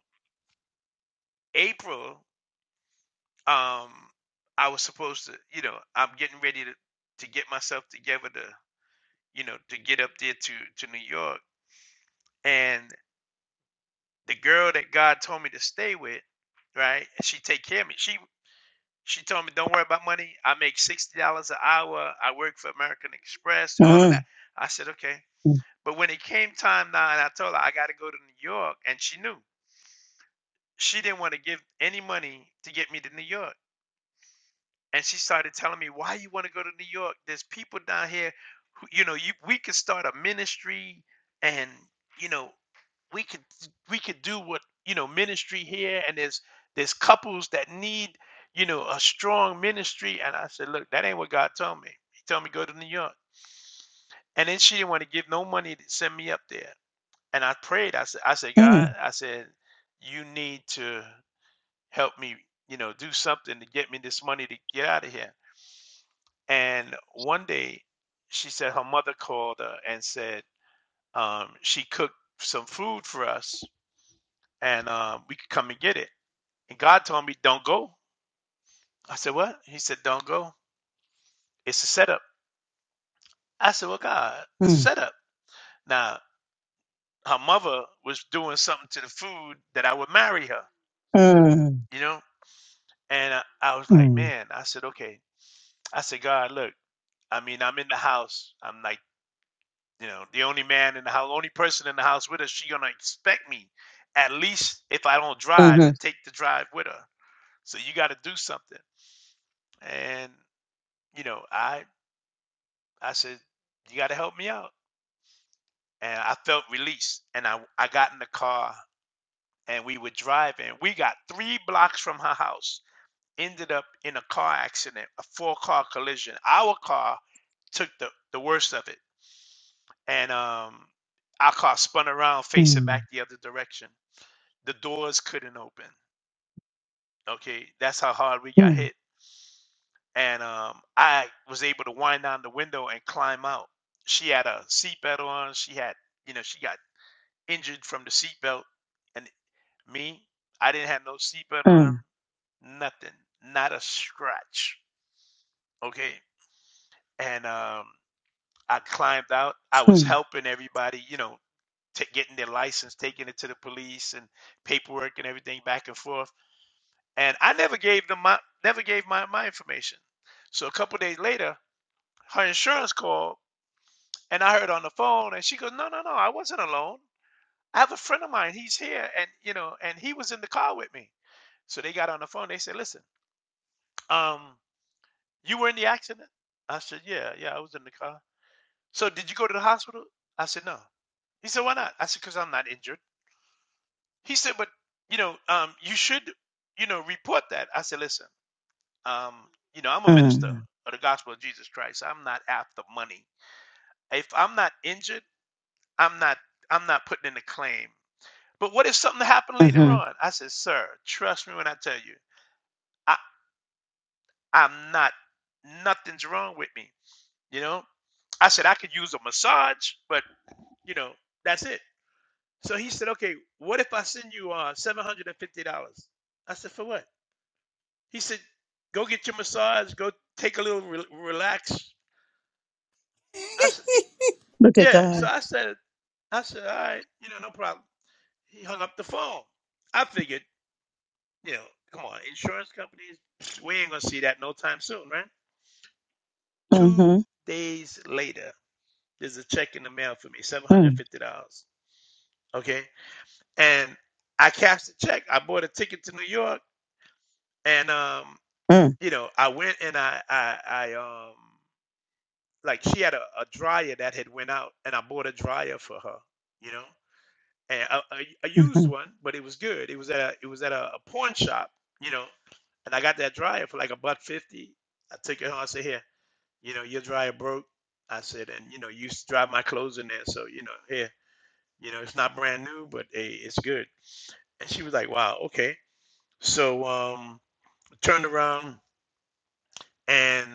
S1: April um I was supposed to you know I'm getting ready to to get myself together to you know to get up there to to New York and the girl that God told me to stay with, right? and She take care of me. She she told me, "Don't worry about money. I make sixty dollars an hour. I work for American Express. All of
S7: Mm,
S1: that." I said, "Okay."
S7: mm,
S1: But when it came time now, and I told her I got to go to New York, and she knew she didn't want to give any money to get me to New York. and she started telling me why you want to go to new york there's people down here who you know you, we could start a ministry and you know we could we could do what you know ministry here and there's there's couples that need you know a strong ministry and i said look that ain't what god told me he told me go to new york and then she didn't want to give no money to send me up there and i prayed i said i said god
S7: mm,
S1: i said you need to help me you know do something to get me this money to get out of here and one day she said her mother called her and said um, she cooked some food for us and um, we could come and get it. And God told me, don't go. I said, what? He said, don't go. It's a setup. I said, well, God, a
S7: mm,
S1: setup. Now, her mother was doing something to the food that I would marry her,
S7: mm,
S1: you know? And I, I was like,
S7: mm,
S1: man, I said, okay. I said, God, look, I mean, I'm in the house. I'm like, You know, the only man in the house, only person in the house with her, she gonna expect me, at least if I don't drive,
S7: mhm,
S1: to take the drive with her. So you got to do something. And you know, I I said, you got to help me out. And I felt released. And I I got in the car and we were driving. We got three blocks from her house. Ended up in a car accident, a four car collision. Our car took the the worst of it, and um, our car spun around facing
S7: mm,
S1: back the other direction the doors couldn't open. Okay, that's how hard we got
S7: mm,
S1: hit. And um, I was able to wind down the window and climb out. She had a seatbelt on. She had, you know, she got injured from the seatbelt. And me, I didn't have no seatbelt on, nothing, not a scratch. Okay. And um, I climbed out. I was
S7: mm,
S1: helping everybody, you know, t- getting their license, taking it to the police and paperwork and everything back and forth And I never gave them my never gave my my information. So a couple of days later, her insurance called and I heard on the phone and she goes, No, no, no, I wasn't alone. I have a friend of mine, he's here and you know, and he was in the car with me. So they got on the phone, they said, Listen, um, you were in the accident? I said, Yeah, yeah, I was in the car. So did you go to the hospital? I said, No. He said, Why not? I said, Because I'm not injured. He said, But you know, um, you should, you know, report that. I said, Listen. Um, you know, I'm
S7: mm,
S1: a minister
S7: mm,
S1: of the gospel of Jesus Christ. I'm not after money. If I'm not injured, I'm not I'm not putting in a claim. But what if something happened later
S7: mhm.
S1: on? I said, sir, trust me when I tell you, I, I'm not nothing's wrong with me. You know? I said I could use a massage, but you know, that's it. So he said, okay, what if I send you uh seven hundred and fifty dollars? I said, for what? He said, go get your massage, go take a little re- relax. I said,
S7: Look at
S1: Yeah. So
S7: God.
S1: I said, I said, all right, you know, no problem. He hung up the phone. I figured, you know, come on, insurance companies, we ain't gonna see that no time soon, right? Two
S7: Mhm,
S1: days later, there's a check in the mail for me, seven hundred
S7: mm,
S1: fifty dollars. Okay, and I cashed the check. I bought a ticket to New York, and um,
S7: mm,
S1: you know, I went and I, I, I um, like she had a, a dryer that had went out, and I bought a dryer for her. You know, and a, a, a used
S7: mhm,
S1: one, but it was good. It was at a it was at a, a pawn shop, you know, and I got that dryer for like a buck fifty. I took it home. I said, "Here, you know, your dryer broke." I said, "And you know, you used to dry my clothes in there, so you know, here, you know, it's not brand new, but hey, it's good." And she was like, "Wow, okay." So um, I turned around and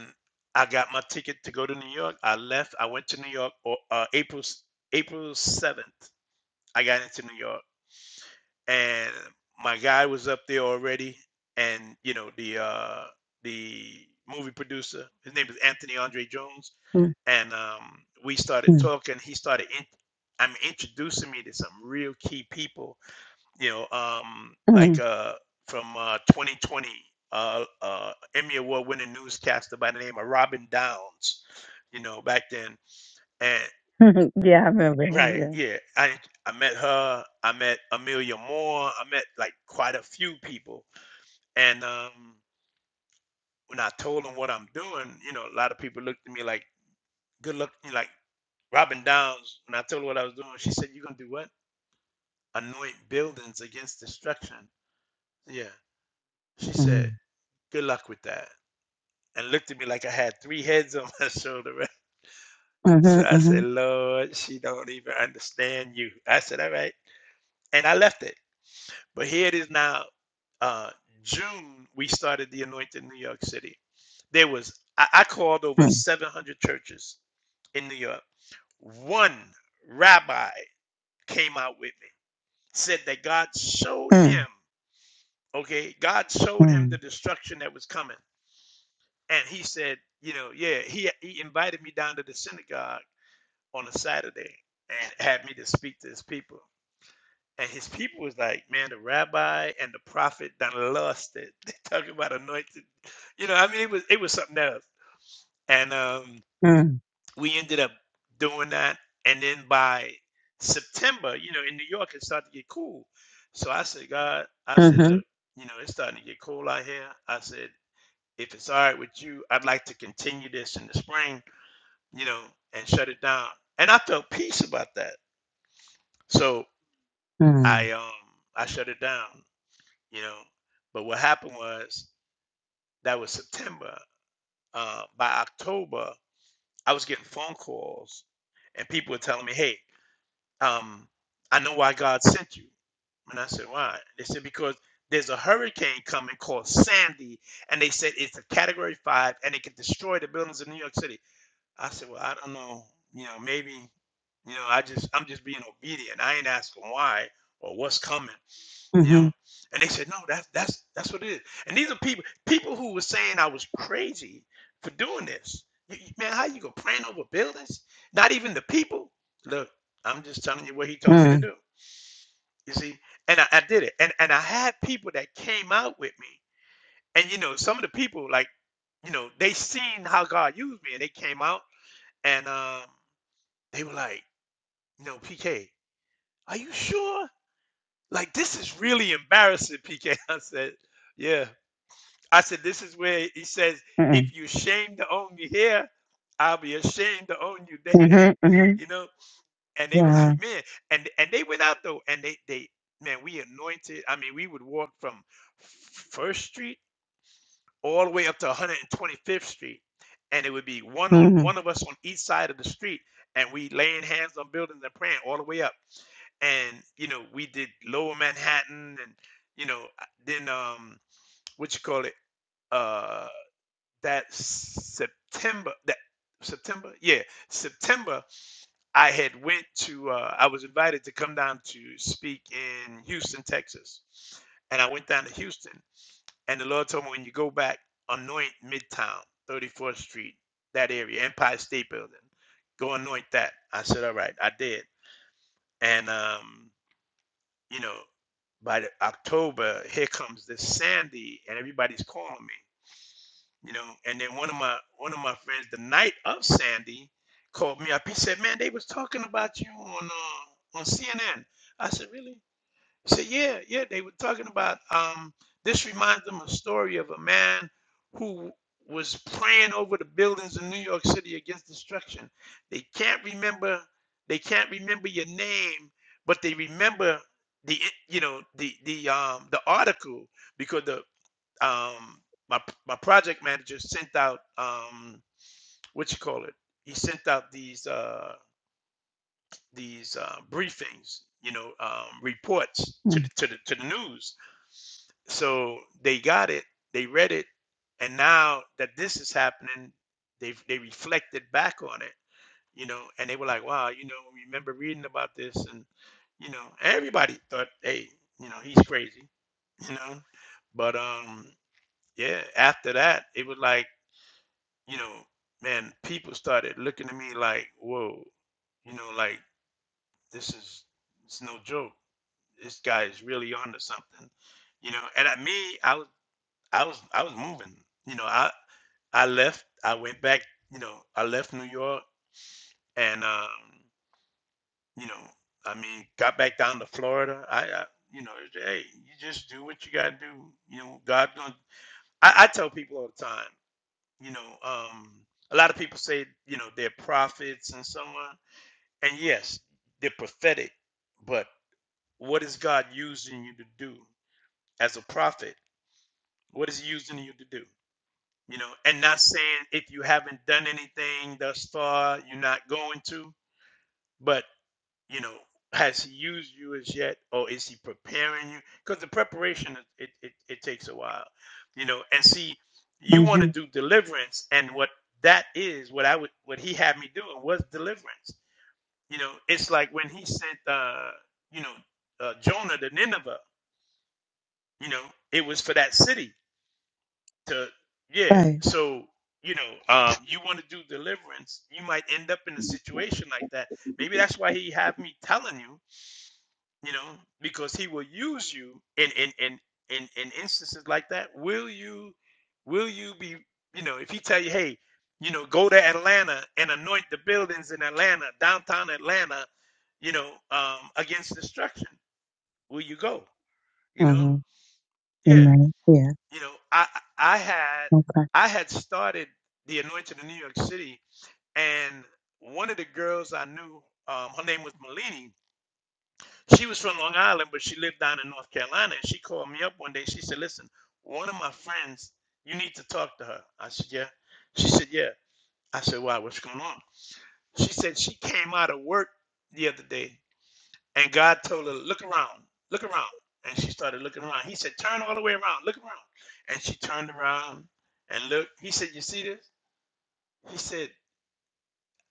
S1: I got my ticket to go to New York. I left. I went to New York uh, April April seventh. I got into New York and my guy was up there already and you know the uh the movie producer his name is anthony andre jones
S7: mm,
S1: and um we started
S7: mm,
S1: talking he started in, i'm introducing me to some real key people you know um like
S7: mm,
S1: uh from uh 2020 uh, uh, Emmy Award winning newscaster by the name of Robin Downs, you know, back then. And
S7: mhm. Yeah, I remember.
S1: Right,
S7: Yeah.
S1: yeah. I I met her, I met Amelia Moore, I met, like, quite a few people, and, um, when I told them what I'm doing, you know, a lot of people looked at me like, "Good luck" like, Robin Downs, when I told her what I was doing, she said, "You're gonna do what?" "Anoint buildings against destruction." Yeah. She said,
S7: Mm,
S1: "Good luck with that," and looked at me like I had 3 heads on my shoulder, right? So
S7: mhm,
S1: I said,
S7: mhm,
S1: "Lord, she don't even understand you." I said, "Alright," and I left it. But here it is now, uh, June, we started the Anointed New York City. There was, I, I called over
S7: mm,
S1: 700 churches in New York. One rabbi came out with me, said that God showed him,
S7: mm,
S1: okay, God showed him
S7: mm,
S1: the destruction that was coming. And he said, you know, yeah, he, he invited me down to the synagogue on a Saturday and had me to speak to his people. And his people was like, man, the rabbi and the prophet done lost it. They talking about anointed. You know, I mean, it was it was something else. And um,
S7: mm,
S1: we ended up doing that. And then by September, you know, in New York, it started to get cool. So I said, God, I said,
S7: mhm,
S1: look, you know, it's starting to get cool out here. I said, if it's all right with you, I'd like to continue this in the spring, you know, and shut it down. And I felt peace about that. So
S7: mm,
S1: I um I shut it down. you know. But what happened was that was September. Uh, by October, I was getting phone calls, and people were telling me, "Hey, um, I know why God sent you." And I said, "Why?" They said, "Because there's a hurricane coming called Sandy, and they said it's a Category Five, and it can destroy the buildings in New York City." I said, "Well, I don't know. You know, maybe." You know, I just I'm just being obedient. I ain't asking why or what's coming. You know,
S7: mhm,
S1: and they said, no, that's that's that's what it is. And these are people people who were saying I was crazy for doing this. You- you- Man, how you gonna plan over buildings? Not even the people. Look, I'm just telling you what he told me to
S7: mm,
S1: do. You see, and I, I did it, and and I had people that came out with me, and you know, some of the people like, you know, they seen how God used me, and they came out, and um, they were like, you know, PK, are you sure? Like this is really embarrassing, PK. I said, yeah. I said, this is where he says, if
S7: mm,
S1: you shame to own you here, I'll be ashamed to own you there.
S7: mhm, mhm.
S1: You know? And they were like,
S7: Wow.
S1: man, and and they went out though, and they they man, we anointed. I mean, we would walk from First Street all the way up to 125th Street. And it would be one on
S7: Mhm,
S1: one of us on each side of the street, and we laying hands on buildings and praying all the way up and you know we did lower manhattan and you know then um what you call it uh that September that September yeah September I had went to uh, I was invited to come down to speak in Houston Texas and I went down to Houston and the Lord told me when you go back anoint Midtown 34th Street that area Empire State Building go anoint that I said all right I did and um you know by October here comes this Sandy and everybody's calling me you know. And then one of my one of my friends, the night of Sandy, called me up. He said, "Man, they was talking about you on uh, on CNN." I said, "Really?" He said, "Yeah, yeah. They were talking about um, this. Reminds them of a story of a man who was praying over the buildings in New York City against destruction. They can't remember. They can't remember your name, but they remember." The, you know the the um the article because the um, my my project manager sent out um, what you call it. He sent out these uh, these uh, briefings, you know, um, reports to
S7: mm,
S1: the, to the to the news. So they got it, they read it, and now that this is happening, they they reflected back on it, you know, and they were like, wow, you know, remember reading about this, and you know, everybody thought, hey, you know, he's crazy, you know, but um, yeah, after that, it was like, you know, man, people started looking at me like, whoa, you know, like this is it's no joke. This guy is really onto something, you know. And at me, I was, I was, I was moving. You know, I, I left. I went back. You know, I left New York, and um, you know, I mean, got back down to Florida. I, I you know, hey, you just do what you gotta do. You know, God gonna. I, I tell people all the time. you know um a lot of people say you know they're prophets and so on and yes they're prophetic but what is god using you to do as a prophet what is he using you to do you know and not saying if you haven't done anything thus far you're not going to But you know has he used you as yet or is he preparing you because the preparation it, it it takes a while you know and see you want to
S7: mhm.
S1: do deliverance and what that is what i would what he had me doing was deliverance you know it's like when he sent uh you know uh, jonah to nineveh you know it was for that city to yeah
S7: Right.
S1: so you know um you want to do deliverance you might end up in a situation like that maybe that's why he had me telling you you know, because he will use you in in in in, in instances like that. Will you will you be you know if he tell you hey you know go to Atlanta and anoint the buildings in Atlanta downtown Atlanta you know um, against destruction will you go you know
S7: Mhm.
S1: yeah
S7: Amen. Yeah.
S1: you know I I had
S7: Okay.
S1: I had started the anointing in New York City and one of the girls I knew um, her name was Malini She was from Long Island, but she lived down in North Carolina. And she called me up one day. She said, Listen, one of my friends, you need to talk to her. I said, Yeah. She said, Yeah. I said, Why? What's going on? She said, She came out of work the other day and God told her, Look around, look around. And she started looking around. He said, Turn all the way around, look around. And she turned around and looked. He said, You see this? He said,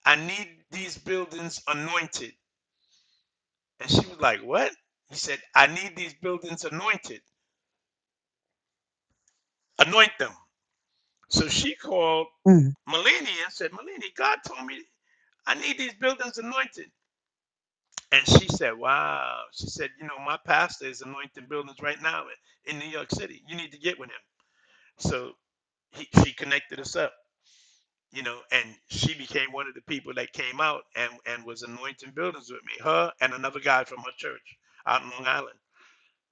S1: I need these buildings anointed. And she was like, What? He said, I need these buildings anointed. Anoint them. So she called
S7: Mm,
S1: Melanie and said, Melanie, God told me I need these buildings anointed. And she said, Wow. She said, You know, my pastor is anointing buildings right now in New York City. You need to get with him. So he, she connected us up, you know, and she became one of the people that came out and, and was anointing buildings with me, her and another guy from her church out in Long Island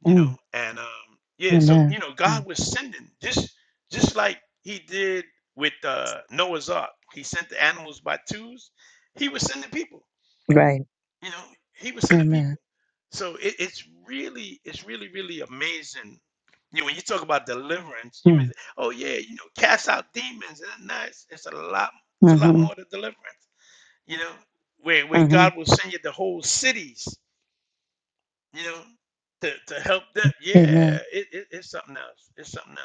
S1: you
S7: mm.
S1: know and um yeah so
S7: Amen.
S1: you know
S7: Mm.
S1: god was sending just just like he did with uh noah's ark he sent the animals by twos he was sending people
S7: Right.
S1: you know he was sending people
S7: Amen.
S1: so it, it's really it's really really amazing you know, when you talk about deliverance you mean
S7: Mm.
S1: oh yeah you know cast out demons and that's it's a lot it's a lot
S7: Mm-hmm.
S1: more to deliverance you know where where
S7: Mm-hmm.
S1: god will send you the whole cities you know, to, to help them.
S7: Amen.
S1: Yeah, it, it, it's something else. It's something else.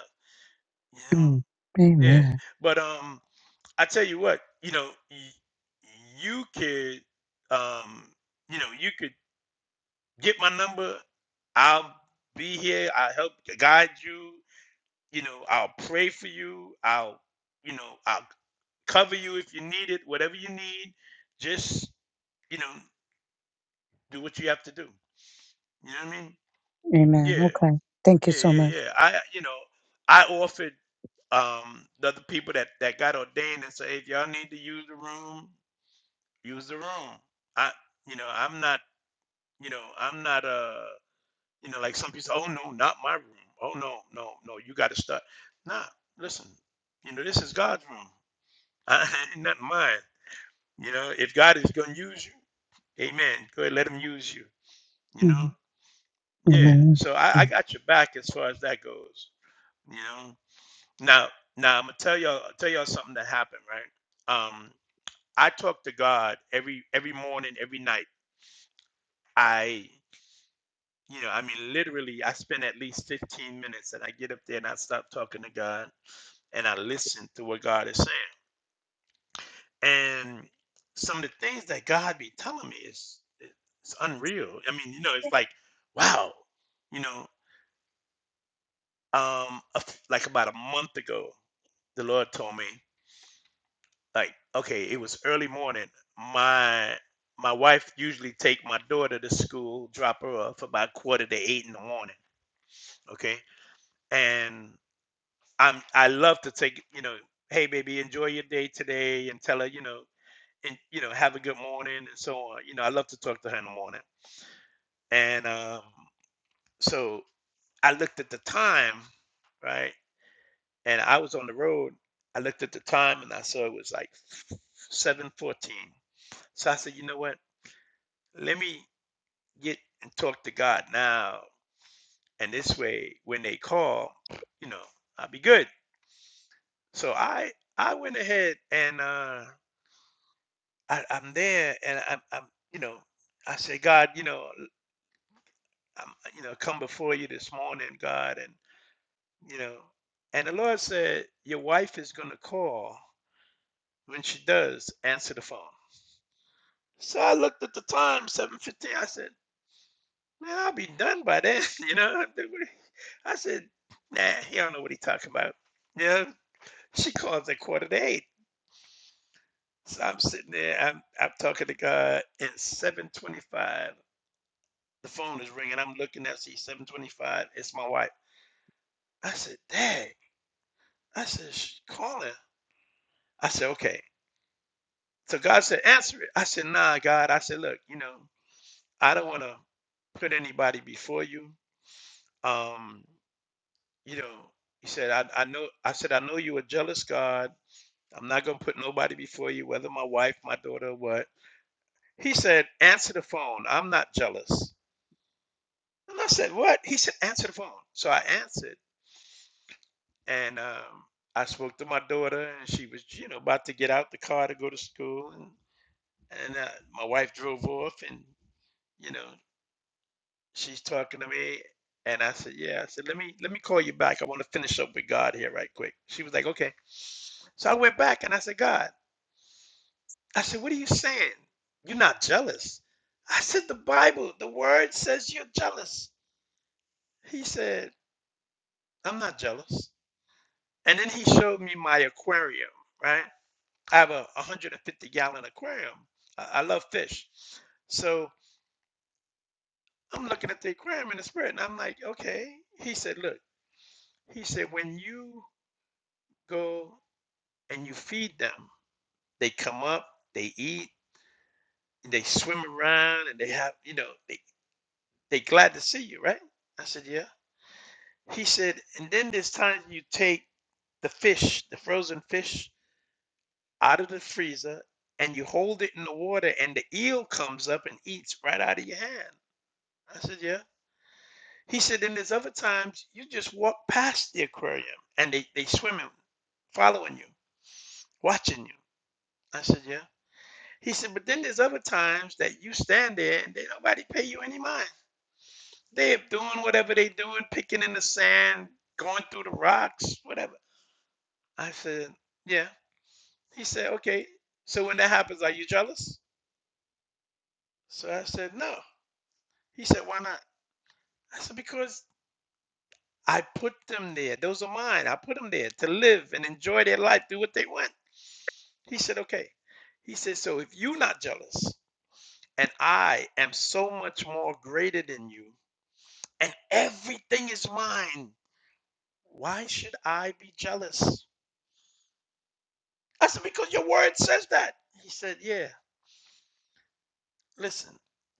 S1: You
S7: Mm.
S1: know, yeah.
S7: Amen.
S1: But um, I tell you what, you know, y- you could, um, you know, you could get my number. I'll be here. I'll help guide you. You know, I'll pray for you. I'll, you know, I'll cover you if you need it. Whatever you need, just you know, do what you have to do. You know what I mean?
S7: Amen.
S1: Yeah.
S7: Okay. Thank you
S1: Yeah,
S7: so
S1: yeah,
S7: much.
S1: yeah. I, you know, I offered um the other people that that got ordained and say, if y'all need to use the room, use the room. I, you know, I'm not, you know, I'm not uh, you know, like some people say, oh no, not my room. Oh no, no, no, you got to start. Nah, listen, you know, this is God's room. I ain't not mine. You know, if God is gonna use you, Amen. Go ahead, let Him use you. You
S7: hmm
S1: know, yeah.
S7: Amen.
S1: So I,
S7: Yeah.
S1: I got your back as far as that goes. You know. Now, now I'm gonna tell y'all tell y'all something that happened, right? Um, I talk to God every every morning, every night. I, you know, I mean, literally, I spend at least 15 minutes, and I get up there and I stop talking to God, and I listen to what God is saying. And some of the things that God be telling me is it's unreal. I mean, you know, it's like, wow, you know, um, a f- like about a month ago, the Lord told me. like okay it was early morning my my wife usually take my daughter to school drop her off about quarter to eight in the morning okay and i'm i love to take you know hey baby enjoy your day today and tell her you know and you know have a good morning and so on you know i love to talk to her in the morning and um so i looked at the time right and i was on the road i looked at the time and i saw it was like 7.14 so i said you know what let me get and talk to God now. And this way, when they call, you know, I'll be good. So I I went ahead and uh, I, I'm there, and I'm, I'm you know, I say, God, you know, i I'm you know come before you this morning, God, and you know, and the Lord said, your wife is gonna call. When she does, answer the phone. So I looked at the time, seven fifteen. I said. Man, I'll be done by then, you know. I said, nah, he don't know what he's talking about. You know, she calls at quarter to eight. So I'm sitting there, I'm I'm talking to God It's 725. The phone is ringing. I'm looking at see 725. It's my wife. I said, Dad. I said, she's calling. I said, okay. So God said, answer it. I said, nah, God. I said, look, you know, I don't want to put anybody before you. Um, You know, he said, I, I know, I said, I know you a jealous God. I'm not going to put nobody before you, whether my wife, my daughter, or what. He said, answer the phone. I'm not jealous. And I said, what? He said, answer the phone. So I answered and, um, I spoke to my daughter and she was, you know, about to get out the car to go to school. And, and uh, my wife drove off and, you know, She's talking to me, and I said, "Yeah." I said, "Let me let me call you back. I want to finish up with God here right quick." She was like, "Okay." So I went back and I said, "God," I said, "What are you saying? You're not jealous." I said, "The Bible, the Word says you're jealous." He said, "I'm not jealous." And then he showed me my aquarium. Right? I have a 150 gallon aquarium. I, I love fish, so I'm looking at the aquarium in the spirit, and I'm like, "Okay." He said, "Look." He said, "When you go and you feed them. They come up, they eat, they swim around, and they have, you know, they they glad to see you, right? I said, yeah. He said, and then there's times you take the fish, the frozen fish, out of the freezer, and you hold it in the water, and the eel comes up and eats right out of your hand. I said, yeah. He said, then there's other times you just walk past the aquarium, and they they swimming, following you, watching you. I said, yeah. He said, but then there's other times that you stand there and they nobody pay you any mind. They're doing whatever they doing, picking in the sand, going through the rocks, whatever. I said, yeah. He said, okay. So when that happens, are you jealous? So I said, no. He said, why not? I said, because I put them there. Those are mine. I put them there to live and enjoy their life, do what they want. He said, okay. He said, so if you're not jealous and I am so much more greater than you, and everything is mine. Why should I be jealous? I said, Because your word says that. He said, Yeah, listen,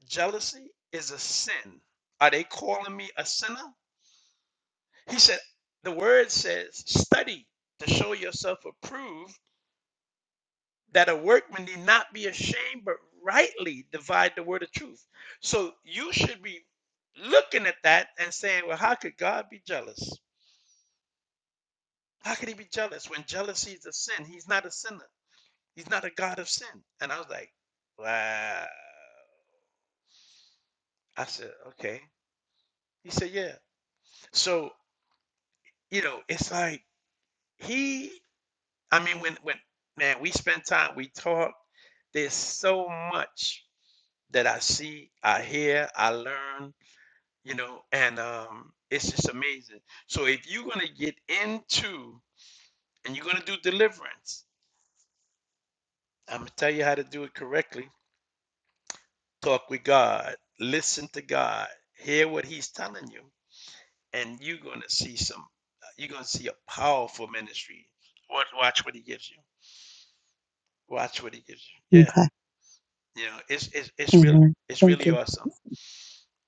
S1: jealousy is a sin. Are they calling me a sinner? He said, The word says, study to show yourself approved, that a workman need not be ashamed, but rightly divide the word of truth. So you should be looking at that and saying, Well, how could God be jealous? How could he be jealous when jealousy is a sin? He's not a sinner. He's not a God of sin. And I was like, wow. I said, okay. He said, yeah. So, you know, it's like he, I mean, when, when, man, we spend time, we talk, there's so much that I see, I hear, I learn, you know, and um, it's just amazing. So if you're going to get into and you're going to do deliverance, I'm going to tell you how to do it correctly. Talk with God, listen to God, hear what He's telling you and you're going to see some you're going to see a powerful ministry watch, watch what he gives you watch what he gives you yeah
S7: Okay.
S1: you know it's it's, it's really
S7: Amen.
S1: it's
S7: Thank
S1: really
S7: you.
S1: awesome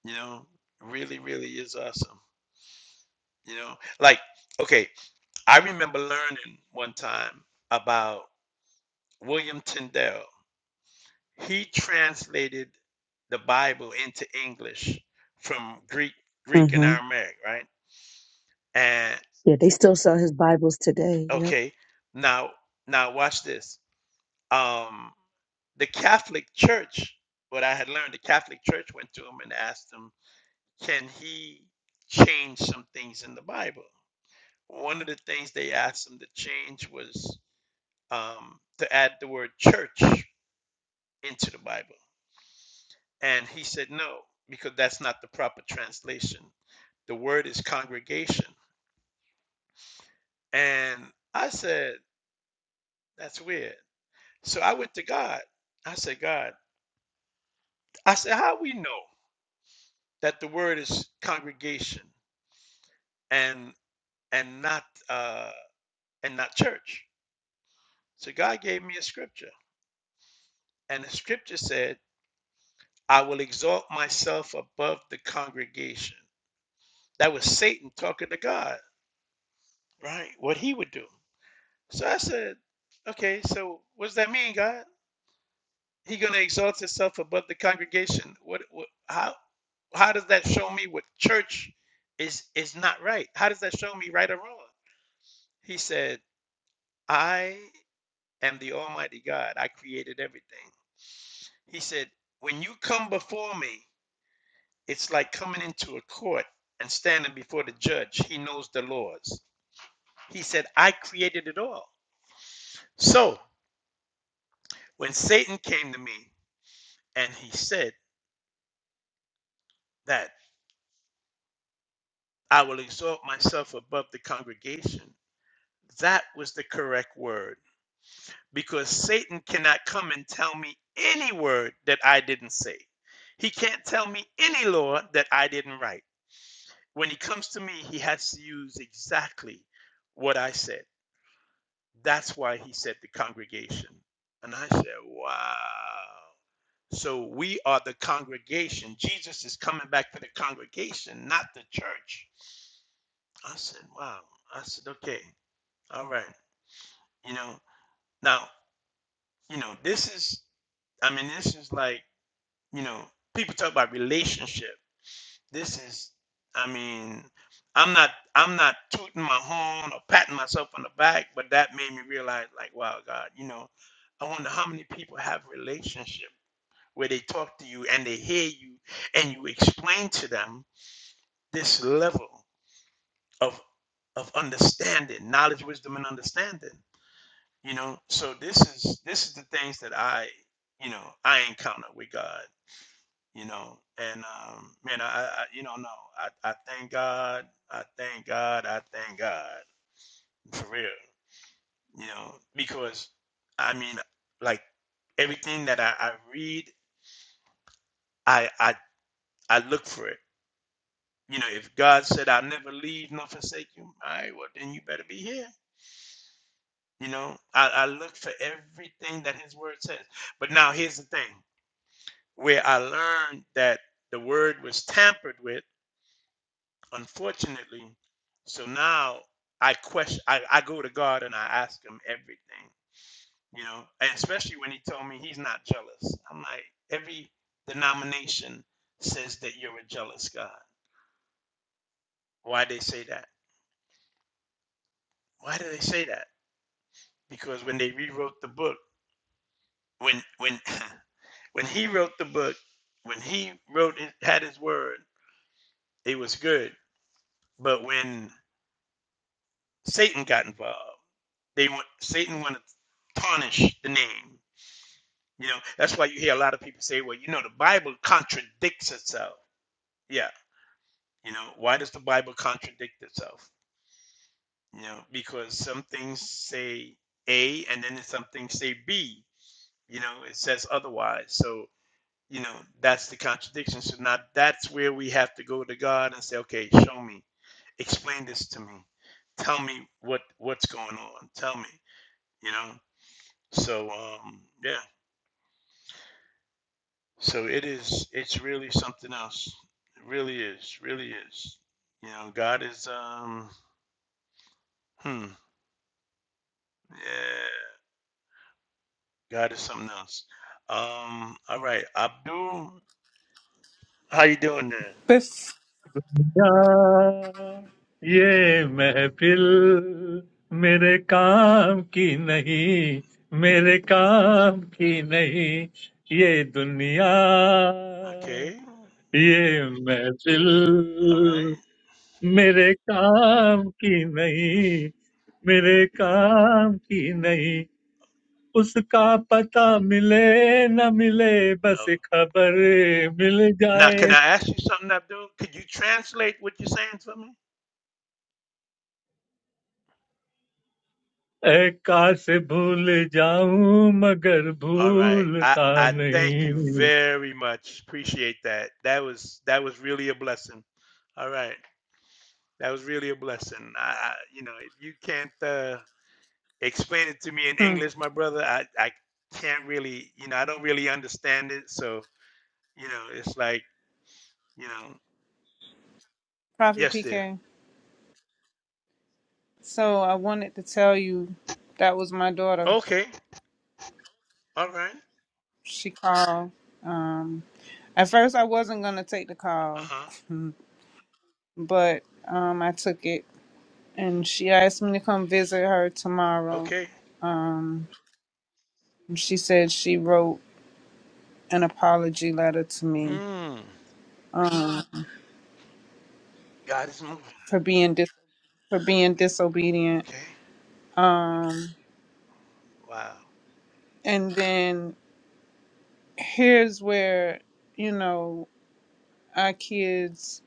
S1: you know really really is awesome you know like okay i remember learning one time about william tyndale he translated the bible into english from greek greek and
S7: Mm-hmm.
S1: aramaic right and
S7: Yeah, they still sell his Bibles today. Yep.
S1: okay now now watch this um the Catholic Church, what I had learned, the Catholic Church went to him and asked him, can he change some things in the Bible? One of the things they asked him to change was um, to add the word church into the Bible. And he said no, because that's not the proper translation. The word is congregation. And I said, that's weird. So I went to God. I said, God, I said, how we know that the word is congregation? and and not uh, and not church. So God gave me a scripture, and the scripture said, "I will exalt myself above the congregation." That was Satan talking to God, right? What he would do. So I said, "Okay, so what does that mean, God? He gonna exalt himself above the congregation? What? what how? How does that show me what church is is not right? How does that show me right or wrong?" He said, "I am the Almighty God. I created everything." He said, When you come before me, it's like coming into a court and standing before the judge. He knows the laws. He said, I created it all. So when Satan came to me and he said that I will exalt myself above the congregation, that was the correct word because Satan cannot come and tell me any word that I didn't say. He can't tell me any law that I didn't write. When he comes to me, he has to use exactly what I said. That's why he said the congregation. And I said, wow. So we are the congregation. Jesus is coming back for the congregation, not the church. I said, wow. I said, okay, all right. You know, now, you know, this is, I mean, this is like, you know, people talk about relationship. This is, I mean, I'm not, I'm not tooting my horn or patting myself on the back, but that made me realize, like, wow, God, you know, I wonder how many people have relationship where they talk to you and they hear you and you explain to them this level of of understanding, knowledge, wisdom, and understanding. You know, so this is this is the things that I, you know, I encounter with God you know and um man i, I I- you know no I, I thank god i thank god i thank god for real you know because i mean like everything that i, I read I, I i look for it you know if god said i'll never leave nor forsake you all right well then you better be here you know i, I look for everything that his word says but now here's the thing where i learned that the word was tampered with unfortunately so now i question I, I go to god and i ask him everything you know and especially when he told me he's not jealous i'm like every denomination says that you're a jealous god why they say that why do they say that because when they rewrote the book when when when he wrote the book when he wrote it had his word it was good but when satan got involved they want satan wanted to tarnish the name You know, that's why you hear a lot of people say, well, you know, the Bible contradicts itself. Yeah. You know, why does the Bible contradict itself? You know, because some things say A and then some things say B. You know, it says otherwise. So, you know, that's the contradiction. So now that's where we have to go to God and say, okay, show me, explain this to me, tell me what what's going on, tell me. You know, so um, yeah. So it is, it's really something else. It really is, really is. You know, God is, um, hmm, yeah, God is something else. Um, all right, Abdul, how you doing there?
S5: Bef-
S9: क्या ये महफिल मेरे काम की नहीं मेरे काम की नहीं ये दुनिया
S1: Okay,
S9: ये महफिल
S1: all right.
S9: मेरे काम की नहीं मेरे काम की नहीं उसका पता मिले न मिले बस
S1: Um,
S9: खबर मिल
S1: now,
S9: जाए
S1: can I ask you something, Abdul? Could you translate what you're saying for me?
S9: ऐ काश भूल जाऊं मगर
S1: All right. I,
S9: भूलता
S1: I thank you
S9: नहीं
S1: very much. Appreciate that. That was that was really a blessing. All right. That was really a blessing. I, I you know, if you can't uh Explain it to me in
S5: hmm.
S1: English, my brother. I, I can't really, you know, I don't really understand it. So, you know, it's like, you know,
S5: Prophet
S1: yes, dear.
S5: PK. So I wanted to tell you that was my daughter.
S1: Okay. All right.
S5: She called. Um, At first, I wasn't gonna take the
S1: Uh
S5: call,
S1: huh.
S5: but um, I took it, and she asked me to come visit her tomorrow.
S1: Okay.
S5: Um, she said she wrote an apology letter to me
S1: Hmm.
S5: um,
S1: God is moving.
S5: for being dis- for being disobedient.
S1: Okay.
S5: Um,
S1: Wow.
S5: and then here's where you know our kids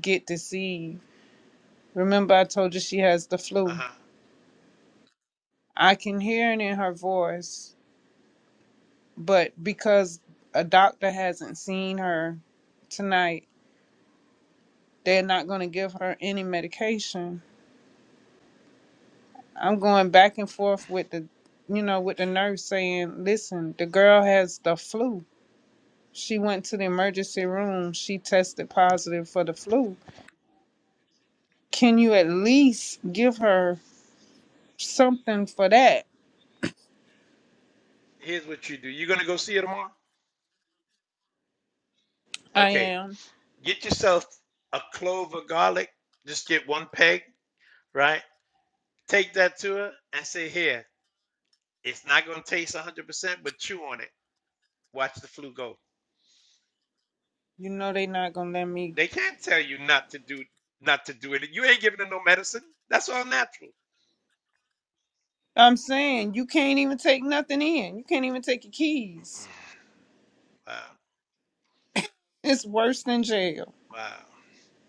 S5: get deceived. Remember, I told you she has the
S1: Uh
S5: flu.
S1: huh.
S5: I can hear it in her voice but because a doctor hasn't seen her tonight, they're not going to give her any medication. I'm going back and forth with the, you know, with the nurse saying, listen, the girl has the flu. She went to the emergency room. She tested positive for the flu. Can you at least give her something for that?
S1: Here's what you do. You're gonna go see her tomorrow.
S5: I
S1: Okay.
S5: am.
S1: Get yourself a clove of garlic. Just get one peg, right? Take that to her and say, "Here, it's not gonna taste 100%, but chew on it. Watch the flu go."
S5: You know, they're not going to let me.
S1: They can't tell you not to do not to do it. You ain't giving them no medicine. That's all natural.
S5: I'm saying you can't even take nothing in. You can't even take your keys.
S1: Wow.
S5: It's worse than jail.
S1: Wow.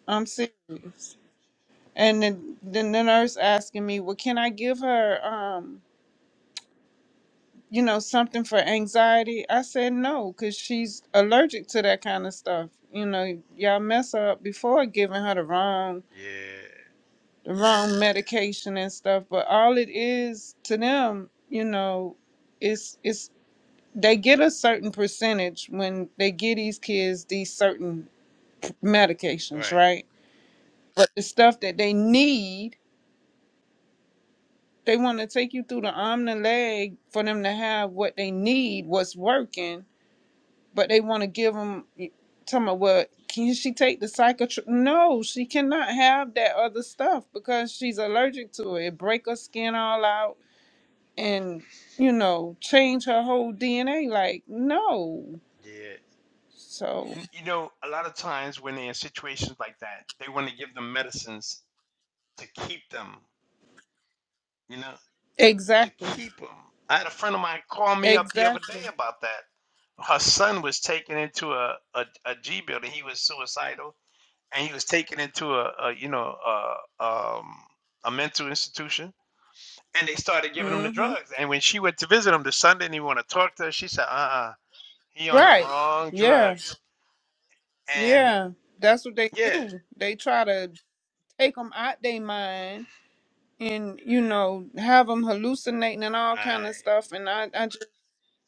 S5: I'm serious. And then, then the nurse asking me, "Well, can I give her, um, you know, something for anxiety?" I said no, cause she's allergic to that kind of stuff. You know, y'all mess her up before giving her the wrong,
S1: Yeah.
S5: the wrong medication and stuff. But all it is to them, you know, is is they get a certain percentage when they give these kids these certain medications,
S1: Right.
S5: right? But the stuff that they need They want to take you through the arm and the leg for them to have what they need, what's working, but they want to give them. Tell me what can she take the psychotr? No, she cannot have that other stuff because she's allergic to it. It break her skin all out and you know change her whole DNA. Like no,
S1: Yeah.
S5: so
S1: You, you know, a lot of times when they're in situations like that, they want to give them medicines to keep them, you know, to
S5: exactly,
S1: keep them. I had a friend of mine call me up the other
S5: exactly.
S1: day about that. Her son was taken into a, a, a G building. He was suicidal and he was taken into a, a you know, a, um, a mental institution and they started giving him the
S5: Mm-hmm.
S1: drugs. And when she went to visit him, the son didn't even want to talk to her. She said, "Uh, uh he on the
S5: Right.
S1: wrong
S5: Yeah.
S1: drugs." And
S5: Yeah. That's what they
S1: yeah,
S5: do. They try to take them out they mind and you know have them hallucinating and all kind
S1: right.
S5: of stuff and i i just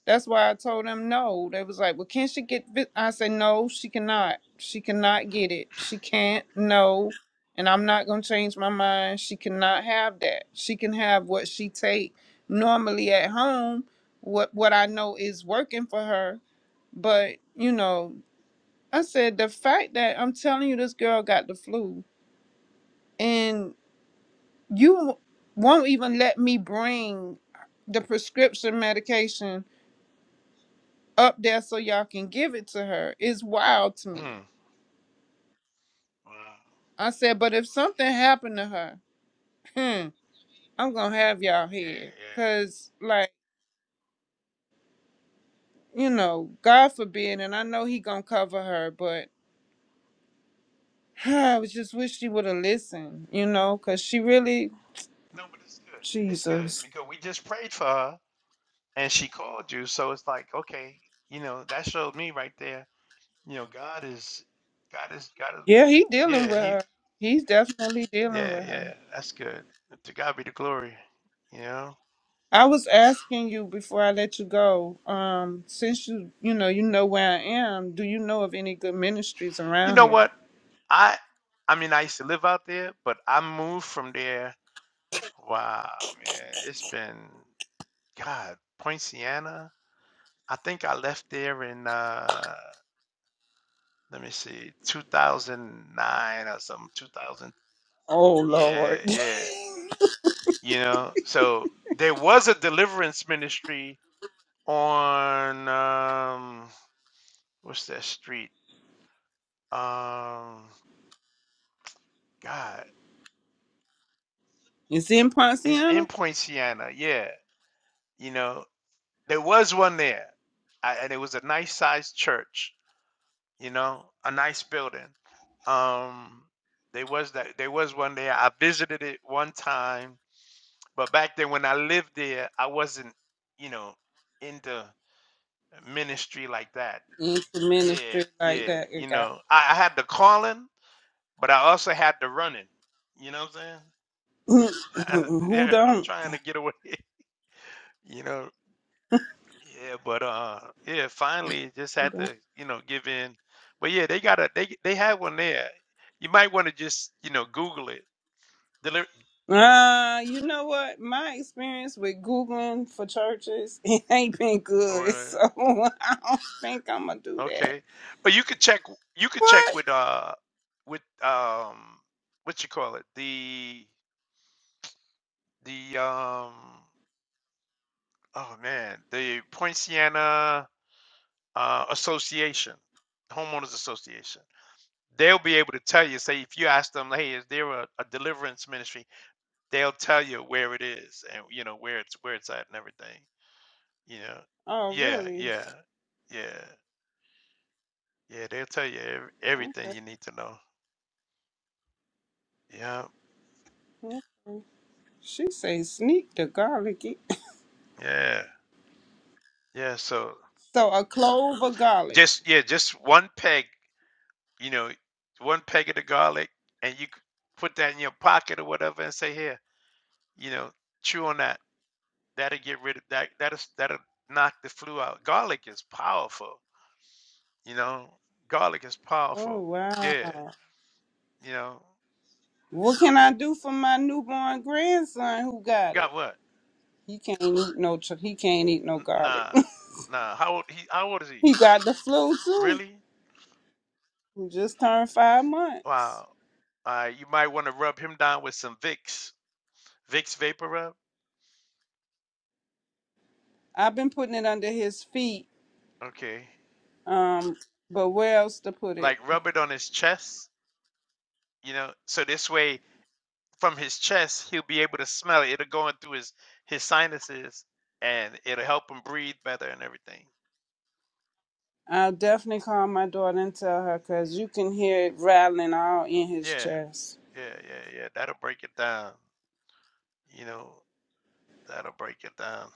S5: that's why i told them no they was like well can she get vi-" i said no she cannot she cannot get it she can't no and i'm not going to change my mind she cannot have that she can have what she take normally at home what what i know is working for her but you know i said the fact that i'm telling you this girl got the flu you won't even let me bring the prescription medication up there so y'all can give it to her. It's wild to
S1: Hmm.
S5: me.
S1: Wow.
S5: I said, but if something happened to her, hmm, I'm gonna have y'all
S1: Yeah,
S5: here.
S1: yeah.
S5: Cause like, you know, God forbid, and I know he gonna cover her, but I was just wish she would have listened, you know, cause she really
S1: No, but it's good. It's good
S5: Jesus.
S1: because we just prayed for her, and she called you. So it's like, okay, you know, that showed me right there. You know, God is, God is, God is.
S5: Yeah, he dealing
S1: Yeah,
S5: with
S1: he.
S5: her. He's definitely dealing
S1: Yeah,
S5: with her.
S1: yeah. That's good. To God be the glory. You know.
S5: I was asking you before I let you go. Um, since you you know you know where I am, do you know of any good ministries
S1: You
S5: around
S1: know
S5: here?
S1: what? I I mean I used to live out there, but I moved from there. Wow, man. It's been God, Point Siena. I think I left there in uh let me see, 2009 or something, 2000.
S5: Oh
S1: Yeah,
S5: Lord,
S1: yeah. You know, so there was a deliverance ministry on um what's that street? Um God,
S5: it's in
S1: it's
S5: Ponciana.
S1: in Point Siena. Yeah, you know, There was one there, I, and it was a nice sized church. You know, a nice building. Um, there was that. There was one there. I visited it one time, but back then when I lived there, I wasn't, you know, into ministry like that.
S5: It's a
S1: Yeah,
S5: ministry like
S1: yeah.
S5: that.
S1: You
S5: It got
S1: know, I, I had the calling, but I also had the running. You know what I'm saying? I,
S5: who
S1: yeah, I'm
S5: don't.
S1: trying to get away. You know, Yeah, but uh, yeah, finally just
S5: Who
S1: had
S5: don't?
S1: to, you know, give in. But yeah, they got a they they have one there. You might want to just, you know, Google it. Deliver
S5: Uh, you know what? My experience with googling for churches it ain't been
S1: or
S5: good, so
S1: uh,
S5: I don't think I'm gonna do that.
S1: okay, but you could check you could check
S5: What?
S1: with uh with um what you call it the the um oh man the Poinciana uh, Association, homeowners association. They'll be able to tell you. Say if you ask them, hey, is there a, a deliverance ministry? they'll tell you where it is and you know where it's where it's at and everything you know
S5: Oh,
S1: yeah
S5: really?
S1: yeah yeah yeah they'll tell you ev- everything
S5: Okay.
S1: you need to know yeah
S5: okay. She say sneak the garlic
S1: yeah yeah so
S5: So a clove of garlic.
S1: just yeah just one peg you know one peg of the garlic and you c- put that in your pocket or whatever and say here you know chew on that that'll get rid of that that'll s- that'll knock the flu out garlic is powerful you know garlic is
S5: Oh
S1: powerful yeah
S5: wow.
S1: you know
S5: What can I do for my newborn grandson who got it?
S1: got what
S5: He can't eat no ch- he can't eat no
S1: N-
S5: garlic.
S1: Nah, nah. How old he? How old is he?
S5: he got the flu too.
S1: Really?
S5: He just turned 5 months.
S1: Wow. Uh, you might want to rub him down with some Vicks, Vicks Vapor Rub.
S5: I've been putting it under his feet
S1: Okay.
S5: um but where else to put it?
S1: Like rub it on his chest, you know, so this way from his chest he'll be able to smell it. It'll go in through his his sinuses, and it'll help him breathe better and everything.
S5: I'll definitely call my daughter and tell her cuz you can hear it rattling all in his
S1: Yeah,
S5: chest.
S1: yeah, yeah, yeah. That'll break it down. You know, that'll break it down.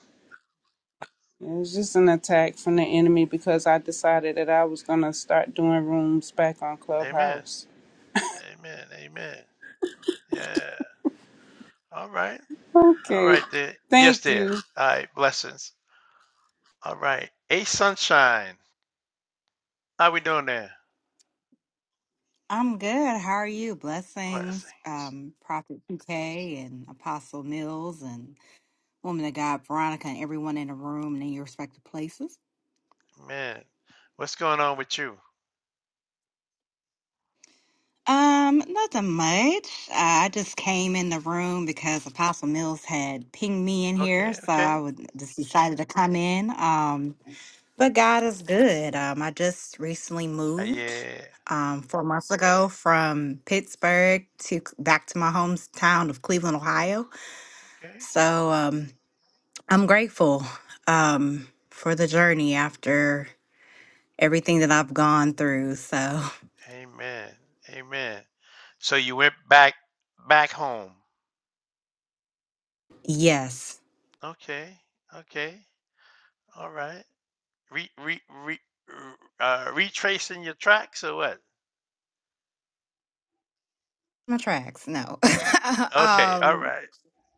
S5: It was just an attack from the enemy because I decided that I was going to start doing rooms back on
S1: Amen.
S5: Clubhouse
S1: Amen. Amen. Yeah. All right. All
S5: Okay.
S1: right, there. Yes,
S5: Thank
S1: there.
S5: you.
S1: All right, blessings. All right. A sunshine. How we doing there?
S8: I'm good. How are you?
S1: Blessings.
S8: Blessings, um, Prophet PK and Apostle Mills and Woman of God Veronica and everyone in the room and in your respective places.
S1: Man, what's going on with you?
S8: Um, nothing much. Uh, I just came in the room because Apostle Mills had pinged me in here,
S1: Okay,
S8: so I
S1: okay.
S8: would just decided to come in. Um, But God is good. Um, I just recently
S1: Uh,
S8: moved
S1: yeah.
S8: um, four months ago from Pittsburgh to c- back to my hometown of Cleveland,
S1: Ooh,
S8: Ohio.
S1: okay.
S8: So um, I'm grateful um, for the journey after everything that I've gone through. So
S1: Amen. Amen. So you went back back home.
S8: yes,
S1: Okay. Okay. All right. Re re re uh retracing your tracks or what?
S8: my tracks. No,
S1: Okay. All
S8: um,
S1: right.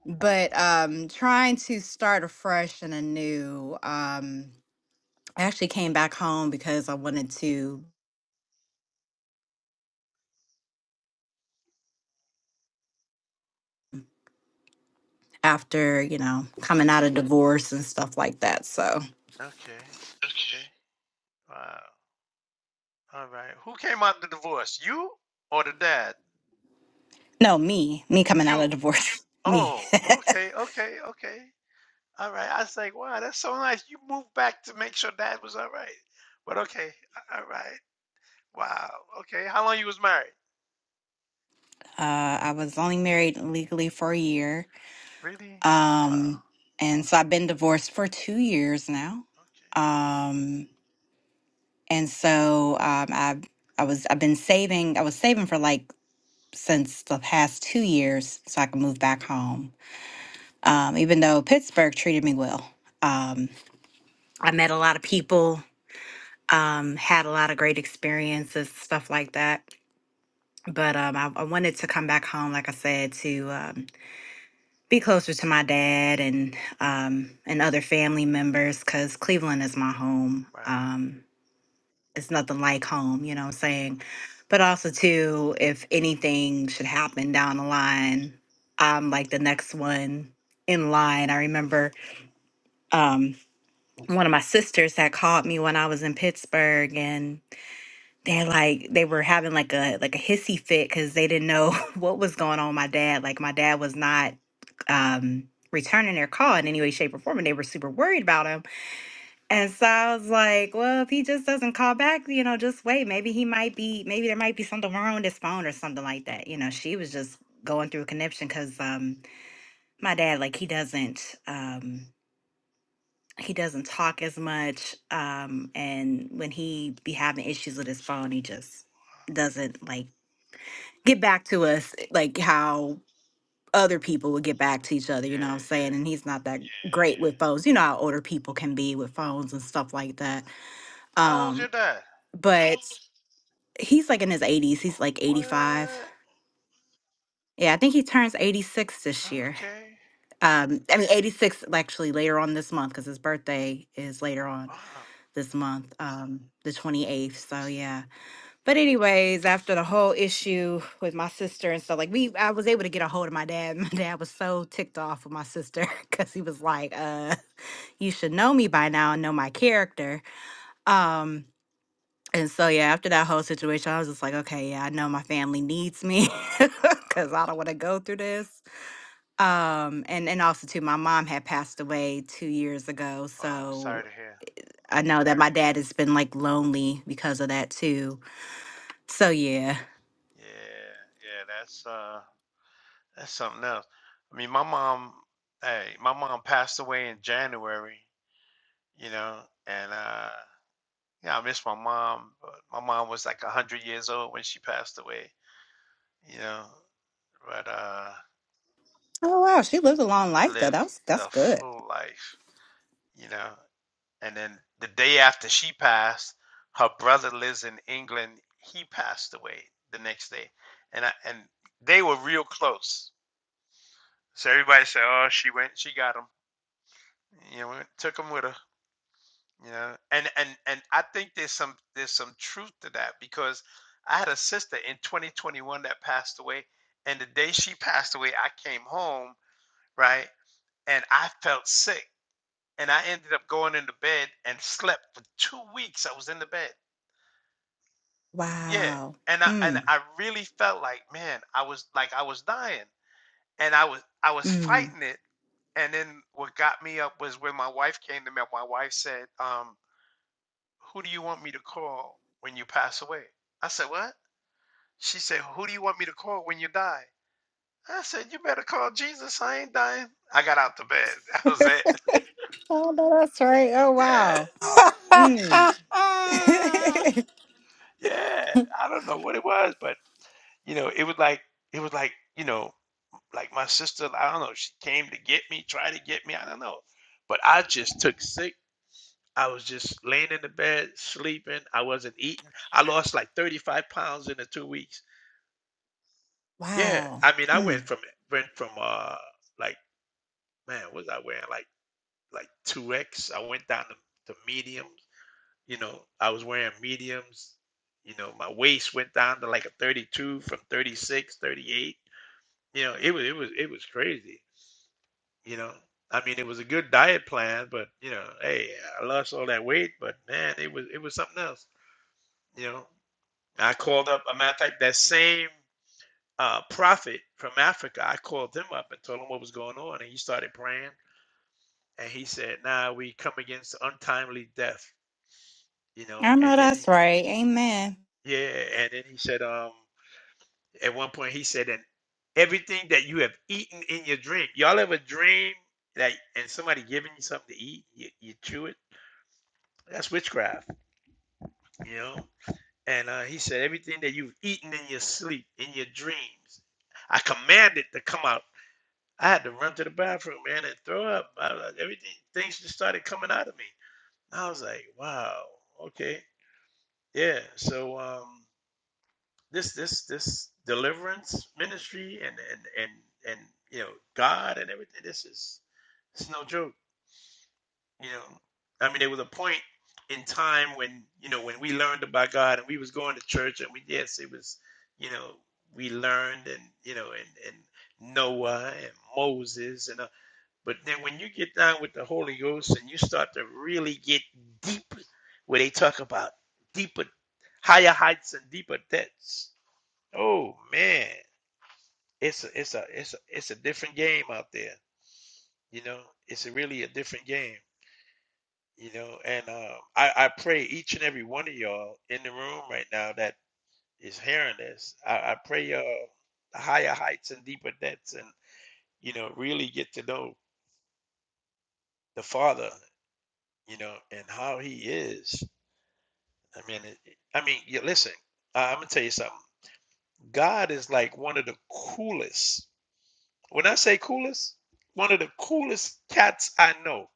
S8: but um, trying to start afresh and anew. Um, I actually came back home because I wanted to. after, you know, coming out of divorce and stuff like that. So,
S1: Okay. Okay. Wow. All right. Who came out the divorce? You or the dad?
S8: no, me, me coming out
S1: You.
S8: of divorce, me.
S1: Oh,
S8: uh,
S1: okay, okay, okay. All right. I was like, wow, that's so nice. You moved back to make sure dad was all right. But okay, a- all right. Wow. Okay. How long you was married?
S8: I was only married legally for a year.
S1: Really? Wow.
S8: Um, and so I've been divorced for two years now.
S1: Okay.
S8: Um, and so um, I, I was, I've been saving, I was saving for like since the past two years so I could move back home. Um, even though Pittsburgh treated me well. Um, I met a lot of people um, had a lot of great experiences, stuff like that. But um, I, I wanted to come back home, like I said, to um, be closer to my dad and um, and other family members, because Cleveland is my home.
S1: Right.
S8: Um, it's nothing like home, you know what I'm saying? But also, too, if anything should happen down the line, I'm like the next one in line. I remember um, one of my sisters had called me when I was in Pittsburgh, and they're like they were having like a like a hissy fit because they didn't know what was going on with my dad like my dad was not um returning their call in any way shape or form and they were super worried about him and so i was like well if he just doesn't call back you know just wait maybe he might be maybe there might be something wrong with his phone or something like that you know she was just going through a connection because um my dad like he doesn't um he doesn't talk as much um and when he be having issues with his phone he just doesn't like get back to us like how other people would get back to each other, you know what I'm
S1: Yeah,
S8: saying?
S1: yeah.
S8: And he's not that great with phones. You know how older people can be with phones and stuff like that.
S1: How old's your
S8: Um,
S1: dad?
S8: but he's like in his 80s. He's
S1: Oh,
S8: like 85.
S1: What?
S8: Yeah, I think he turns 86 this year.
S1: Okay.
S8: Um, I mean 86 actually later on this month because his birthday is later on
S1: Wow.
S8: this month, um, the 28th. So yeah. But anyways, after the whole issue with my sister and stuff, like we, I was able to get a hold of my dad. My dad was so ticked off with my sister because he was like, "Uh, you should know me by now and know my character." Um, and so yeah, after that whole situation, I was just like, "Okay, yeah, I know my family needs me because
S1: Wow.
S8: I don't want to go through this." Um, and and also too, my mom had passed away two years ago,
S1: Wow. Sorry
S8: so
S1: to hear.
S8: I know that my dad has been like lonely because of that too. So yeah.
S1: Yeah, yeah. That's uh. That's something else. I mean, my mom, hey, my mom passed away in January, you know, and uh yeah, I miss my mom, but my mom was like 100 years old when she passed away, you know, but uh
S8: Oh wow, she lived a long life though. That
S1: lived
S8: was that's
S1: a
S8: good.
S1: full life, you know. And then the day after she passed, her brother lives in England. He passed away the next day. And I, and they were real close. So everybody said, "Oh, she went, she got him." You know, took him with her You know, and and and I think there's some there's some truth to that because I had a sister in 2021 that passed away, and the day she passed away, I came home, right? And I felt sick, and I ended up going into bed and slept for two weeks. I was in the bed, yeah,
S8: Wow.
S1: and I and
S8: Mm.
S1: I really felt like, man, I was like I was dying, and I was I was
S8: Mm.
S1: fighting it. And then what got me up was when my wife came to me. My wife said, um, who do you want me to call when you pass away? I said, what? She said, who do you want me to call when you die? I said, you better call Jesus. I ain't dying. I got out the bed. That was it.
S8: Oh no, that's right. Oh
S1: Yeah,
S8: wow. Mm.
S1: yeah. I don't know what it was, but you know, it was like it was like you know, like my sister. I don't know. She came to get me, try to get me. I don't know, but I just took sick. I was just laying in the bed, sleeping. I wasn't eating. I lost like 35 pounds in the two weeks Yeah,
S8: wow.
S1: I mean, I went
S8: Mm.
S1: from went from uh like man, what was I wearing like like two X? I went down to, to mediums. You know, I was wearing mediums. You know, my waist went down to like a 32 from 36, 38. You know, it was it was it was crazy. You know, I mean, it was a good diet plan, but you know, hey, I lost all that weight, but man, it was it was something else. You know, I called up. A matter of fact, that same. uh, prophet from Africa, I called them up and told him what was going on, and he started praying. And he said, "Now nah, we come against untimely death, you know."
S8: I
S1: And
S8: know
S1: then
S8: that's right. Amen.
S1: he, yeah, and then he said, um, at one point he said, and everything that you have eaten in your dream, y'all ever dream that and somebody giving you something to eat, you, you chew it? That's witchcraft, you know. And uh, he said, everything that you've eaten in your sleep, in your dreams, I command it to come out I had to run to the bathroom, man, and throw up. I, was like, everything, things just started coming out of me. I was like, wow, okay, yeah. So um, this, this, this deliverance ministry and and and and you know God and everything. This is it's no joke. You know, I mean, there was a point in time when you know when we learned about God and we was going to church and we yes, it was you know we learned and you know and and Noah and Moses and uh, But then when you get down with the Holy Ghost and you start to really get deep, where they talk about deeper, higher heights and deeper depths. Oh man, it's a, it's a it's a it's a different game out there. You know, it's a really a different game. You know, and um, I I pray each and every one of y'all in the room right now that is hearing this. I, I pray y'all higher heights and deeper depths, and you know, really get to know the Father. You know, and how He is I mean, it, I mean, you listen, I, I'm gonna tell you something. God is like one of the coolest. When I say coolest, one of the coolest cats I know.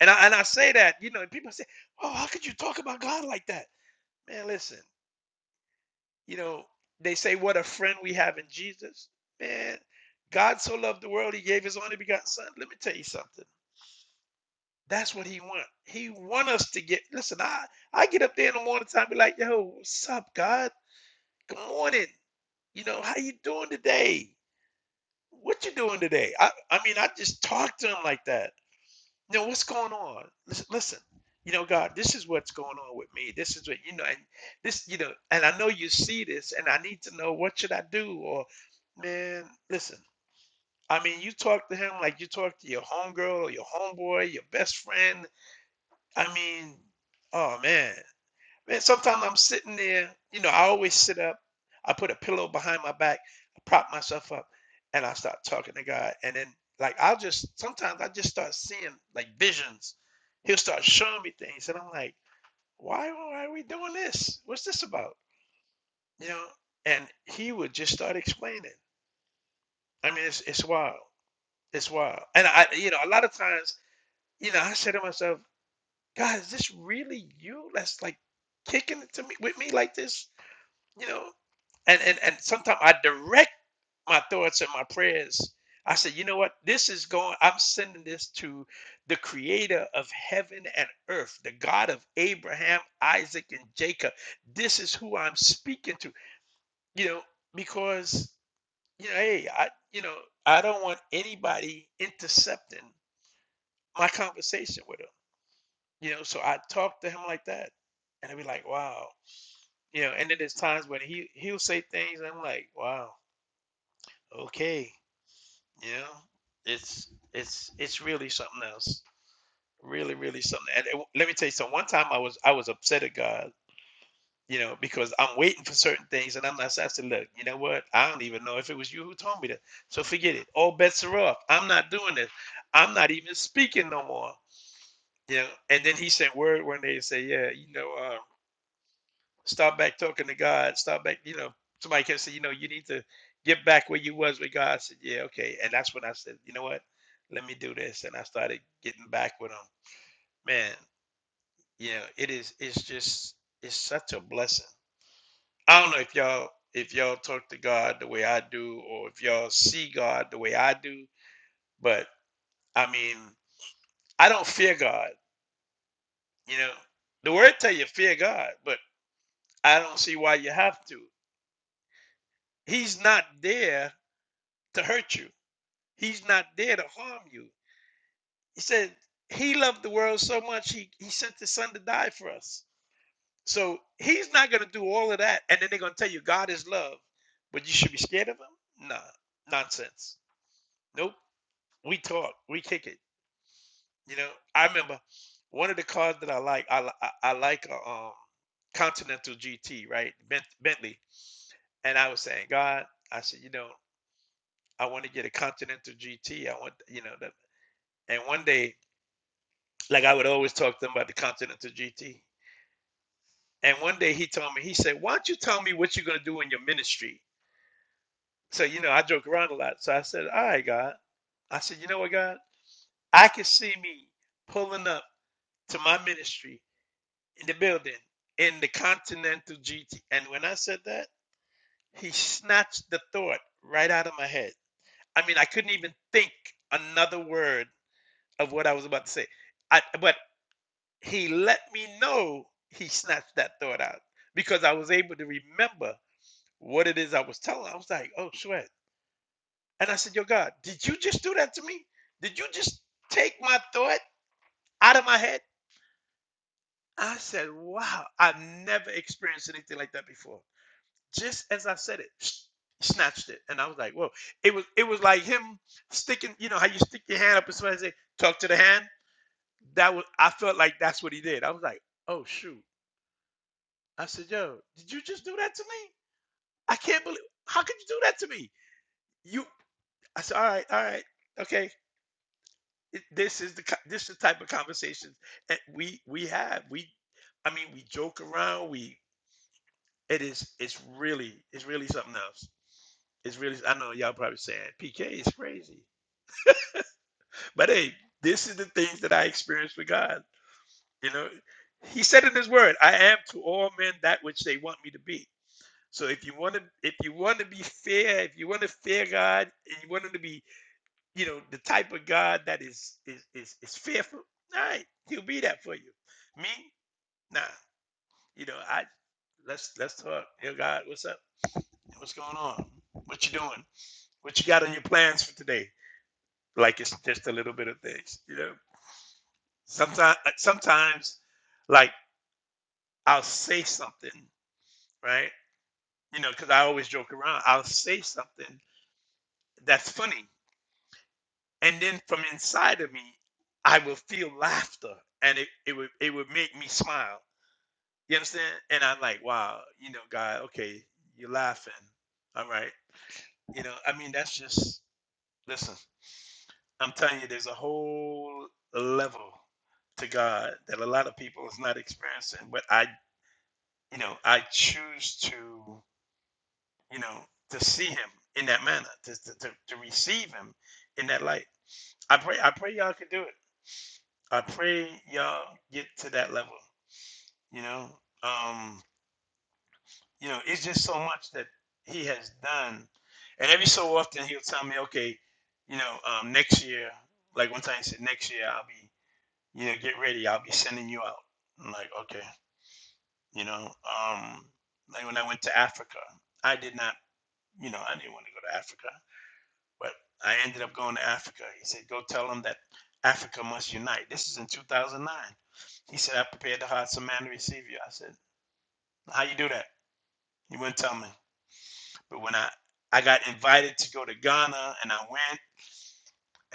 S1: And I and I say that, you know, and people say, "Oh, how could you talk about God like that?" Man, listen, you know, they say what a friend we have in Jesus. Man, God so loved the world, He gave His only begotten Son. Let me tell you something. That's what He want. He want us to get. Listen, I I get up there in the morning time, and be like, "Yo, what's up, God? Good morning." you know, how you doing today? What you doing today? I, I mean, I just talk to him like that. You know, what's going on? Listen, listen, you know, God, this is what's going on with me. This is what, you know, and this, you know, and I know you see this and I need to know what should I do? Or, man, listen, I mean, you talk to him like you talk to your homegirl or your homeboy, your best friend. I mean, oh man. Man, sometimes I'm sitting there, you know, I always sit up. I put a pillow behind my back, prop myself up, and I start talking to God. And then, like, I'll just sometimes I just start seeing like visions. He'll start showing me things, and I'm like, why, why are we doing this? What's this about? You know? And he would just start explaining. I mean, it's it's wild. It's wild. And I, you know, a lot of times, you know, I say to myself, God, is this really you? That's like kicking it to me with me like this? you know and and, and sometimes i direct my thoughts and my prayers i said you know what this is going i'm sending this to the creator of heaven and earth the god of abraham isaac and jacob this is who i'm speaking to you know because you know hey i you know i don't want anybody intercepting my conversation with him you know so i talk to him like that and i'd be like wow you know and then there's times when he he'll say things and i'm like wow okay you know it's it's it's really something else really really something and it- let me tell you so one time i was i was upset at god you know because i'm waiting for certain things and i'm not i said look you know what i don't even know if it was you who told me that so forget it all bets are off i'm not doing this i'm not even speaking no more you know and then he sent word one day and said yeah you know uh, Stop back talking to God. Stop back, you know, somebody can say, you know, you need to get back where you was with God. I said, yeah, okay. And that's when I said, you know what? Let me do this. And I started getting back with him. Man, you know, it is it's just it's such a blessing. I don't know if y'all if y'all talk to God the way I do or if y'all see God the way I do, but I mean, I don't fear God, you know. The word tell you fear God, but I don't see why you have to. He's not there to hurt you. He's not there to harm you. He said he loved the world so much he, he sent his son to die for us. So he's not going to do all of that. And then they're going to tell you God is love, but you should be scared of him? Nah, nonsense. Nope. We talk, we kick it. You know, I remember one of the cars that I like, I, I, I like a um, Continental GT, right? Bent, Bentley. And I was saying, God, I said, you know, I want to get a Continental GT. I want, you know, that. And one day Like I would always talk to him about the Continental GT. And one day he told me, he said, Why don't you tell me what you're going to do in your ministry? So, you know, I joke around a lot. So I said, All right, God. I said, You know what, God? I can see me pulling up to my ministry in the building in the Continental GT. And when I said that, he snatched the thought right out of my head. I mean, I couldn't even think another word of what I was about to say. I, but he let me know he snatched that thought out because I was able to remember what it is I was telling. I was like, oh, sweat. And I said, yo, God, did you just do that to me? Did you just take my thought out of my head? I said, wow, I've never experienced anything like that before. Just as I said it, snatched it. And I was like, whoa. It was it was like him sticking, you know, how you stick your hand up and somebody say, talk to the hand. That was I felt like that's what he did. I was like, oh shoot. I said, yo, did you just do that to me? I can't believe, how could you do that to me? You, I said, all right, all right, okay. It- This is the, this is the type of conversations that we, we have. We, I mean, we joke around. We, it is, it's really, it's really something else. It's really, I know y'all probably saying PK is crazy, but hey, this is the things that I experienced with God. You know, he said in his word, I am to all men that which they want me to be. So if you want to, if you want to be fair, if you want to fear God, and you want him to be, you know, the type of God that is is is, is fearful, all right, he'll be that for you. Me, nah, you know, I let's let's talk. Yo, God, what's up? What's going on? What you doing? What you got on your plans for today? Like it's just a little bit of things, you know. Sometimes, sometimes, like I'll say something, right? You know, because I always joke around. I'll say something that's funny, and then from inside of me i would feel laughter and it, it would it would make me smile you understand and i'm like wow you know god okay you're laughing all right you know i mean that's just listen i'm telling you there's a whole level to god that a lot of people is not experiencing but i you know i choose to you know to see him in that manner to, to, to, to receive him in that light i pray i pray y'all can do it I pray y'all get to that level. You know, um, you know, it's just so much that he has done, and every so often he'll tell me, okay, you know, um, next year, like one time he said, next year I'll be, you know, get ready, I'll be sending you out. I'm like, okay, you know, um, like when I went to Africa, I did not, you know, I didn't want to go to Africa. But I ended up going to Africa. He said, Go tell them that Africa must unite. This is in 2009. He said, I prepared the hearts of man to receive you. I said, How you do that? He wouldn't tell me. But when I, I got invited to go to Ghana and I went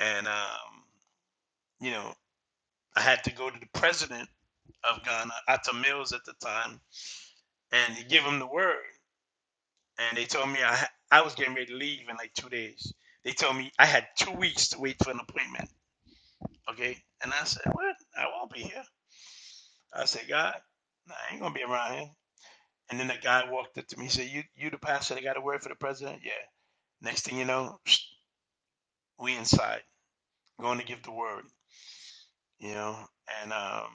S1: and, um, you know, I had to go to the president of Ghana, Atta Mills at the time, and give him the word. And they told me I, I was getting ready to leave in like two days. They told me I had two weeks to wait for an appointment. Okay. And I said, What? I won't be here. I said, God, nah, I ain't gonna be around here. And then that guy walked up to me. He said, you you the pastor that got a word for the president? Yeah. Next thing you know, we inside going to give the word. You know, and um,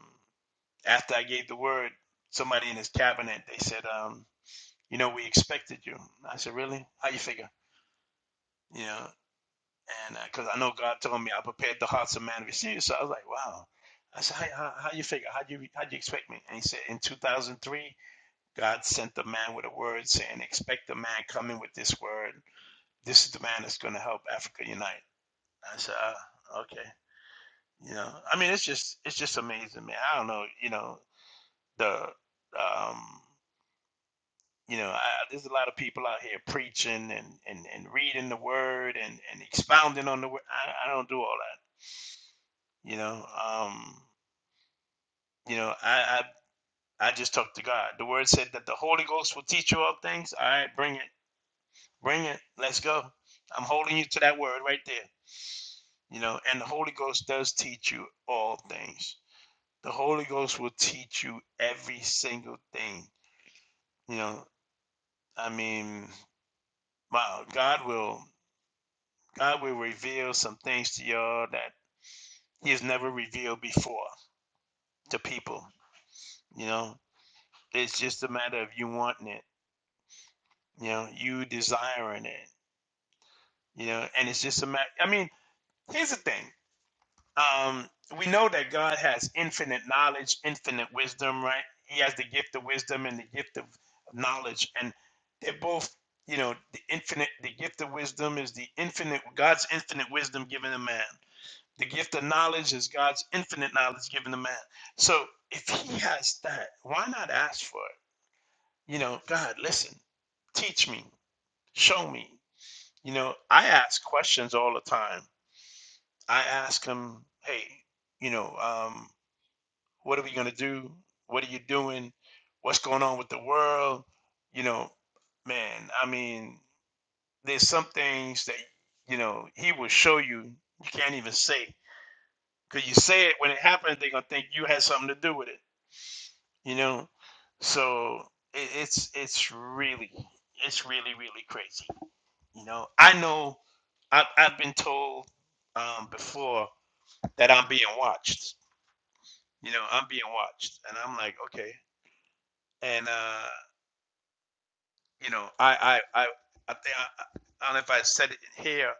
S1: after I gave the word, somebody in his cabinet they said, um, you know, we expected you. I said, really? How you figure? You know, and because uh, I know God told me I prepared the hearts of man to receive. you." So I was like, wow. I said, how, how, how you figure? How do you how do you expect me? And he said, in 2003. God sent the man with a word saying, expect the man coming with this word. This is the man that's going to help Africa unite. I said, uh, okay. You know, I mean, it's just, it's just amazing, man. I don't know, you know, the, um, you know, I, there's a lot of people out here preaching and, and, and reading the word and, and expounding on the word. I, I don't do all that, you know, um, you know, I, I, I just talk to God. The word said that the Holy Ghost will teach you all things. All right, bring it. Bring it. Let's go. I'm holding you to that word right there. You know, and the Holy Ghost does teach you all things. The Holy Ghost will teach you every single thing. You know, I mean, wow, God will God will reveal some things to y'all that He has never revealed before to people. You know, it's just a matter of you wanting it. You know, you desiring it. You know, and it's just a matter. I mean, here's the thing. Um, we know that God has infinite knowledge, infinite wisdom, right? He has the gift of wisdom and the gift of knowledge, and they're both, you know, the infinite. The gift of wisdom is the infinite God's infinite wisdom given to man. The gift of knowledge is God's infinite knowledge given to man. So if He has that, why not ask for it? You know, God, listen, teach me, show me. You know, I ask questions all the time. I ask Him, hey, you know, um, What are we gonna do? What are you doing? What's going on with the world? You know, man, I mean, there's some things that, you know, he will show you you can't even say. Cause you say it when it happens, they're gonna think you had something to do with it, you know? So it, it's it's really it's really, really crazy. You know, I know I've I've been told um before that I'm being watched. You know, I'm being watched. And I'm like, okay. And uh you know, I I I I think I, I don't know if I said it here,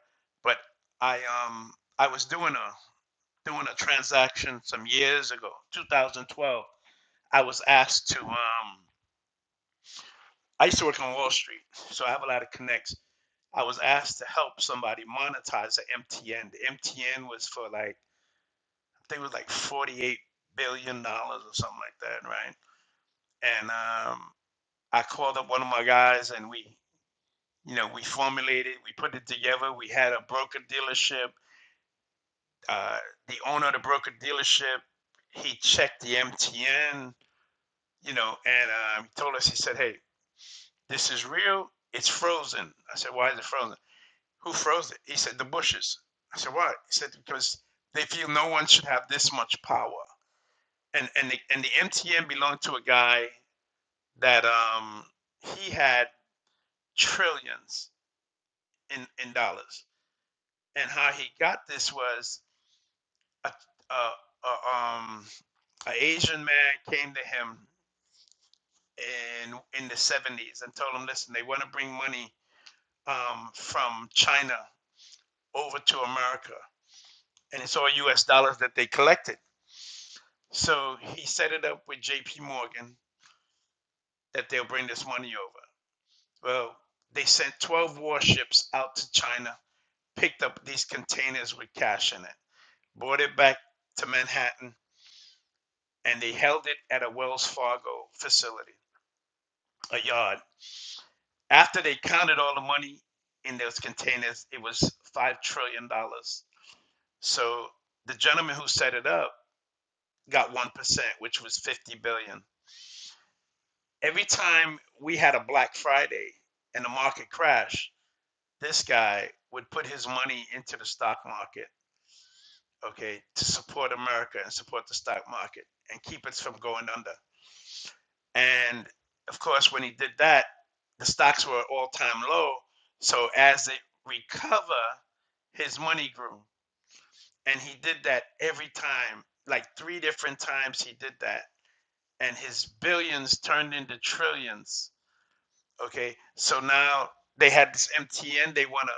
S1: but I um I was doing a doing a transaction some years ago, 2012. I was asked to um I used to work on Wall Street, so I have a lot of connects. I was asked to help somebody monetize the MTN. The MTN was for like I think it was like 48 billion dollars or something like that, right? And um I called up one of my guys and we you know, we formulated, we put it together. We had a broker dealership. Uh, the owner of the broker dealership, he checked the MTN, you know, and um, he told us, he said, hey, this is real. It's frozen. I said, why is it frozen? Who froze it? He said, the bushes. I said, why? He said, because they feel no one should have this much power. And and the, and the MTN belonged to a guy that um he had trillions in in dollars. And how he got this was a, a, a um an Asian man came to him in in the 70s and told him, listen, they want to bring money um, from China over to America, and it's all U.S. dollars that they collected. So he set it up with J.P. Morgan that they'll bring this money over. Well, they sent 12 warships out to China, picked up these containers with cash in it, brought it back to Manhattan, and they held it at a Wells Fargo facility, a yard After they counted all the money in those containers, it was $5 trillion. dollars. So the gentleman who set it up got 1%, which was 50 billion. dollars. Every time we had a Black Friday and the market crashed, this guy would put his money into the stock market, okay, to support America and support the stock market and keep it from going under. And of course, when he did that, the stocks were all time low. So as they recover, his money grew. And he did that every time, like three different times he did that. And his billions turned into trillions. Okay. So now they had this MTN they wanna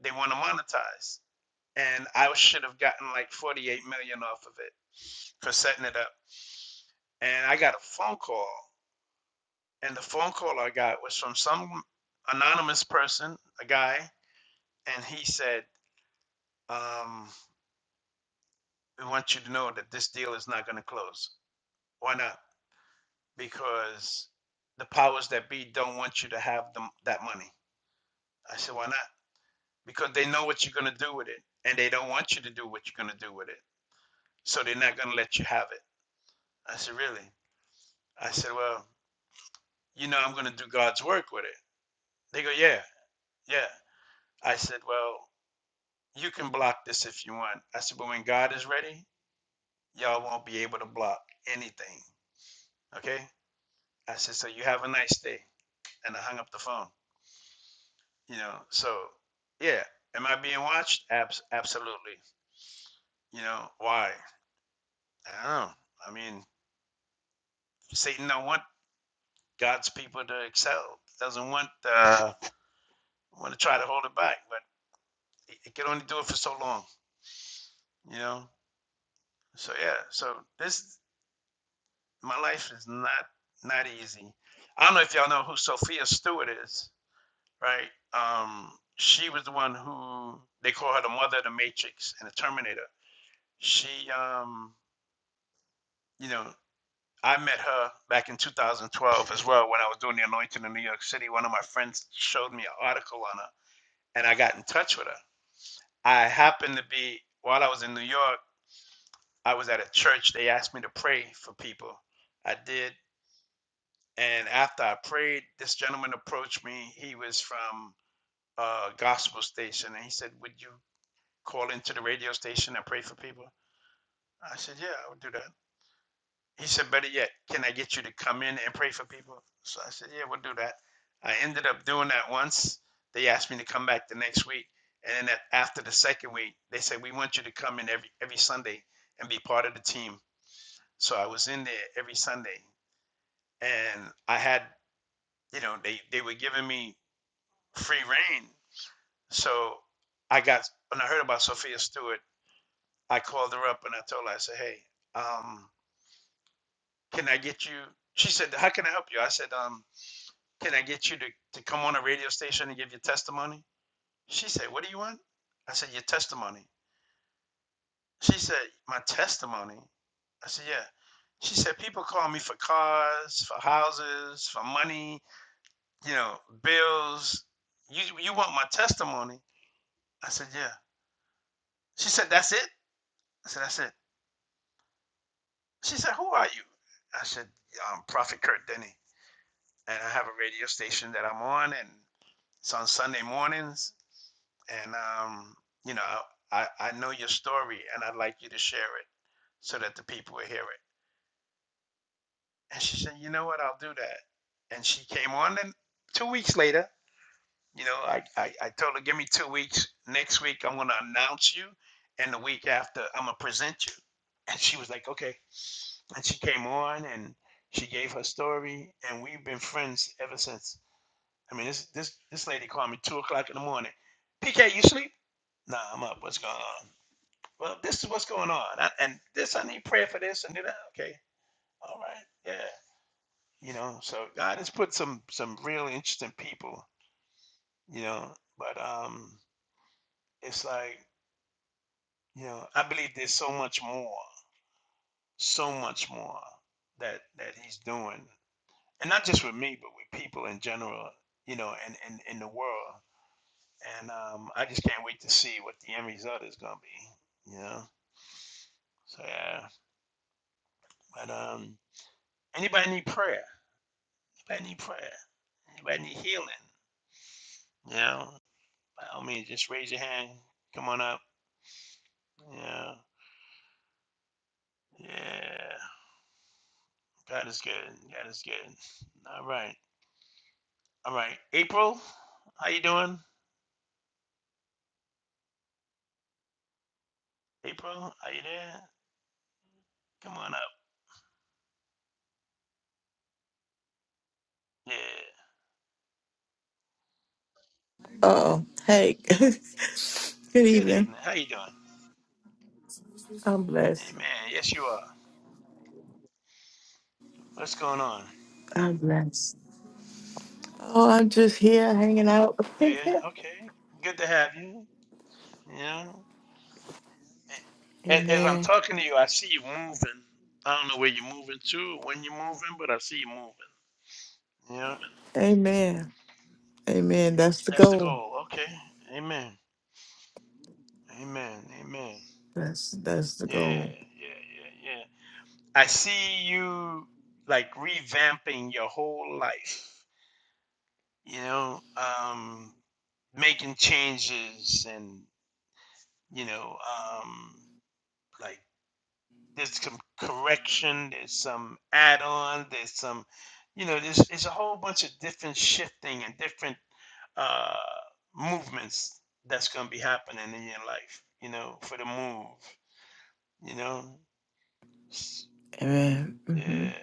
S1: they wanna monetize. And I should have gotten like 48 million off of it for setting it up. And I got a phone call And the phone call I got was from some anonymous person, a guy, and he said, um, "We want you to know that this deal is not going to close. Why not? Because the powers that be don't want you to have them that money." I said, "Why not?" Because they know what you're going to do with it, and they don't want you to do what you're going to do with it, so they're not going to let you have it. I said, "Really?" I said, "Well, you know, I'm going to do God's work with it." They go, "Yeah, yeah." I said, "Well." You can block this if you want. I said, but when God is ready, y'all won't be able to block anything. Okay? I said, so you have a nice day. And I hung up the phone. You know, so yeah. Am I being watched? Abs- absolutely. You know, why? I don't know. I mean, Satan don't want God's people to excel. Doesn't want uh want to try to hold it back, but it it can only do it for so long, you know? So yeah, so this my life is not not easy. I don't know if y'all know who Sophia Stewart is, right? Um, she was the one who they call her the mother of the Matrix and the Terminator. She, um, you know, I met her back in 2012 as well when I was doing the anointing in New York City. One of my friends showed me an article on her, and I got in touch with her. I happened to be while I was in New York, I was at a church. They asked me to pray for people. I did, And after I prayed, this gentleman approached me. He was from a gospel station, and he said, "Would you call into the radio station and pray for people?" I said, "Yeah, I would do that." He said, "Better yet, can I get you to come in and pray for people?" So I said, "Yeah, we'll do that." I ended up doing that once. They asked me to come back the next week, and then a- after the second week, they said, "We want you to come in every every Sunday and be part of the team." So I was in there every Sunday, and I had, you know, they they were giving me free reign. So I got when I heard about Sophia Stewart, I called her up and I told her, I said, Hey, um, can I get you she said, How can I help you? I said, um, can I get you to, to come on a radio station and give your testimony? She said, What do you want? I said, Your testimony. She said, My testimony. I said, Yeah. She said, People call me for cars, for houses, for money, you know, bills. You you want my testimony? I said, Yeah. She said, That's it? I said, That's it. She said, Who are you? I said, um, Prophet Kurt Denny. And I have a radio station that I'm on, and it's on Sunday mornings. And, um, you know, I, I know your story, and I'd like you to share it so that the people will hear it. And she said, You know what? I'll do that. And she came on, and two weeks later, you know, I, I, I told her, Give me two weeks. Next week, I'm going to announce you. And the week after, I'm going to present you. And she was like, Okay. and she came on and she gave her story and we've been friends ever since i mean this this this lady called me two o'clock in the morning pk you sleep nah i'm up what's going on well this is what's going on I, and this i need prayer for this and do that okay all right yeah you know so god has put some some real interesting people you know but um it's like you know i believe there's so much more so much more that that he's doing and not just with me, but with people in general, you know, and in, in, in the world. And um, I just can't wait to see what the end result is going to be, you know. So yeah, but um, anybody need prayer? Anybody need prayer? Anybody need healing? You know, by all means, just raise your hand. Come on up. Yeah, yeah. God is good. God is good. All right, all right. April, how you doing? April, are you there? Come on up. Yeah.
S10: Oh, hey, good
S1: Good
S10: evening.
S1: evening. How you doing?
S10: I'm blessed.
S1: Amen. Yes, you are. What's going on?
S10: I'm blessed. Oh, I'm just here hanging out.
S1: Yeah, okay. Good to have you. You know, A- as I'm
S10: Amen.
S1: talking to you, I see you moving. I don't know where you're moving to, when you're moving, but I see you moving. Yeah,
S10: Amen. Amen. That's the
S1: that's the
S10: goal.
S1: goal. Okay. Amen. Amen. Amen.
S10: That's that's the
S1: Yeah,
S10: goal.
S1: yeah, yeah, yeah. I see you like revamping your whole life. You know, um, making changes and you know, um, like there's some correction, there's some add-on, there's some, you know, there's there's a whole bunch of different shifting and different uh, movements that's gonna be happening in your life, you know, for the move, you know.
S10: Amen.
S1: Yeah,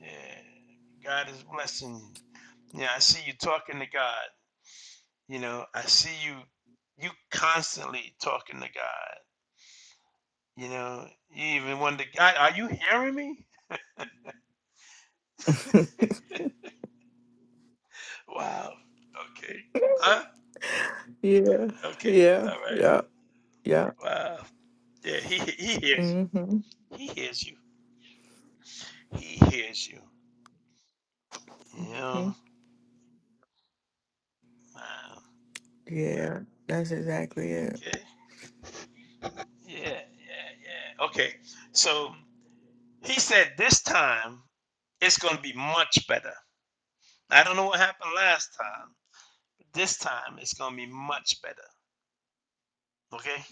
S1: yeah. God is blessing you. Yeah, I see you talking to God, you know, I see you you constantly talking to God, you know. You even wonder, God, are you hearing me?
S10: hmm
S1: Wow. Okay. Huh?
S10: Yeah.
S1: Okay.
S10: Yeah.
S1: All right.
S10: Yeah. Yeah.
S1: Wow. Yeah, he he hears you.
S10: Mm-hmm.
S1: He hears you. He hears you. You
S10: hmm
S1: know. Wow.
S10: Yeah. That's exactly it.
S1: Okay. Yeah. Yeah. Yeah. Okay. So he said this time it's gonna be much better. I don't know what happened last time. This time it's gonna be much better. Okay.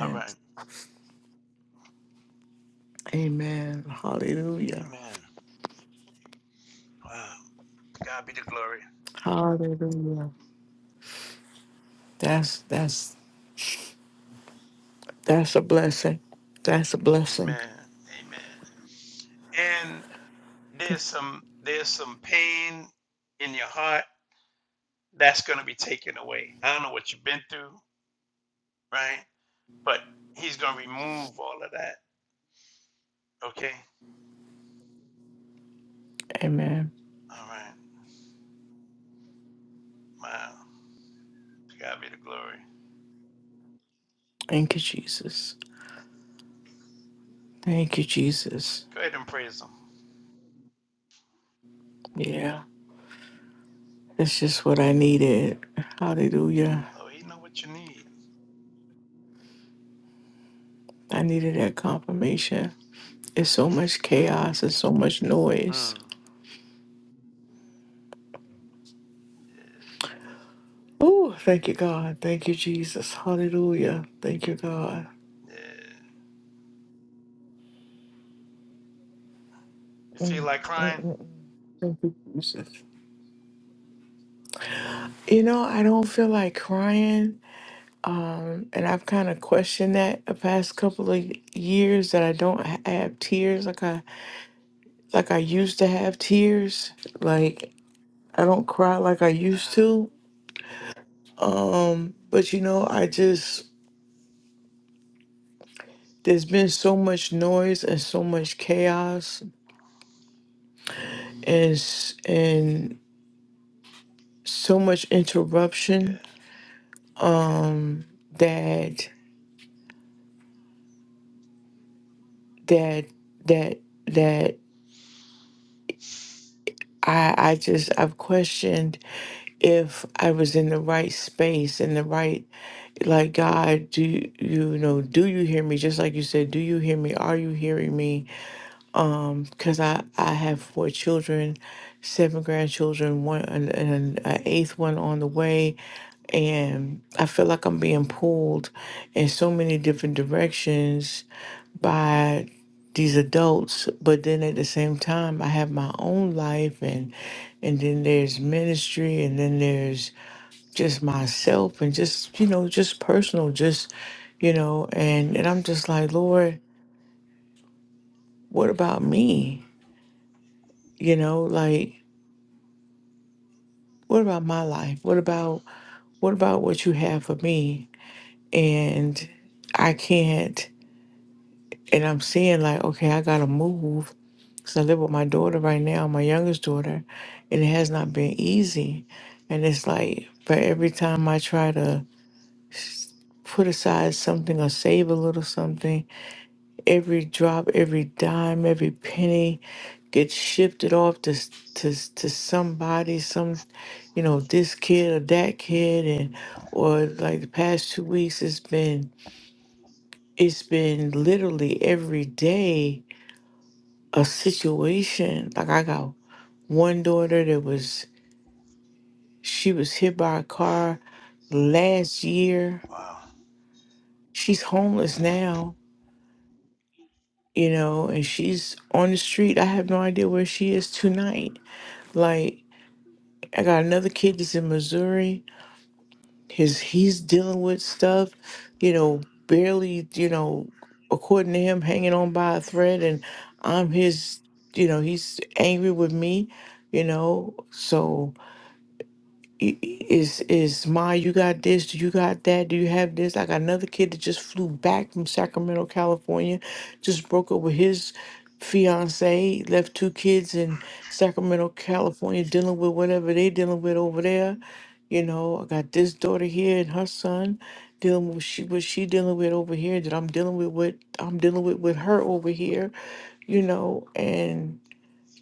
S1: All right.
S10: Amen. Hallelujah.
S1: Amen. Wow. God be the glory.
S10: Hallelujah. That's that's that's a blessing. That's a blessing.
S1: Amen. Amen. And there's some there's some pain in your heart that's going to be taken away. I don't know what you've been through, right? But he's going to remove all of that. Okay?
S10: Amen.
S1: All right. Wow. To God be the glory.
S10: Thank you, Jesus. Thank you, Jesus.
S1: Go ahead and praise him.
S10: Yeah, it's just what I needed. Hallelujah.
S1: Oh, he know what you need.
S10: I needed that confirmation. It's so much chaos and so much noise.
S1: Hmm.
S10: Oh, thank you, God. Thank you, Jesus. Hallelujah. Thank you, God.
S1: Yeah. You feel
S10: Mm,
S1: like
S10: mm,
S1: crying?
S10: mm. Thank you, Jesus. You know, I don't feel like crying. Um, and I've kind of questioned that the past couple of years that I don't ha- have tears. Like I like I used to have
S1: Okay.
S10: tears. Like I don't cry like I used
S1: Uh-huh.
S10: to. Um, but you know, I just there's been so much noise and so much chaos and s- and so much
S1: Yeah.
S10: interruption um that that that that I I just I've questioned if I was in the right space in the right like God do you you know do you hear me just like you said do you hear me are you hearing me um because i i have four children seven grandchildren one and an eighth one on the way and i feel like i'm being pulled in so many different directions by these adults but then at the same time i have my own life and and then there's ministry and then there's just myself and just you know just personal just you know and and i'm just like lord what about me you know like what about my life? What about what about what you have for me? And I can't and I'm seeing like, okay, I gotta move. So I live with my daughter right now, my youngest daughter, and it has not been easy. And it's like but every time I try to s- put aside something or save a little something, Every drop, every dime, every penny gets shifted off to s- to s- to somebody, some you know this kid or that kid, and or like the past two weeks, it's been it's been literally every day a situation. Like I got one daughter that was she was hit by a car last year.
S1: Wow.
S10: She's homeless now, you know, and she's on the street. I have no idea where she is tonight. Like I got another kid that's in Missouri. His he's dealing with stuff, you know, barely, you know, according to him, hanging on by a thread, and I'm his, you know, he's angry with me, you know, so i- i- Is is my you got this? Do you got that? Do you have this? I got another kid that just flew back from Sacramento, California, just broke up with his fiance, left two kids in Sacramento, California, dealing with whatever they dealing with over there. You know, I got this daughter here and her son dealing with what she what she dealing with over here that I'm dealing with what I'm dealing with with her over here. You know, and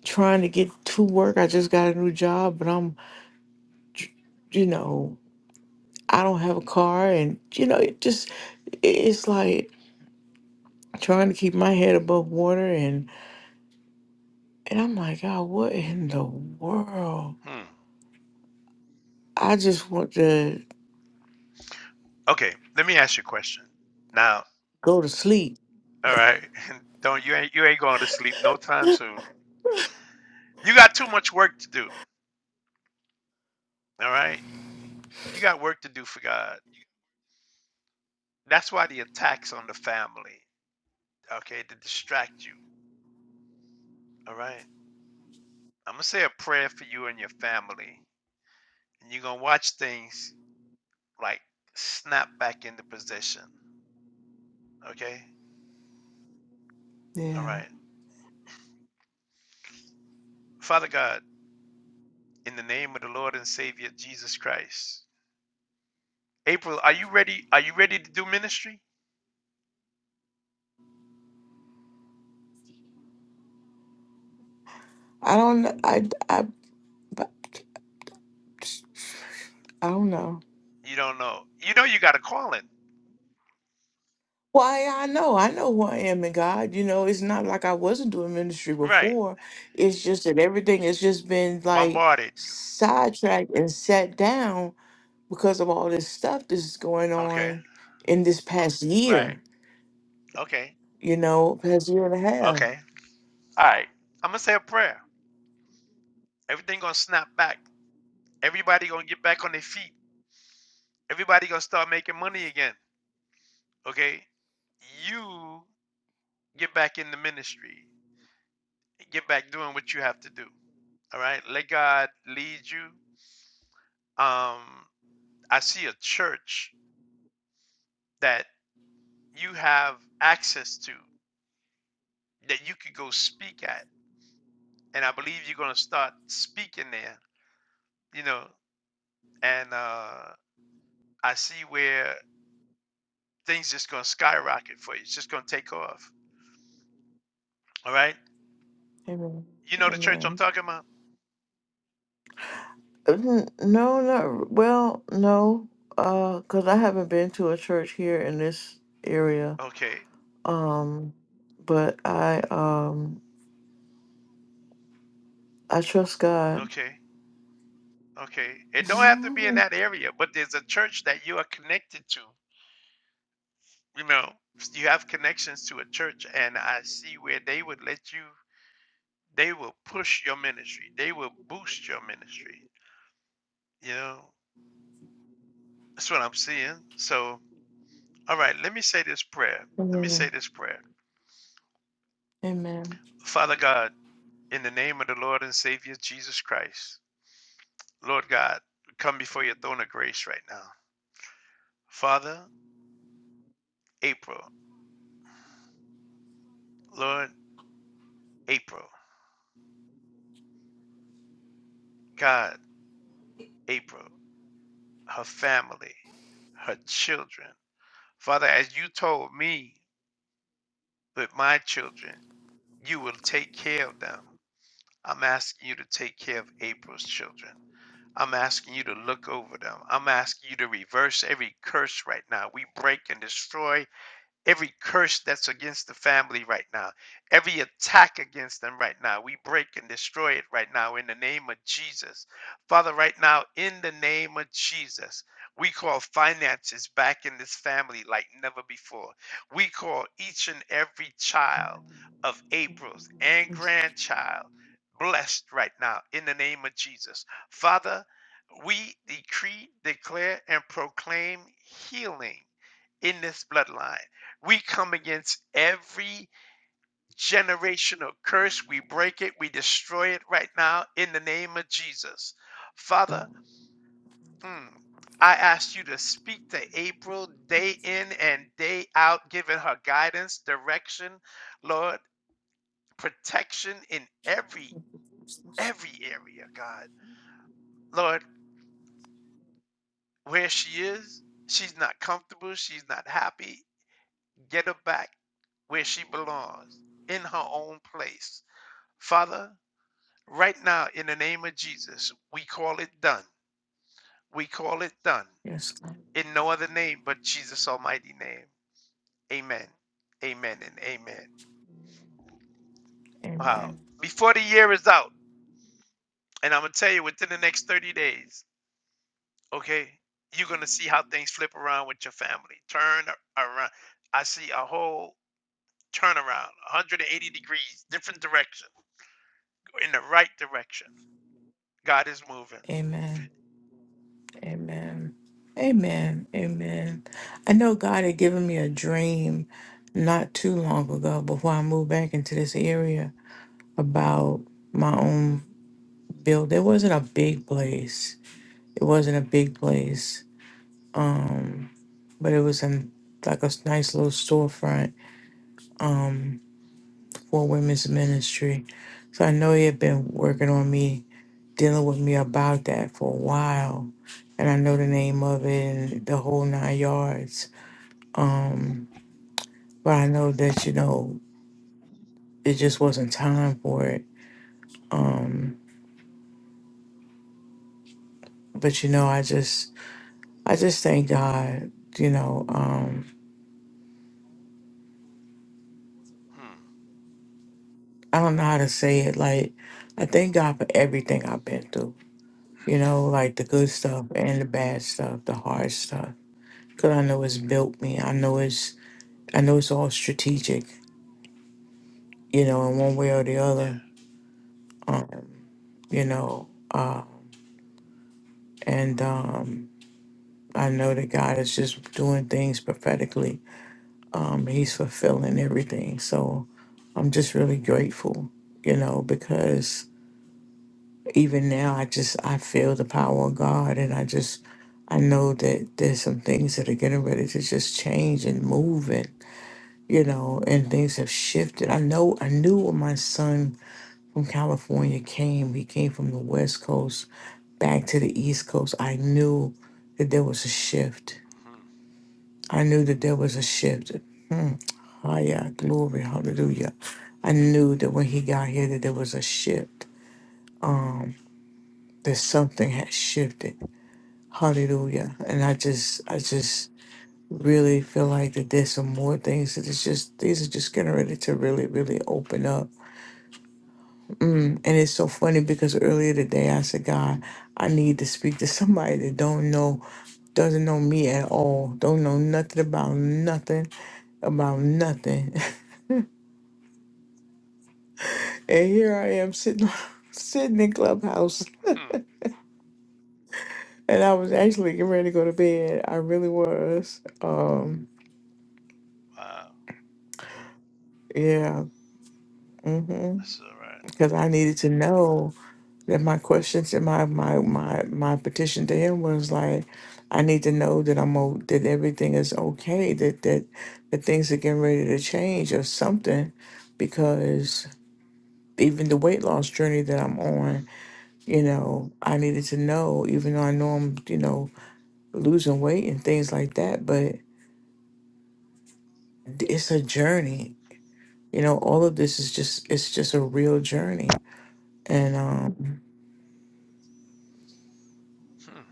S10: trying to get to work. I just got a new job, but I'm, you know. I don't have a car, and you know, it just it's like trying to keep my head above water, and and I'm like, God, what in the world?
S1: Hmm.
S10: I just want to
S1: Okay. Let me ask you a question. Now,
S10: go to sleep.
S1: all right. Don't you ain't you ain't going to sleep no time soon. You got too much work to do. All right. You got work to do for God. That's why the attacks on the family. okay, to distract you. All right. I'm gonna say a prayer for you and your family, and you're gonna watch things like snap back into position. Okay. All
S10: Yeah,
S1: right. Father God, in the name of the Lord and Savior Jesus Christ. April, are you ready? Are you ready to do ministry?
S10: I don't, I, I, but I don't know.
S1: You don't know. You know you got a calling.
S10: Why I know, I know who I am in God. You know, it's not like I wasn't doing ministry
S1: Right.
S10: before. It's just that everything has just been like
S1: Bombarded you.
S10: sidetracked and set down because of all this stuff that's going
S1: Okay.
S10: on in this past
S1: Right.
S10: year,
S1: Okay.
S10: you know, past year and a half.
S1: Okay. All right. I'm gonna say a prayer. Everything gonna snap back. Everybody gonna get back on their feet Everybody gonna start making money again. Okay, you get back in the ministry, get back doing what you have to do. All right, let God lead you. Um, I see a church that you have access to that you could go speak at, and I believe you're gonna start speaking there. You know, and uh, I see where things just gonna skyrocket for you. It's just gonna take off. All right,
S10: Amen.
S1: you know the church I'm
S10: Amen.
S1: talking about.
S10: Uh, n- No, not well, no, uh, because I haven't been to a church here in this area.
S1: Okay,
S10: Um, but I um I trust God.
S1: okay. Okay. It don't have to be in that area, but there's a church that you are connected to. You know, you have connections to a church, and I see where they would let you, they will push your ministry, they will boost your ministry. You know, that's what I'm seeing. So, all right, let me say this prayer. Let me say
S10: Amen.
S1: this prayer.
S10: Amen.
S1: Father God, in the name of the Lord and Savior Jesus Christ, Lord God, we come before your throne of grace right now. Father, April, Lord, April, God, April. her family, her children. Father, as you told me with my children, you will take care of them. I'm asking you to take care of April's children. I'm asking you to look over them. I'm asking you to reverse every curse right now. We break and destroy every curse that's against the family right now, every attack against them right now. We break and destroy it right now in the name of Jesus. Father, right now, in the name of Jesus, we call finances back in this family like never before. We call each and every child of April's and
S10: Yes,
S1: grandchild blessed right now in the name of Jesus. Father, we decree, declare, and proclaim healing in this bloodline. We come against every generational curse. We break it. We destroy it right now in the name of Jesus. Father, mm, I ask you to speak to April day in and day out, giving her guidance, direction, Lord, protection in every every area, God. Lord, where she is, she's not comfortable, she's not happy. Get her back where she belongs, in her own place. Father, Right now, in the name of Jesus, we call it done. We call it done.
S10: yes, God.
S1: In no other name but Jesus' almighty name. Amen. Amen and amen. Wow.
S10: Amen.
S1: Before the year is out, and I'm going to tell you within the next 30 days, okay, you're going to see how things flip around with your family. Turn a- around. I see a whole turnaround, 180 degrees, different direction, in the right direction. God is moving.
S10: Amen. Amen. Amen. Amen. I know God had given me a dream not too long ago before I moved back into this area about my own build. It wasn't a big place. It wasn't a big place. Um, but it was in like a s- nice little storefront um for women's ministry. So I know he had been working on me, dealing with me about that for a while. And I know the name of it and the whole nine yards. Um but I know that you know it just wasn't time for it. Um, but you know, I just I just thank God. You know, um,
S1: Hmm.
S10: I don't know how to say it. Like I thank God for everything I've been through. You know, like the good stuff and the bad stuff, the hard stuff. Cause I know it's built me. I know it's I know it's all strategic. You know, in one way or the other.
S1: Yeah.
S10: Um, you know, uh, and um, I know that God is just doing things prophetically um, he's fulfilling everything. So I'm just really grateful, you know, because even now I just I feel the power of God, and I just I know that there's some things that are getting ready to just change and move, and you know, and things have shifted. I know I knew when my son from California came, he came from the West Coast back to the East Coast. I knew that there was a shift.
S1: hmm
S10: I knew that there was a shift Oh yeah, glory, hallelujah. I knew that when he got here that there was a shift, that something had shifted. Hallelujah. And I just I just really feel like that there's some more things that it's just these are just getting ready to really, really open up. And it's so funny because earlier today I said, God, I need to speak to somebody that don't know doesn't know me at all, don't know nothing about nothing, about nothing. and here I am sitting sitting in clubhouse
S1: Hmm.
S10: And I was actually getting ready to go to bed. I really was. Um,
S1: Wow.
S10: yeah. hmm
S1: That's all right.
S10: Because I needed to know that my questions and my my my my petition to him was like, I need to know that I'm o- that everything is okay. That that that things are getting ready to change or something, because even the weight loss journey that I'm on, you know, I needed to know. Even though I know I'm, you know, losing weight and things like that, but it's a journey you know all of this is just it's just a real journey and um
S1: Hmm.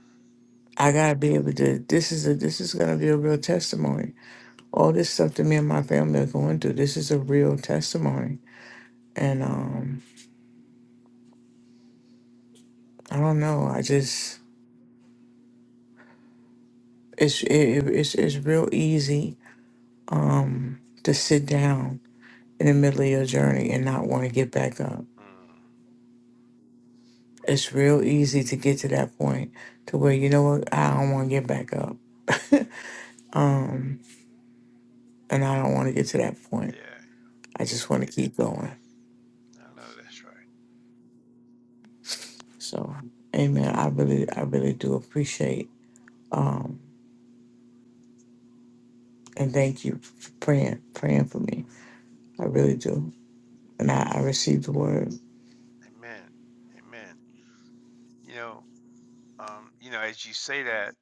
S10: i gotta be able to this is a this is gonna be a real testimony all this stuff that me and my family are going through this is a real testimony and um i don't know i just it's it, it's it's real easy um to sit down in the middle of your journey and not want to get back up
S1: Mm,
S10: it's real easy to get to that point to where you know what i don't want to get back up um and i don't want to get to that point
S1: yeah,
S10: I just want to keep going.
S1: I know that's right.
S10: So, amen. I really, I really do appreciate um, and thank you for praying, praying for me. I really do. And I, I received the word.
S1: Amen. Amen. You know, um, you know, as you say that,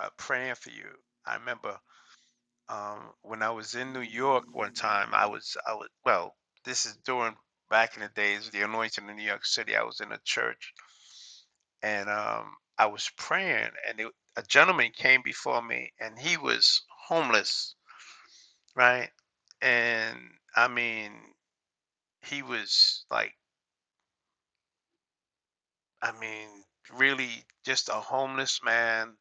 S1: uh, praying for you. I remember um, when I was in New York one time. I was, I was, well, this is during back in the days of the anointing in New York City. I was in a church and um, I was praying, and it, a gentleman came before me, and he was homeless, right? And I mean, he was like I mean, really just a homeless man.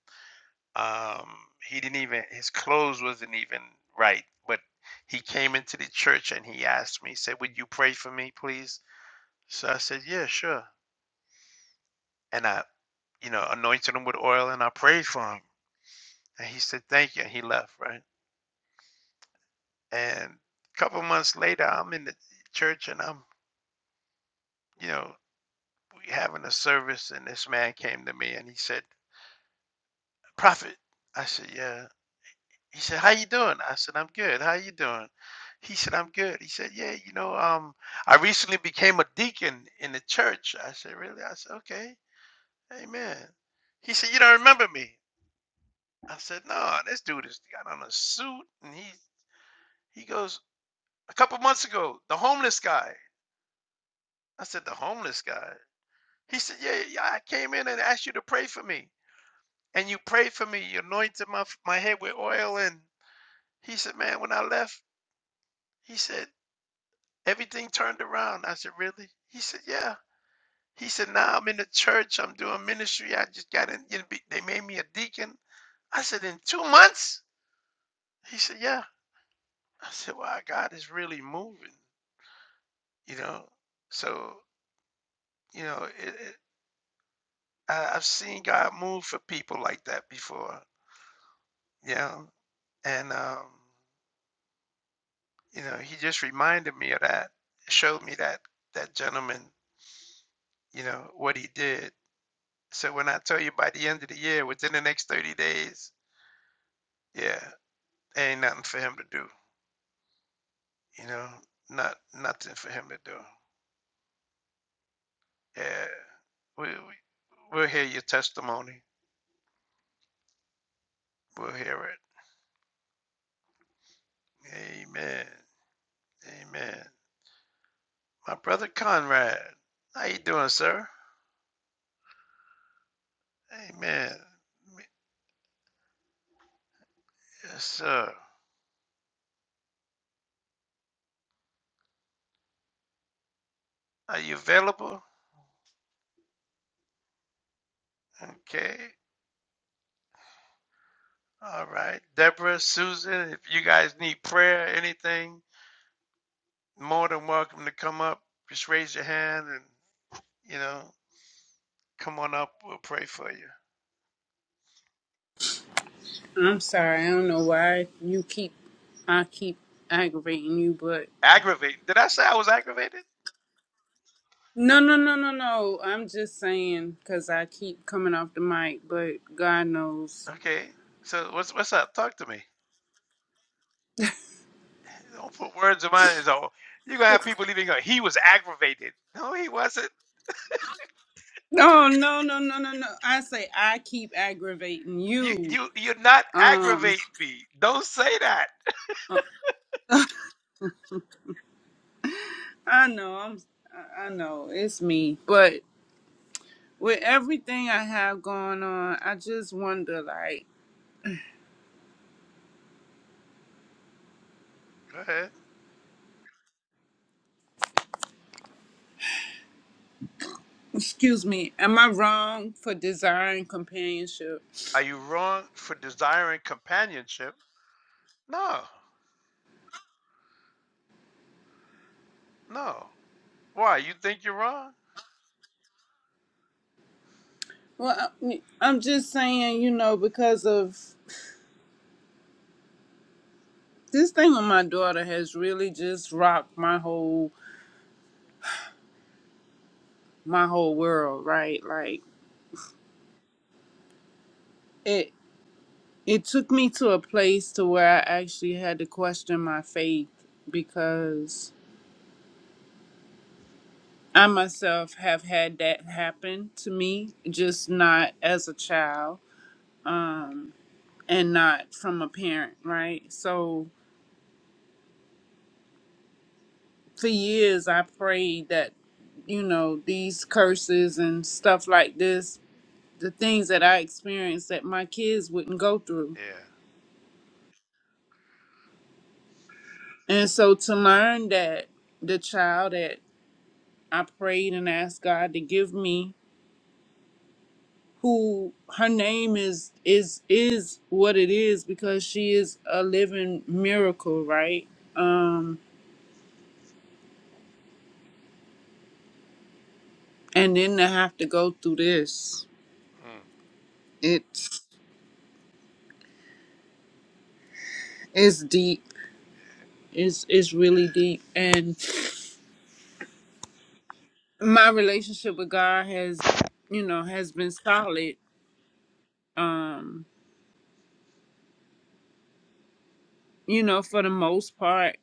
S1: Um, he didn't even his clothes wasn't even right, but he came into the church and he asked me, he said, "Would you pray for me, please?" So I said, "Yeah, sure." And I, you know, anointed him with oil and I prayed for him, and he said, "Thank you," and he left. Right, and a couple months later, I'm in the church and I'm, you know, we having a service, and this man came to me and he said, "Prophet," I said, "Yeah." He said, "How you doing?" I said, "I'm good. How you doing?" He said, "I'm good." He said, "Yeah, you know, um, I recently became a deacon in the church." I said, "Really?" I said, "Okay, amen." He said, "You don't remember me?" I said, "No, this dude is got on a suit." And he he goes, "A couple months ago, the homeless guy." I said, "The homeless guy." He said, "Yeah, yeah, I came in and asked you to pray for me, and you prayed for me. You anointed my my head with oil." And he said, "Man, when I left." He said, Everything turned around. I said, Really? He said, Yeah. He said, Now I'm in the church. I'm doing ministry. I just got in. You know, be- they made me a deacon. I said, In two months? He said, Yeah. I said, Wow, God is really moving, you know? So, you know, it, it, I, I've seen God move for people like that before, you know? And, um, you know, he just reminded me of that, showed me that, that gentleman, you know, what he did. So when I tell you by the end of the year, within the next 30 days, Yeah, there ain't nothing for him to do. You know, not nothing for him to do. Yeah, we, we we'll hear your testimony. We'll hear it. Amen. Amen. My brother Conrad, how you doing, sir? Amen. Yes, sir. Are you available? Okay. All right. Deborah, Susan, if you guys need prayer, anything, more than welcome to come up. Just raise your hand and you know, come on up. We'll pray for you.
S5: I'm sorry. I don't know why you keep, I keep aggravating you, but
S1: Aggravated. Did I say I was aggravated?
S5: no, no, no, no, no. I'm just saying because I keep coming off the mic, but God knows.
S1: Okay. So what's what's up? Talk to me. Don't put words in my so you're gonna have people leaving going, he was aggravated. No, he wasn't.
S5: No, no, no, no, no, no. I say I keep aggravating
S1: You
S5: you.
S1: you you're not
S5: Um,
S1: aggravating me. Don't say that.
S5: uh, I know. I'm. I I know it's me, but with everything I have going on, I just wonder like.
S1: Go ahead.
S5: Excuse me, am I wrong for desiring companionship?
S1: Are you wrong for desiring companionship? No. No. Why? You think you're wrong?
S5: Well, I- I'm just saying, you know, because of this thing with my daughter has really just rocked my whole my whole world, right? Like it it took me to a place to where I actually had to question my faith because I myself have had that happen to me, just not as a child, um, and not from a parent, right? So for years I prayed that, you know, these curses and stuff like this, the things that I experienced that my kids wouldn't go through.
S1: Yeah.
S5: And so to learn that the child that I prayed and asked God to give me who her name is is is what it is because she is a living miracle, right? Um and then to have to go through this.
S1: Hmm.
S5: It's it's deep. It's it's really deep and my relationship with God has, you know, has been solid. Um, you know, for the most part,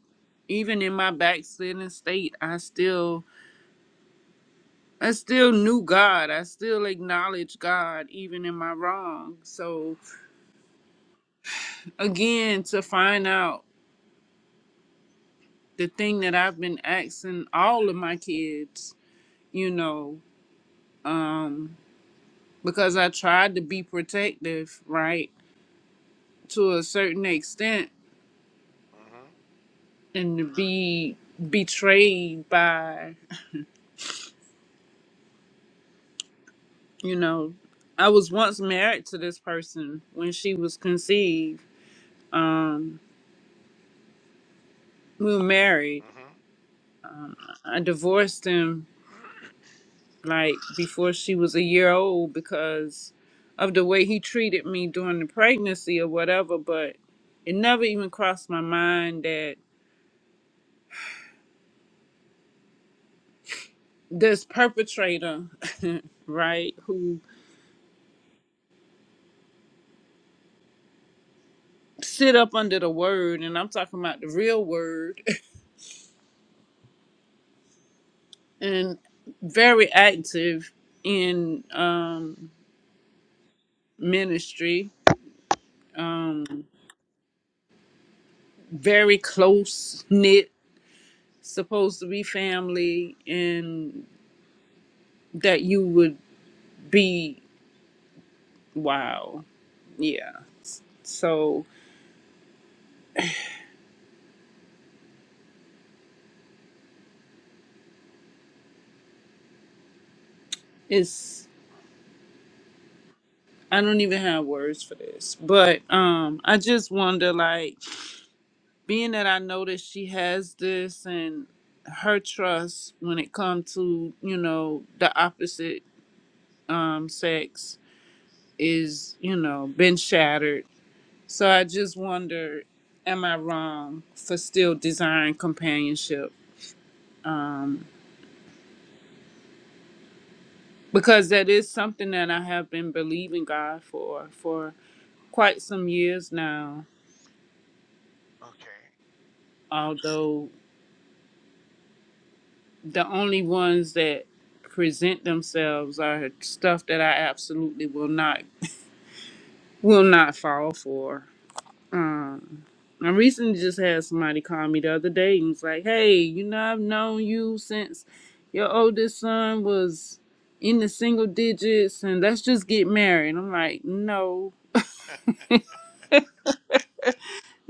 S5: even in my backslidden state, I still, I still knew God. I still acknowledged God, even in my wrong. So, again, to find out the thing that I've been asking all of my kids, you know, um, because I tried to be protective, right, to a certain extent,
S1: Mm-hmm.
S5: and to be betrayed by you know i was once married to this person when she was conceived um we were married i divorced him
S1: Mm-hmm.
S5: like before she was a year old because of the way he treated me during the pregnancy or whatever but it never even crossed my mind that this perpetrator right who sit up under the word and i'm talking about the real word and very active in um ministry um very close knit supposed to be family and that you would be wow yeah so it's i don't even have words for this but um i just wonder like being that i know that she has this and her trust when it comes to you know the opposite um sex is you know been shattered So I just wonder, am I wrong for still desiring companionship? Because that is something that I have been believing God for for quite some years now.
S1: Okay.
S5: Although the only ones that present themselves are stuff that I absolutely will not will not fall for. Um, I recently just had somebody call me the other day and was like, hey, you know, I've known you since your oldest son was in the single digits and let's just get married. I'm like, no,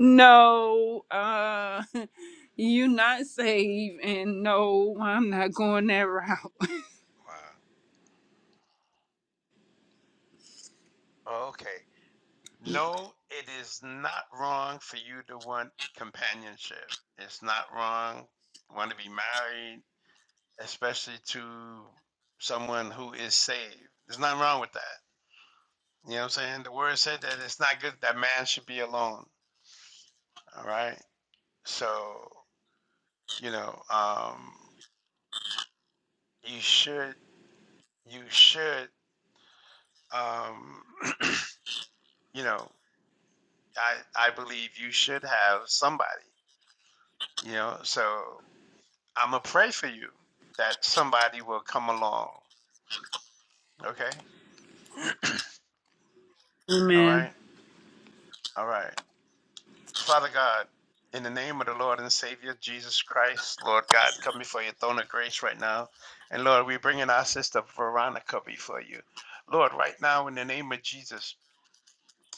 S5: no, uh, you not saved and no, I'm not going that route.
S1: wow. Okay. No, it is not wrong for you to want companionship. It's not wrong to want to be married, especially to someone who is saved. There's nothing wrong with that. You know what I'm saying? The word said that it's not good that man should be alone. All right. So, you know, um, you should, you should, um, you know, I, I believe you should have somebody, you know, so I'm gonna pray for you that somebody will come along. Okay? All
S5: Amen.
S1: right? All right. Father God, in the name of the Lord and Savior Jesus Christ, Lord God, come before your throne of grace right now. And Lord, we bring in our sister Veronica before you. Lord, right now, in the name of Jesus,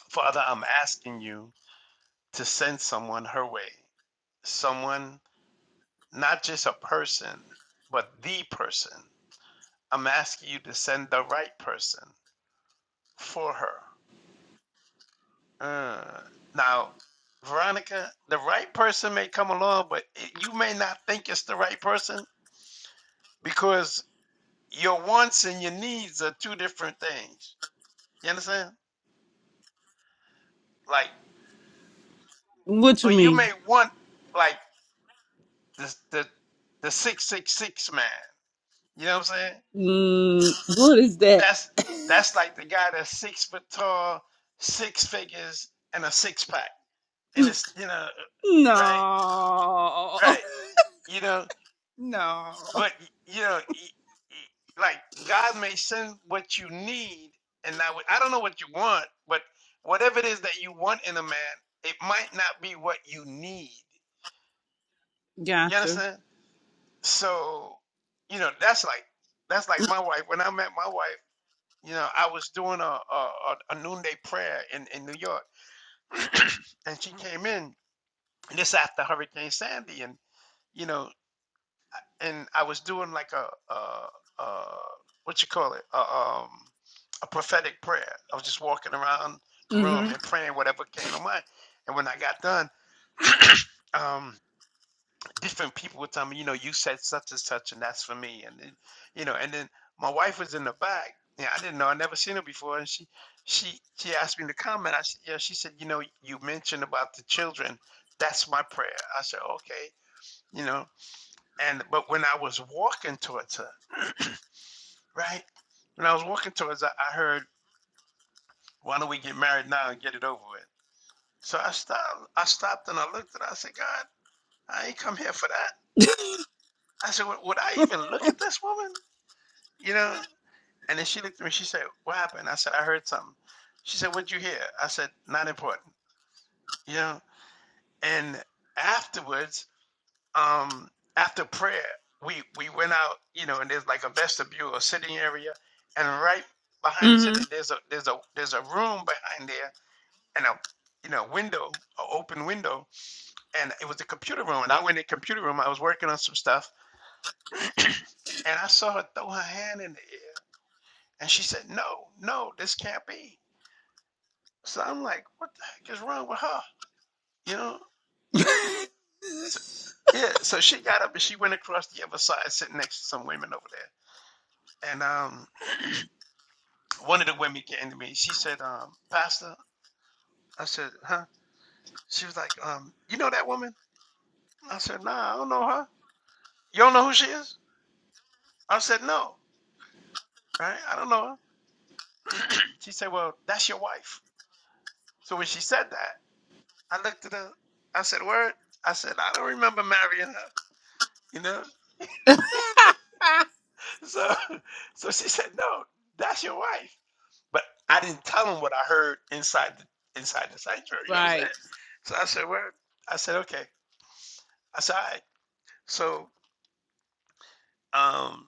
S1: Father, I'm asking you to send someone her way. Someone, not just a person, but the person. I'm asking you to send the right person for her. Uh, now, Veronica, the right person may come along, but it, you may not think it's the right person because your wants and your needs are two different things. You understand? Like,
S5: What you
S1: well, you
S5: mean?
S1: may want like the the the six six six man. You know what I'm saying?
S5: Mm, what is that?
S1: That's that's like the guy that's six foot tall, six figures, and a six pack, and it's you know, right,
S5: No.
S1: right. You know,
S5: no.
S1: But you know, y- y- like God may send what you need, and I I don't know what you want, but whatever it is that you want in a man, it might not be what you need. You
S5: Gotcha.
S1: understand? So, you know, that's like that's like my wife. When I met my wife, you know, I was doing a a, a a noonday prayer in in New York, and she came in this after Hurricane Sandy, and you know, and I was doing like a, a, a what you call it, a, um, a prophetic prayer. I was just walking around the room
S5: Mm-hmm.
S1: and praying whatever came to mind. And when I got done, um, different people would tell me, you know, you said such and such, and that's for me. And then, you know, and then my wife was in the back. Yeah, I didn't know. I never seen her before, and she, she, she asked me to comment. I said, yeah. She said, you know, you mentioned about the children. That's my prayer. I said, okay, you know. And but when I was walking towards her. right? When I was walking towards, I, I heard, "Why don't we get married now and get it over with?" So I stopped. I stopped and I looked at. her. I said, "God, I ain't come here for that." I said, "Would I even look at this woman?" You know. And then she looked at me. She said, "What happened?" I said, "I heard something." She said, "What'd you hear?" I said, "Not important." You know. And afterwards, um, after prayer, we we went out. You know, and there's like a vestibule, a sitting area, and right behind the
S5: Mm-hmm.
S1: sitting there's a there's a there's a room behind there and a you know window, an open window, and it was the computer room. And I went in the computer room. I was working on some stuff, and I saw her throw her hand in the air, and she said, "No, no, this can't be." So I'm like, "What the heck is wrong with her?" You know? So, yeah. So she got up and she went across the other side, sitting next to some women over there. And um, one of the women came to me. She said, um, "Pastor," I said, "Huh?" She was like, um, "You know that woman?" I said, "Nah, I don't know her." You don't know who she is? I said, "No." Right? I don't know her. she said, Well, that's your wife. So when she said that, I looked at her, I said, Word? I said, I don't remember marrying her. You know? So so she said, No, that's your wife. But I didn't tell him what I heard inside the inside the sanctuary, you know what I'm
S5: right.
S1: saying? So I said, Word? I said, Okay. I said, all right. So um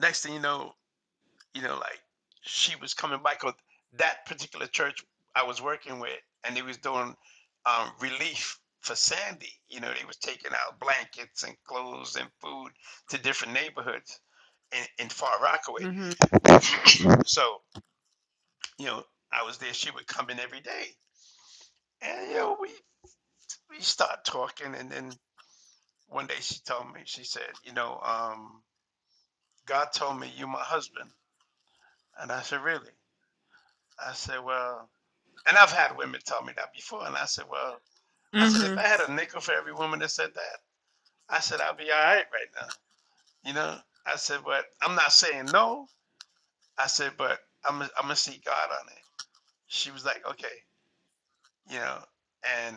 S1: next thing you know, you know, like she was coming by 'cause that particular church I was working with, and they was doing um, relief for Sandy. You know, they was taking out blankets and clothes and food to different neighborhoods in, in Far Rockaway.
S5: Mm-hmm.
S1: so, you know, I was there. She would come in every day, and you know, we we start talking, and then one day she told me, she said, you know, um, God told me you my husband, and I said, really? I said, well. And I've had women tell me that before, and I said, well, I said, if I
S5: Mm-hmm.
S1: had a nickel for every woman that said that, I said, I'd be all right right now. You know, I said, but I'm not saying no. I said, but I'm, I'm going to see God on it. She was like, okay, you know, and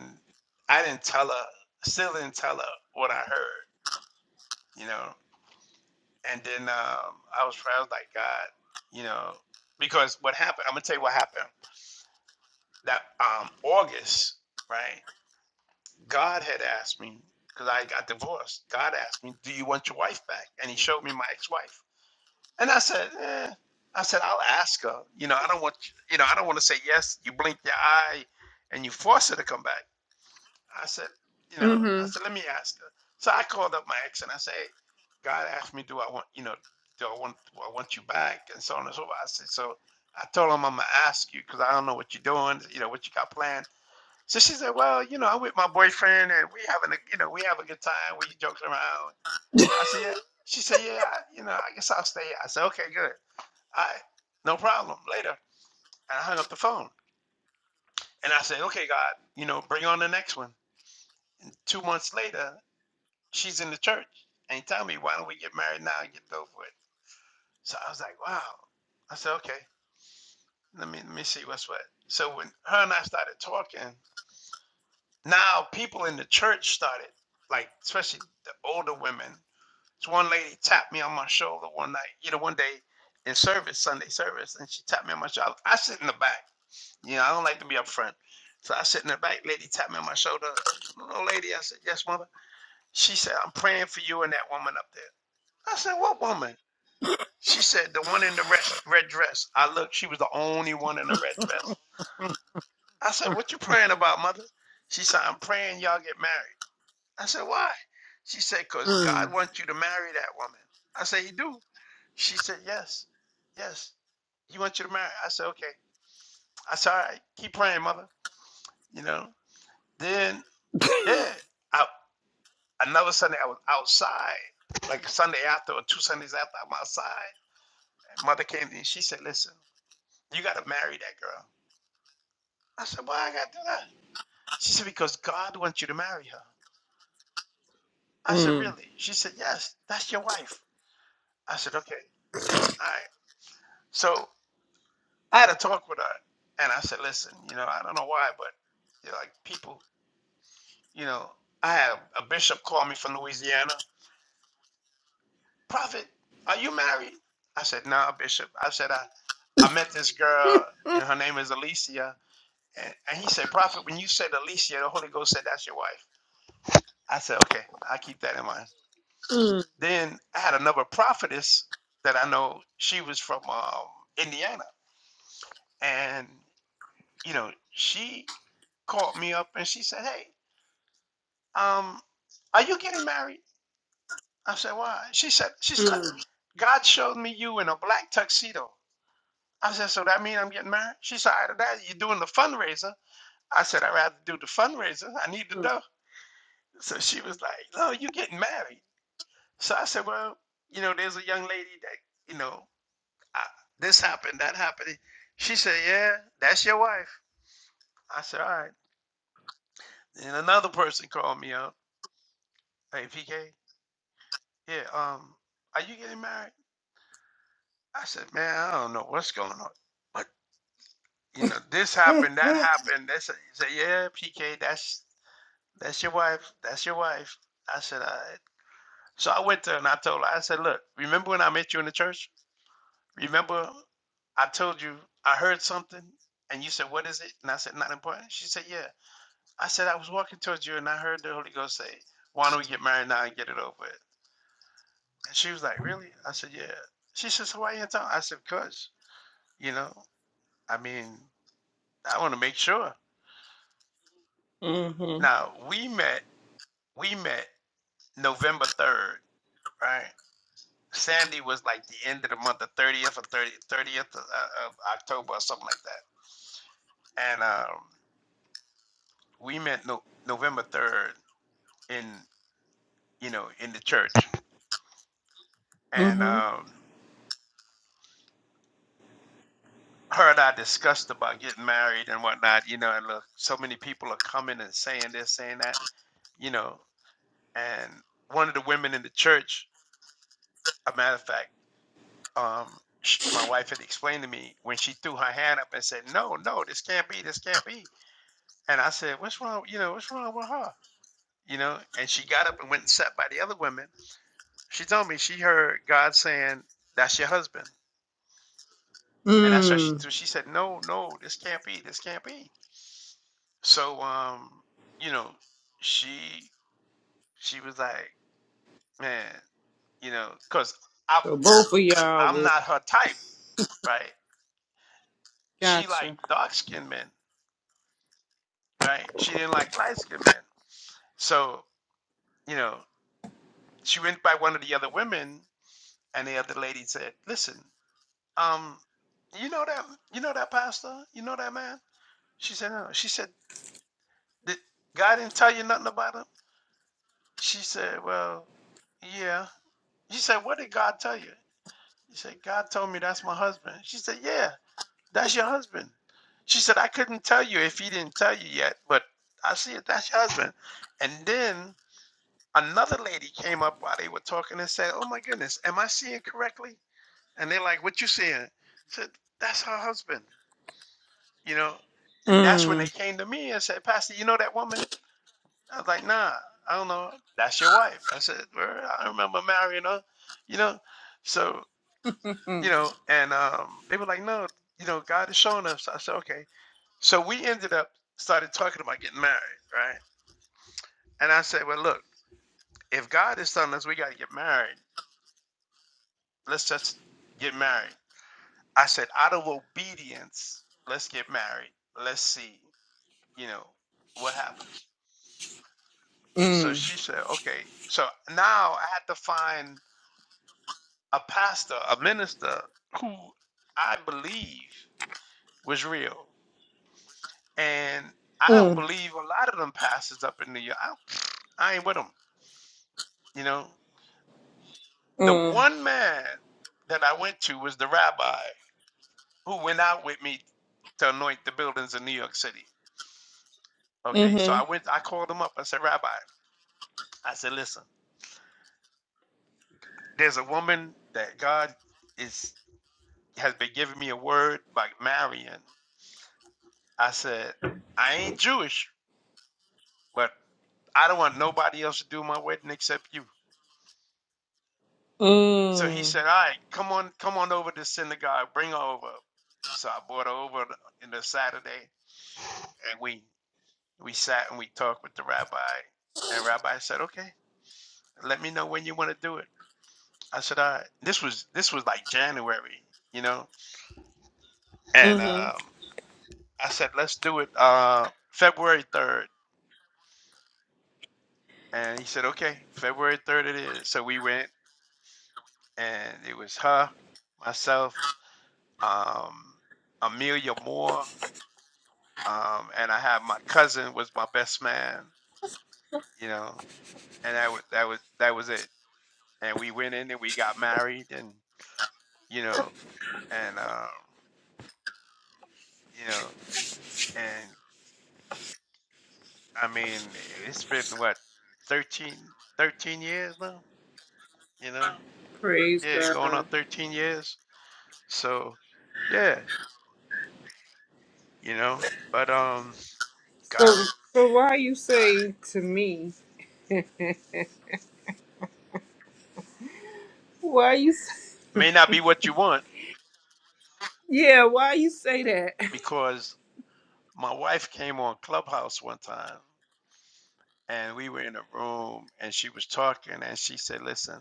S1: I didn't tell her, still didn't tell her what I heard, you know, and then um, I was, I was like, God, you know, because what happened, I'm going to tell you what happened. That um, August, right? God had asked me, because I got divorced, God asked me, Do you want your wife back? And he showed me my ex wife. And I said, eh. I said, I'll ask her. You know, I don't want you know, I don't want to say yes. You blink your eye and you force her to come back. I said, you know, I
S5: Mm-hmm.
S1: said, let me ask her. So I called up my ex and I said, hey, God asked me, do I want, you know, do I want do I want you back? And so on and so forth. I said, so I told him I'm gonna ask you because I don't know what you're doing, you know, what you got planned. So she said, "Well, you know, I'm with my boyfriend, and we having a, you know, we have a good time. We joking around." I said, "Yeah." She said, "Yeah, I, you know, I guess I'll stay." I said, "Okay, good. I no problem." Later, and I hung up the phone, and I said, "Okay, God, you know, bring on the next one." Two months later, she's in the church, and he tell me, "Why don't we get married now and get it over with?" So I was like, "Wow." I said, "Okay, let me let me see what's what." So when her and I started talking, now people in the church started like, especially the older women This one lady tapped me on my shoulder one night, you know, one day in service, Sunday service, and she tapped me on my shoulder. I sit in the back. You know, I don't like to be up front. So I sit in the back, lady tapped me on my shoulder. Little lady, I said, Yes, mother. She said, I'm praying for you and that woman up there. I said, What woman? She said, The one in the red, red dress. I looked, she was the only one in the red dress. I said, What you praying about, mother? She said, I'm praying y'all get married. I said, why? She said, because
S5: Mm.
S1: God wants you to marry that woman. I said, he do. She said, yes, yes. He wants you to marry. I said, okay. I said, all right, keep praying, mother. You know? Then, yeah, I, another Sunday I was outside, like a Sunday after or two Sundays after I'm outside. And mother came to me. She said, listen, you got to marry that girl. I said, why I got to do that? She said, because God wants you to marry her. I said,
S5: Mm.
S1: really? She said, yes, that's your wife. I said, okay, all right. So I had a talk with her, and I said, "Listen, you know, I don't know why, but you know, like people, you know, I had a, bishop call me from Louisiana. Prophet, are you married?" I said, "No, Bishop." I said, "I, I met this girl. You know, her name is Alicia." And, and he said, "Prophet, when you said Alicia, the Holy Ghost said that's your wife." I said, "Okay, I keep that in mind." Then I had another prophetess that I know. She was from um, Indiana, and you know, she called me up and she said, "Hey." um, are you getting married? I said, why? She said, she said,
S5: Mm.
S1: God showed me you in a black tuxedo. I said, so that mean I'm getting married? She said, either that or you're doing the fundraiser. I said, I'd rather do the fundraiser. I need the
S5: Mm.
S1: dough. So she was like, no, you're getting married. So I said, well, you know, there's a young lady that, you know, I, this happened, that happened. She said, yeah, that's your wife. I said, all right. And another person called me up, hey, PK, yeah, um, are you getting married? I said, man, I don't know what's going on. But you know, this
S5: Mm.
S1: happened, that happened. They said, he said, yeah, PK, that's that's your wife. That's your wife. I said, all right. So I went to her and I told her, I said, look, remember when I met you in the church? Remember I told you I heard something and you said, what is it? And I said, not important. She said, yeah. I said, I was walking towards you and I heard the Holy Ghost say, why don't we get married now and get it over with? And she was like, really? I said, yeah. She said, so why you in town? I said, because, you know, I mean, I want to make sure.
S5: Mm-hmm.
S1: Now we met. We met November third, right? Sandy was like the end of the month, the thirtieth or 30th of, uh, of October or something like that. And um, we met no, November third in you know in the church. And
S5: Mm-hmm.
S1: um, her and I discussed about getting married and whatnot. You know, and look, so many people are coming and saying this, saying that. You know, and one of the women in the church, a matter of fact. um, sh my wife had explained to me when she threw her hand up and said, "No, no, this can't be, this can't be," and I said, "What's wrong? You know, what's wrong with her?" You know, and she got up and went and sat by the other women. She told me she heard God saying, "That's your husband," and that's why she
S5: Mm.
S1: threw. She said, "No, no, this can't be, this can't be." So, um, you know, she she was like, "Man, you know," because I'm
S5: So both of y'all
S1: I'm
S5: was
S1: not her type, right? She like
S5: gotcha.
S1: dark skinned men, right? She didn't like light skinned men. So, you know, she went by one of the other women, and the other lady said, "Listen, um, you know that you know that pastor, you know that man." She said, "No." She said, "Did God didn't tell you nothing about him?" She said, "Well, yeah." She said, "What did God tell you?" She said, "God told me that's my husband." She said, "Yeah, that's your husband." She said, "I couldn't tell you if he didn't tell you yet, but I see it. That's your husband." And then Another lady came up while they were talking and said, "Oh my goodness, am I seeing correctly?" And they're like, "What you seeing?" I said, "That's her husband," you know. And that's when
S5: Mm.
S1: they came to me and said, "Pastor, you know that woman?" I was like, "Nah, I don't know. That's your wife." I said, "Word, "I remember marrying her," you know. So you
S5: Mm.
S1: know, and um, they were like, "No, you know, God is showing us." I said, "Okay." So we ended up started talking about getting married, right? And I said, "Well, look, if God is telling us we got to get married." Let's just get married. I said, out of obedience, let's get married. Let's see, you know, what happens. So
S5: Mm.
S1: she said, okay. So now I had to find a pastor, a minister who I believe was real. And I don't
S5: Mm.
S1: believe a lot of them pastors up in New York. I, I ain't with them, you know. The
S5: Mm.
S1: one man that I went to was the rabbi who went out with me to anoint the buildings in New York City. Okay, so
S5: Mm-hmm.
S1: I went, I called him up. I said, Rabbi, I said, listen, there's a woman that God is has been giving me a word like Marion. I said, I ain't Jewish, but I don't want nobody else to do my wedding except you. So he
S5: Mm.
S1: said, All right, come on, come on over to synagogue, bring her over. So I brought her over in the Saturday and we we sat and we talked with the rabbi. And rabbi said, Okay, let me know when you want to do it. I said, All right. This was this was like January, you know. And
S5: Mm-hmm.
S1: um, I said, let's do it uh, February 3rd. And he said, okay, February 3rd it is. So we went, and it was her, myself, um, Amelia Moore, um, and I had my cousin was my best man, you know, and that was that was that was it. And we went in and we got married, and you know, and um, you know, and I mean, it's been what 13, 13 years now, you know
S5: Praise
S1: yeah, going on
S5: God.
S1: 13 years. So, yeah, you know, but um,
S5: So
S1: God, it
S5: so why you say to me? Why you say,
S1: may not be what you want
S5: yeah, why you say that?
S1: because my wife came on Clubhouse one time and we were in a room and she was talking and she said, Listen,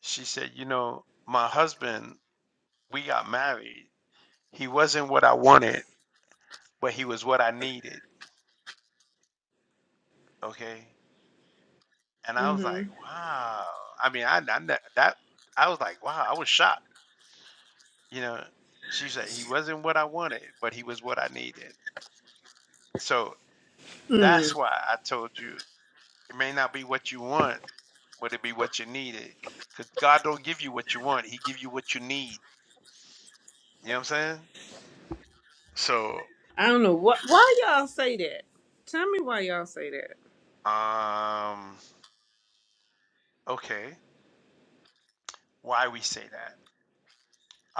S1: she said, you know, my husband, we got married. He wasn't what I wanted, but he was what I needed. Okay. And I was
S5: Mhm.
S1: like, wow. I mean, I, I ne- that I was like, wow, I was shocked You know, she said, He wasn't what I wanted, but He was what I needed. So
S5: Mm,
S1: that's why I told you it may not be what you want, but it be what you needed. Because God don't give you what you want, He give you what you need. You know what I'm saying? So,
S5: I don't know what. Why y'all say that? Tell me why y'all say that.
S1: um, okay, why we say that?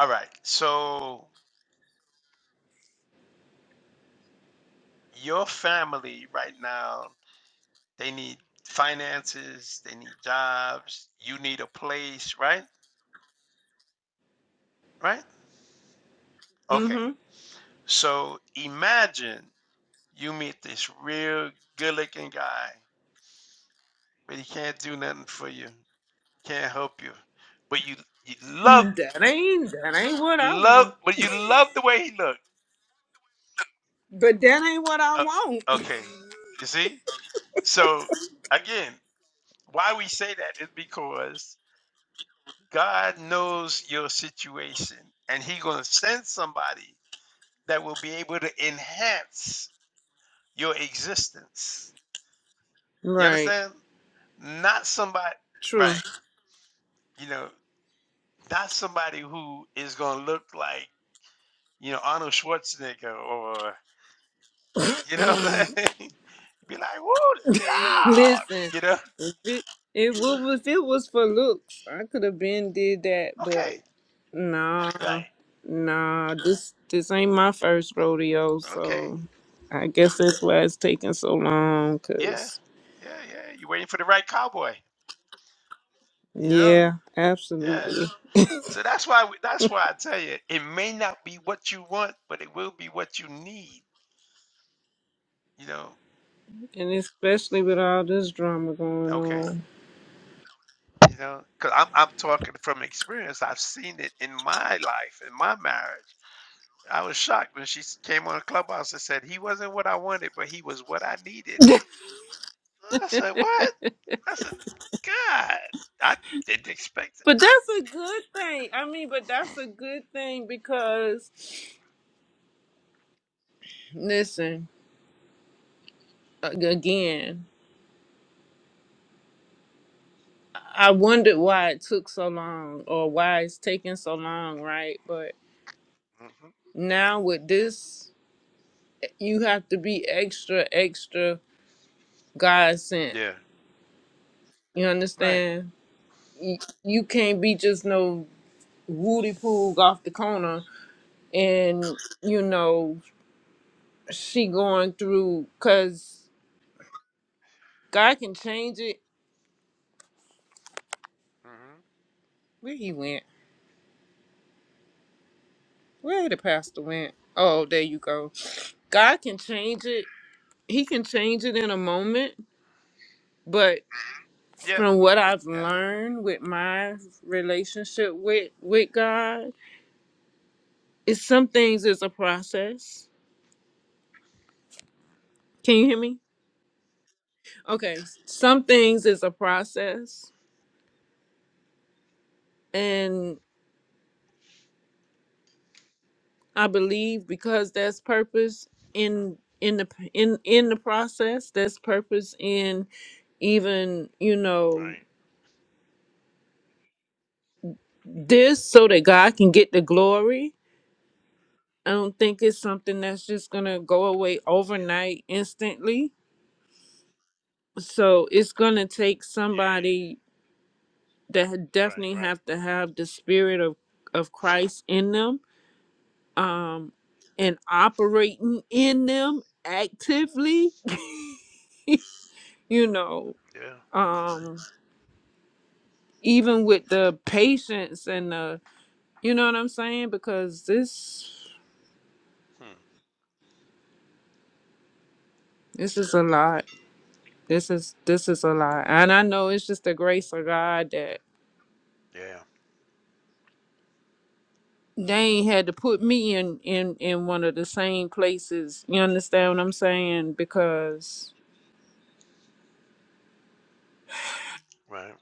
S1: All right, so your family right now, they need finances, they need jobs, you need a place, right? Right? Okay,
S5: Mm-hmm.
S1: so imagine you meet this real good looking guy, but he can't do nothing for you, can't help you. But you you love
S5: That ain't that ain't what I
S1: love
S5: want.
S1: but you love the way he looked.
S5: But that ain't what I
S1: Uh,
S5: want.
S1: okay. You see? So again, why we say that is because God knows your situation and he going to send somebody that will be able to enhance your existence. You
S5: Right.
S1: understand? Not somebody
S5: True.
S1: right. You know, that's somebody who is going to look like, you know, Arnold Schwarzenegger or, you know what I'm saying? You'd Be like, whoa, loud,
S5: Listen,
S1: you know?
S5: it, it wa- if it was for looks, I could have been did that.
S1: Okay,
S5: But nah,
S1: right.
S5: nah. This this ain't my first rodeo,
S1: Okay.
S5: so I guess that's why it's taking so long.
S1: Yeah,
S5: Cause
S1: yeah, yeah. You're waiting for the right cowboy, you know?
S5: yeah,
S1: Yeah.
S5: absolutely.
S1: So that's why, we- that's why I tell you, it may not be what you want, but it will be what you need, you know?
S5: And especially with all this drama going
S1: Okay.
S5: on.
S1: You know, because I'm, I'm talking from experience. I've seen it in my life, in my marriage I was shocked when she s- came on Clubhouse and said he wasn't what I wanted, but he was what I needed. I said, "What?" I said, "God, I didn't expect
S5: But that's a good thing. I mean, but that's a good thing because, listen, ag- again, I wondered why it took so long or why it's taking so long, right? But
S1: it." hmm
S5: now with this, you have to be extra, extra God sent.
S1: Yeah,
S5: You
S1: right.
S5: understand? You you can't be just no woody poog off the corner and, you know, she going through because God can change it.
S1: hmm
S5: Where he went? Where the pastor went? Oh, there you go. God can change it. He can change it in a moment. But
S1: Yeah,
S5: from what I've
S1: yeah, I hear you.
S5: learned with my relationship with with God, is some things is a process. Can you hear me? Okay. Some things is a process. And I believe because there's purpose
S1: hmm
S5: in in the in in the process, there's purpose in even you know
S1: Right.
S5: this so that god can get the glory i don't think it's something that's just gonna go away
S1: Yeah,
S5: overnight instantly so it's gonna take
S1: yeah.
S5: somebody that ha-
S1: Right,
S5: definitely
S1: right.
S5: have to have the spirit of of christ in them and operating in them actively you know
S1: Yeah.
S5: um even with the patience and the you know what i'm saying because this
S1: Hmm.
S5: this is a lot This is this is a lot, and I know it's just the grace of God that
S1: Yeah.
S5: they ain't had to put me in in in one of the same places. You understand what I'm saying? Because
S1: Right.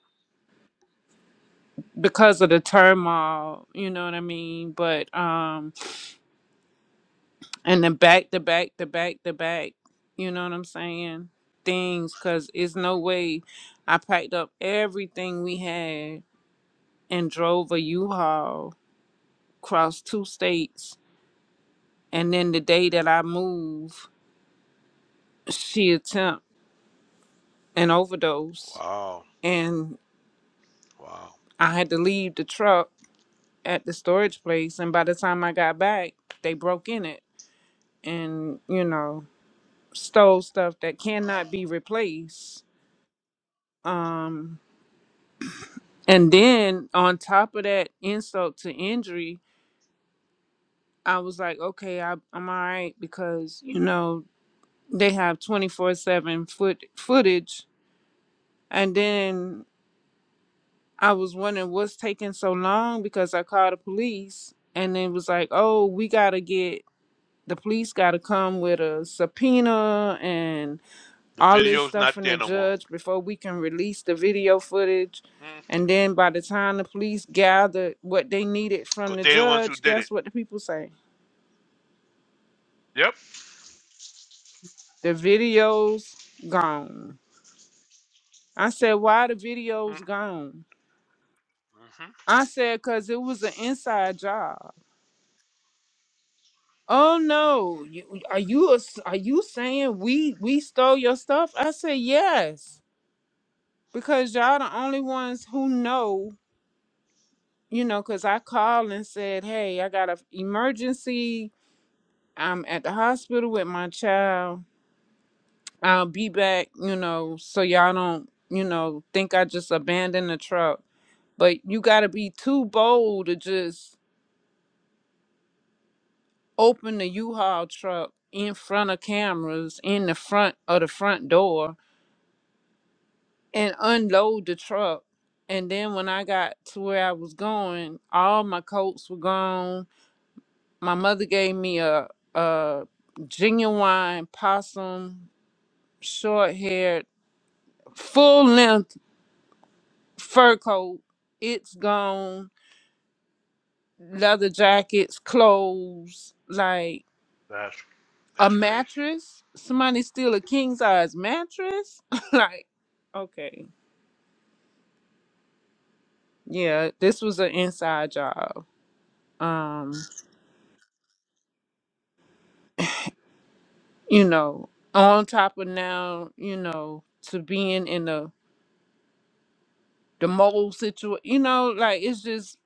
S5: because of the turmoil, you know what I mean. But um, and the back, to back, to back, to back. You know what I'm saying? Things, cause it's no way. I packed up everything we had and drove a U-Haul across two states, and then the day that I moved. she attempt an overdose
S1: Wow.
S5: and
S1: Wow.
S5: I had to leave the truck at the storage place and by the time I got back they broke in it and you know stole stuff that cannot be replaced um and then on top of that insult to injury I was like okay I, I'm all right because you know they have 24/7 foot footage and then I was wondering what's taking so long because I called the police and it was like, oh, we gotta get the police gotta come with a subpoena and
S1: The
S5: all this
S1: video's
S5: stuff
S1: not
S5: from
S1: there
S5: the
S1: no more.
S5: judge before we can release the video footage.
S1: Mm-hmm.
S5: And then by the time the police gathered what they needed from
S1: Cause
S5: the
S1: they're the ones who
S5: judge,
S1: did it.
S5: guess what the people say?
S1: Yep.
S5: The video's gone. I said, why the video's gone?
S1: Mm-hmm.
S5: I said, because it was an inside job. Oh no! You, are you a s- are you saying we we stole your stuff? I said yes because y'all the only ones who know. You know, because I called and said, "Hey, I got an emergency. I'm at the hospital with my child. I'll be back." You know, so y'all don't you know think I just abandoned the truck. But you got to be too bold to just open the U-Haul truck in front of cameras in the front of the front door and unload the truck. And then when I got to where I was going, all my coats were gone. My mother gave me a a genuine possum, short haired, full length fur coat. It's gone. Leather jackets, clothes, like
S1: That's
S5: a
S1: that's crazy.
S5: mattress. Somebody steal a king size mattress? like, okay. Yeah, this was an inside job. Um you know, on top of now, you know, to being in the the mold situation, you know, like it's just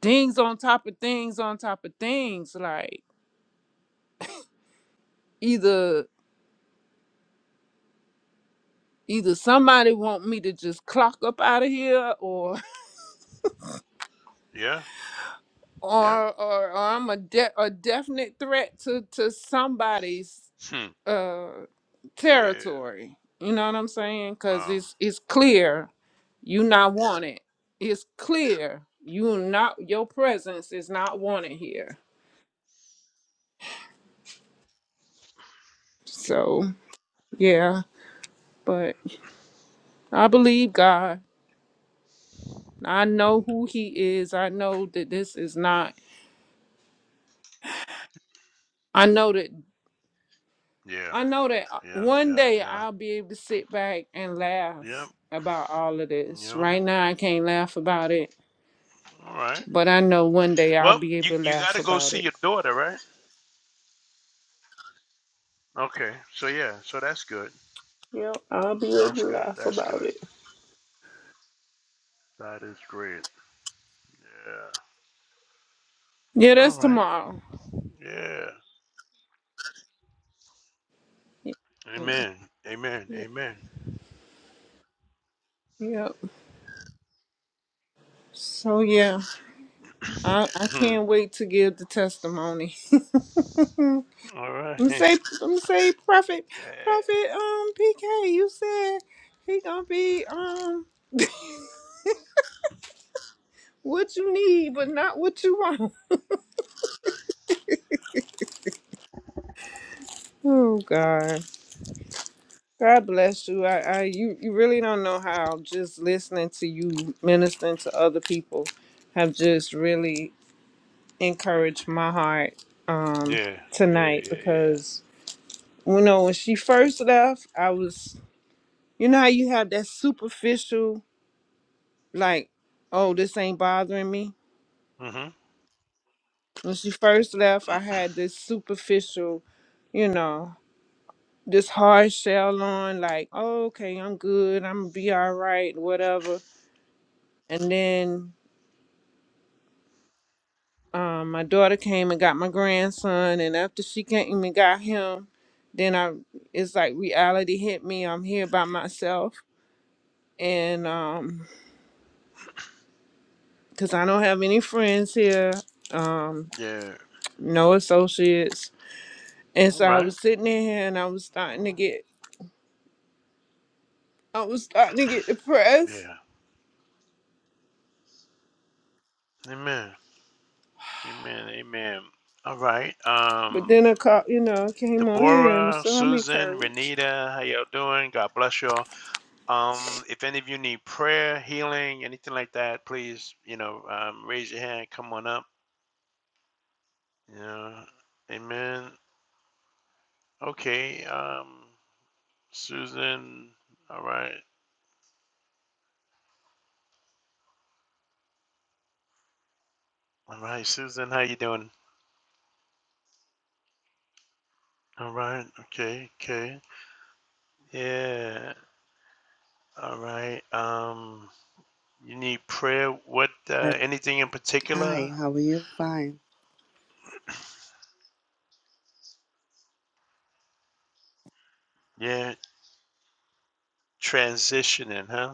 S5: things on top of things on top of things. Like either either somebody want me to just clock up out of here, or
S1: Yeah. Yep.
S5: or or, or I'm a de- a definite threat to to somebody's.
S1: Hmm.
S5: uh
S1: Yeah.
S5: territory. You know what I'm saying? Cause
S1: Wow.
S5: it's it's clear you not wanted. It's clear you not your presence is not wanted here. So yeah, but I believe God. I know who He is. I know that this is not. I know that.
S1: Yeah.
S5: I know that uh,
S1: Yeah.
S5: one
S1: Yeah.
S5: day
S1: Yeah.
S5: I'll be able to sit back and laugh
S1: Yep.
S5: about all of this.
S1: Yep.
S5: Right now I can't laugh about it,
S1: All right.
S5: but I know one day I'll
S1: Well,
S5: be
S1: you
S5: able to
S1: you got
S5: laugh
S1: to go
S5: about
S1: see
S5: it.
S1: your daughter, right? Okay. So yeah. So that's good.
S5: Yeah, I'll be able to
S1: That's good.
S5: laugh
S1: That's
S5: about
S1: good.
S5: it.
S1: That is great. Yeah.
S5: Yeah,
S1: All
S5: that's
S1: right.
S5: tomorrow.
S1: Yeah.
S5: Yeah, Yeah.
S1: Amen. Amen.
S5: yeah.
S1: Amen.
S5: Yep. So yeah, I I
S1: Hmm.
S5: can't wait to give the testimony.
S1: All right.
S5: I'm say I'm say prophet prophet um PK, you said he gonna be um what you need but not what you want. Oh God. God bless you. I, I you, you really don't know how just listening to you ministering to other people have just really encouraged my heart um,
S1: Yeah. Yeah. Yeah.
S5: tonight
S1: Yeah.
S5: because you know when she first left, I was you know how you have that superficial like, oh this ain't bothering me.
S1: Yeah. hmm
S5: When she first left, I had this superficial, you know, this hard shell on like, oh, okay, I'm good, I'm gonna be all right, whatever. And then um, my daughter came and got my grandson, and after she came and got him, then I it's like reality hit me. I'm here by myself, and um, cause I don't have any friends here, um,
S1: Yeah.
S5: no associates, and
S1: All
S5: so I
S1: right.
S5: was sitting in here and I was starting to get, I was starting to get depressed.
S1: Yeah. Amen. Amen. Amen. All right.
S5: But
S1: Um.
S5: then I caught, you know, I came on here, and
S1: Deborah,
S5: so I'm
S1: Susan,
S5: encouraged.
S1: Renita, how y'all doing? God bless y'all. Um, if any of you need prayer, healing, anything like that, please, you know, um, raise your hand. Come on up. Yeah. Amen. Okay. Um, Susan. All right. All right, Susan. How you doing? All right. Okay. Okay. Yeah. All right. Um, you need prayer. What?
S11: Uh,
S1: Uh, anything in
S11: Hi,
S1: particular?
S11: how are you? Fine.
S1: Yeah. Transitioning, huh?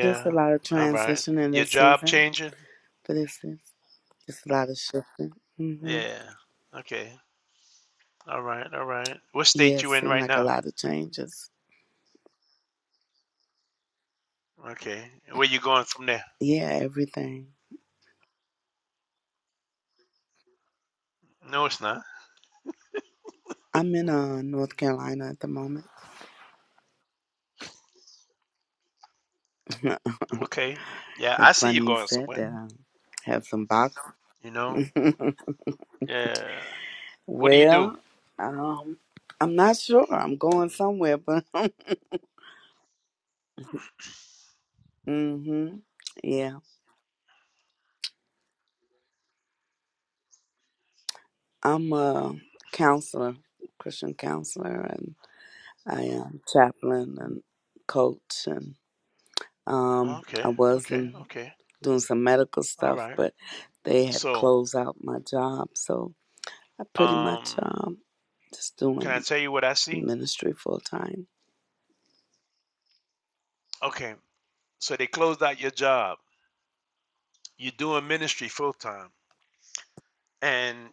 S11: Just a lot of
S1: All right.
S11: transition in
S1: Your
S11: this
S1: job
S11: season
S1: changing?
S11: for this season. Just a lot of shifting. hmm
S1: Yeah. Okay. All right. All right. What
S11: Yeah,
S1: state
S11: it
S1: you in right
S11: like a
S1: now?
S11: lot of changes.
S1: Okay. Where you going from there?
S11: Yeah, everything.
S1: No, it's not.
S11: I'm in uh, North Carolina at the moment.
S1: Okay. Yeah, I
S11: it's
S1: see you
S11: funny you
S1: going
S11: said
S1: somewhere.
S11: that. I have some box.
S1: You know? Yeah. What do you do?
S11: well, um, I'm not sure. I'm going somewhere, but hmm yeah, I'm a counselor, Christian counselor, I am chaplain and coach, and um, I
S1: Okay.
S11: was
S1: Okay.
S11: in
S1: Okay.
S11: doing some medical
S1: All
S11: stuff,
S1: right.
S11: but they had
S1: So,
S11: closed out my job, so I pretty
S1: um,
S11: much um, just
S1: can I
S11: doing
S1: tell you what I see?
S11: ministry full time.
S1: Okay. So they closed out your job. You're doing ministry full time. And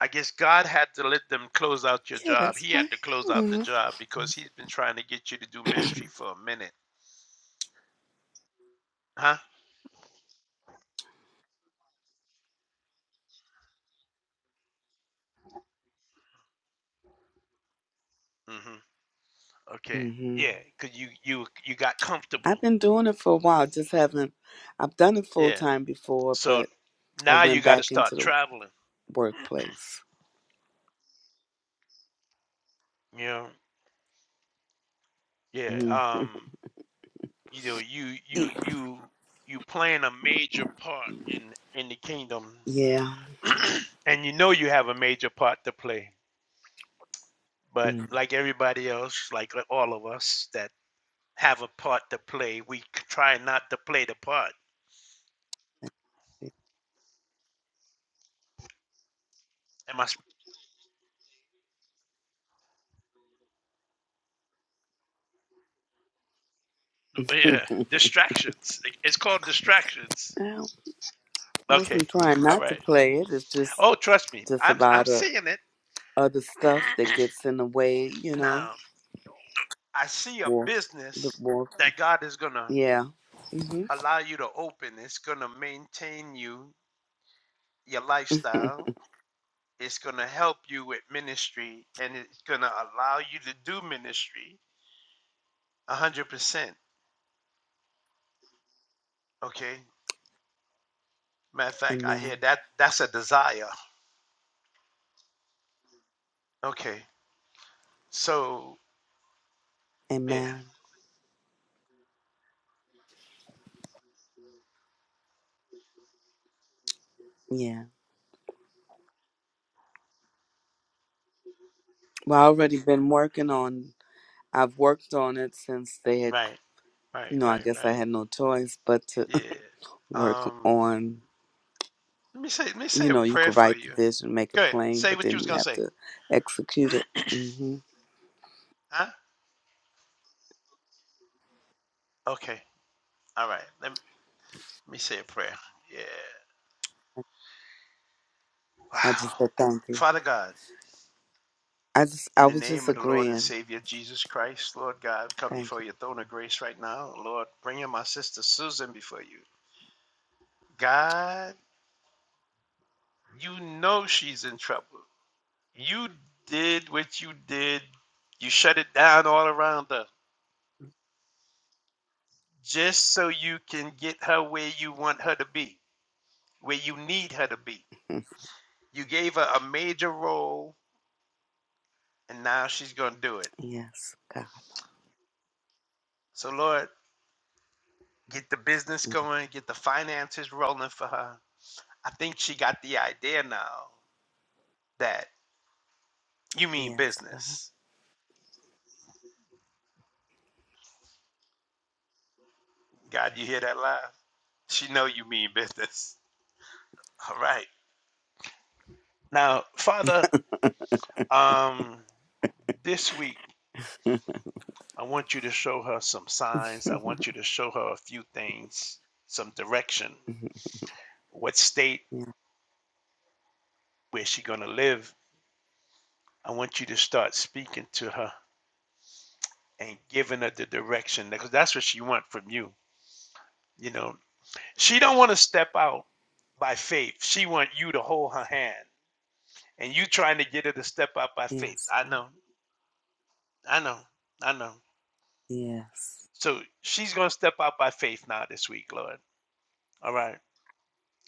S1: I guess God had to let them close out your
S11: Yeah,
S1: job.
S11: that's
S1: He had
S11: fine.
S1: to close out the
S11: hmm
S1: job because he's been trying to get you to do ministry for a minute, huh? hmm Okay.
S11: hmm
S1: Yeah, because you you you got
S11: I've
S1: comfortable.
S11: been doing it for a while. Just haven't. I've done it full
S1: Yeah.
S11: time before,
S1: So
S11: but I
S1: now you
S11: went
S1: got to
S11: back
S1: start
S11: into the
S1: traveling.
S11: workplace.
S1: You know. Yeah.
S11: hmm
S1: Um. You know. You you you you playing a major part in in the kingdom,
S11: Yeah.
S1: and you know you have a major part to play. But
S11: mm
S1: like everybody else, like all of us, that have a part to play. We try not to play the part. Am I? Yeah, distractions. It's called distractions.
S11: I
S1: Okay,
S11: wasn't trying
S1: all
S11: not to
S1: right.
S11: play it. It's just
S1: Oh, trust me,
S11: just a
S1: I'm I'm
S11: lot of
S1: seeing it
S11: other stuff that gets in the way, you know.
S1: now. I see a
S11: More, the
S1: business
S11: more,
S1: that God is gonna
S11: yeah. hmm
S1: allow you to open. It's gonna maintain you, your lifestyle. It's gonna help you with ministry, and it's gonna allow you to do ministry A hundred percent. Okay. Matter of fact, I
S11: Amen.
S1: hear that that's a desire. Okay. So yeah,
S11: Amen. Yeah. Well, I already been working on. I've worked on it since they had,
S1: right, right,
S11: you know. I
S1: right,
S11: guess I
S1: right.
S11: had no choice but to
S1: Yeah.
S11: work
S1: Um,
S11: on.
S1: let me say, let me
S11: You
S1: say a
S11: know, you
S1: prayer
S11: could
S1: for
S11: write the
S1: you.
S11: vision, make
S1: Go
S11: it
S1: ahead.
S11: plain,
S1: Say
S11: but
S1: what you
S11: then
S1: was
S11: you
S1: gonna
S11: have
S1: say.
S11: to execute it. hmm
S1: Huh? Okay. All right. Let me, let me say a prayer. Yeah.
S11: I just
S1: Wow.
S11: said thank you.
S1: Father God,
S11: I just, I
S1: in the
S11: was just
S1: name of the Lord and
S11: agreeing.
S1: Savior Jesus Christ, Lord God, come
S11: Thank
S1: before your throne of grace right now. Lord, bring in my sister Susan before you. God, you know she's in trouble. You did what you did. You shut it down all around her. just so you can get her where you want her to be, where you need her to be.
S11: you.
S1: You gave her a major role, and now she's going to do it.
S11: Yes, God.
S1: So, Lord, get the business going, get the finances rolling for her. I think she got the idea now that you mean
S11: Mm,
S1: business. God, you hear that loud? She know you mean business. All right. Now, Father, um, this week I want you to show her some signs. I
S11: Yes.
S1: want you to show her a few things, some direction what state
S11: Yes.
S1: where she gonna live. I want you to start speaking to her and giving her the direction because that's what she want from you. You know, she don't want to step out by faith. She want you to hold her hand, and you trying to get her to step out by faith.
S11: yes,
S1: I know, I know, I know.
S11: yes.
S1: So she's gonna step out by faith now this week, Lord. All right,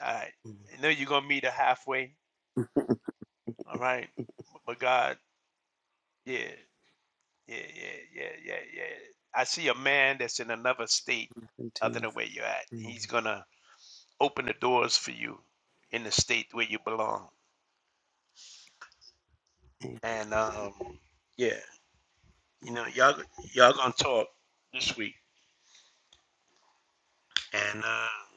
S1: all right.
S11: Mm.
S1: I know you're gonna meet her halfway.
S11: Thank
S1: All right, but God, yeah. yeah, yeah, yeah, yeah, yeah. I see a man that's in another state
S11: you, Jesus.
S1: other than where you're at.
S11: Mm.
S1: He's gonna open the doors for you in the state where you belong.
S11: A-
S1: And um, yeah, you know, y'all y'all gonna talk this week, and um,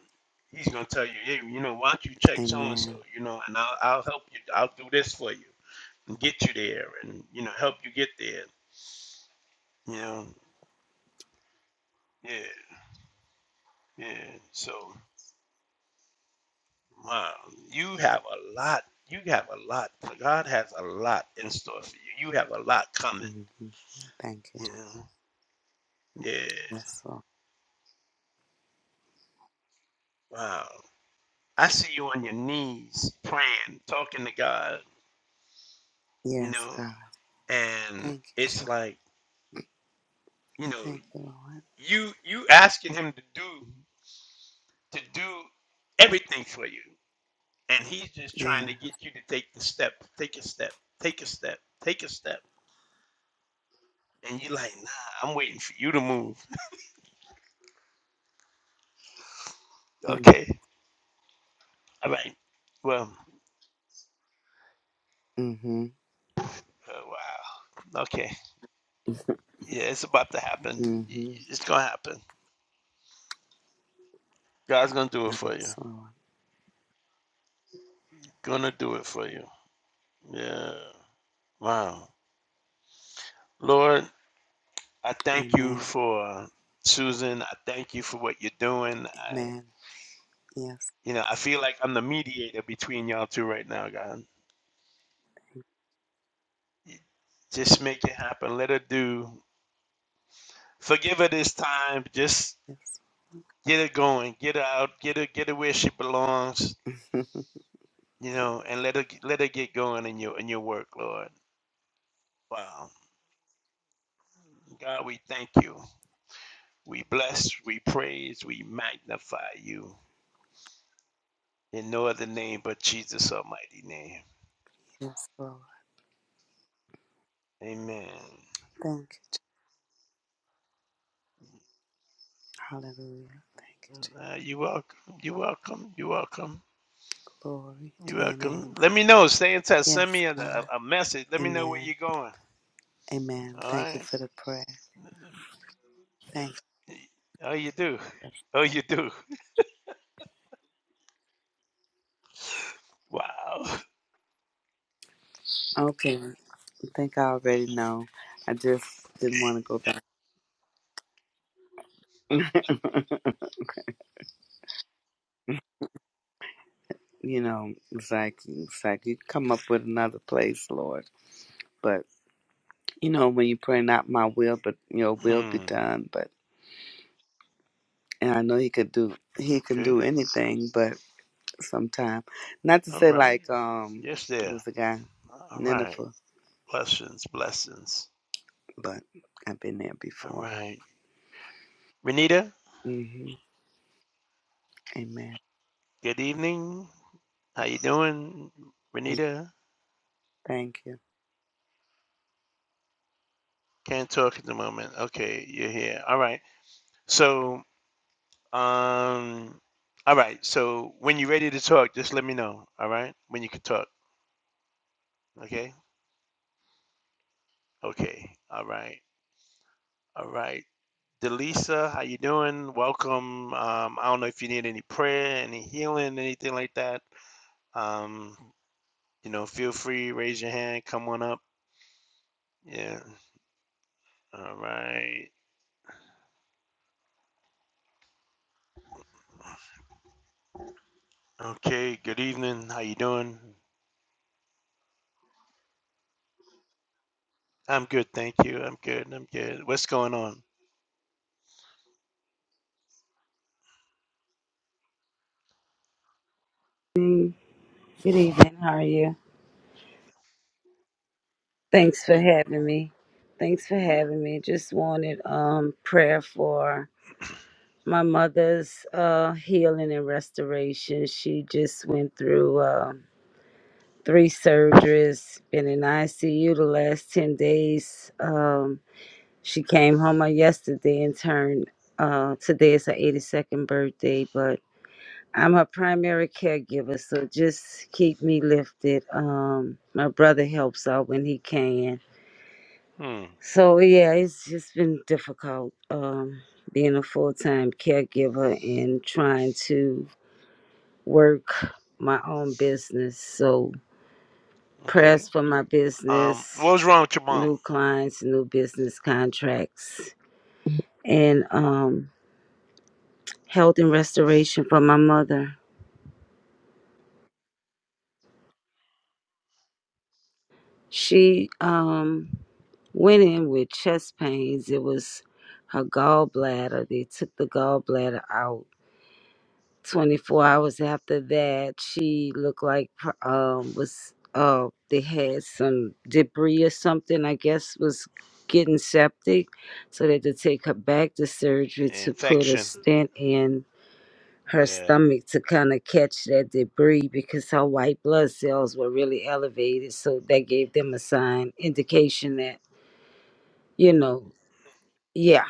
S1: he's gonna tell you, hey, you know, why don't you check so and so,
S11: Amen.
S1: you know, and I'll I'll help you. I'll do this for you and get you there, and you know, help you get there. You know, yeah, yeah. So. Wow, you have a lot. You have a lot. God has a lot in store for you. You have a lot coming.
S11: hmm Thank you,
S1: You know? Yeah.
S11: Jesus. Lord.
S1: Wow. I see you on your knees praying, talking to God. You
S11: Yes,
S1: know,
S11: God.
S1: and
S11: Thank you,
S1: it's
S11: Jesus.
S1: like you know
S11: Thank you, Lord.
S1: you you asking Him to do to do everything for you, and He's just trying
S11: Yeah.
S1: to get you to take the step, take a step, take a step, take a step, and you're like, nah, I'm waiting for you to move.
S11: Mm.
S1: Okay. All right. Well.
S11: Mm-hmm.
S1: Oh, wow. Okay. Yeah, it's about to happen.
S11: Mm-hmm.
S1: It's gonna happen. God's gonna do it for you.
S11: Yes, Lord.
S1: Gonna do it for you. Yeah. Wow. Lord, I thank you
S11: Amen.
S1: for Susan. I thank you for what you're doing. I,
S11: Amen. Yes,
S1: you know, I feel like I'm the mediator between y'all two right now, God. Just make it happen. Let her do. Forgive her this time. Just
S11: yes.
S1: get her going. Get her out. Get her. Get her where she belongs. You know, and let her let her get going in your in your work, Lord Wow. God, we thank you. We bless, we praise, we magnify you in no other name but Jesus' almighty name.
S11: yes, Lord.
S1: Amen.
S11: Thank you, Jesus. Hallelujah. Thank you, Jesus.
S1: Uh, you welcome. You welcome. You welcome.
S11: Glory
S1: You
S11: to your
S1: welcome.
S11: name.
S1: Let me know. Stay in touch.
S11: Yes,
S1: Send me a,
S11: God.
S1: a, a message. Let me know where
S11: Amen.
S1: you're going.
S11: Amen.
S1: All
S11: Thank you
S1: right.
S11: for the prayer. Thank.
S1: Oh, you do. Oh, you do. Wow.
S11: Okay. I think I already know. I just didn't want to go back. you know, it's like it's like you come up with another place, Lord. But you know, when you pray, not my will, but your will be
S1: Hmm.
S11: done. But and I know He could do He can
S1: Okay.
S11: do anything, but sometime, not to
S1: All
S11: say
S1: right.
S11: like um,
S1: Yes,
S11: what
S1: there.
S11: was the guy
S1: All right.
S11: Nineveh,
S1: Blessings. Blessings.
S11: but I've been there
S1: All
S11: before.
S1: right. Renita,
S11: hmm Amen.
S1: good evening. How you doing,
S11: Thank
S1: Renita?
S11: thank you.
S1: Can't talk at the moment. Okay, you're here. All right. So, um, all right. So when you're ready to talk, just let me know. All right. When you can talk. Okay. Okay. All right. All right. Delisa, how you doing? Welcome. Um, I don't know if you need any prayer, any healing, anything like that. Um, you know, feel free, raise your hand, come on up. Yeah. All right. Okay. Good evening. How you doing? I'm good, thank you. I'm good. I'm good. What's going on?
S12: Good evening. How are you? Thanks for having me. Thanks for having me. Just wanted um prayer for my mother's uh healing and restoration. She just went through um three surgeries, been in ICU the last 10 days. Um she came home on yesterday and turned uh today is her 82nd birthday, but I'm her primary caregiver, so just keep me lifted. Um, my brother helps out when he can.
S1: Hmm.
S12: So yeah, it's just been difficult um, being a full time caregiver and trying to work my own business. So
S1: Okay.
S12: prayers for my
S1: Um.
S12: business,
S1: What was wrong with your mom?
S12: new clients, new business contracts, and um, health and restoration for my mother. She um went in with chest pains. It was her gallbladder. They took the gallbladder out. 24 hours after that, she looked like pr- um was uh they had some debris or something. I guess was getting septic, so they had to take her back to surgery to put a
S1: Infection.
S12: stent in her
S1: Yeah.
S12: stomach to kind of catch that debris because her white blood cells were really elevated. So that gave them a sign, indication that, you know, yeah.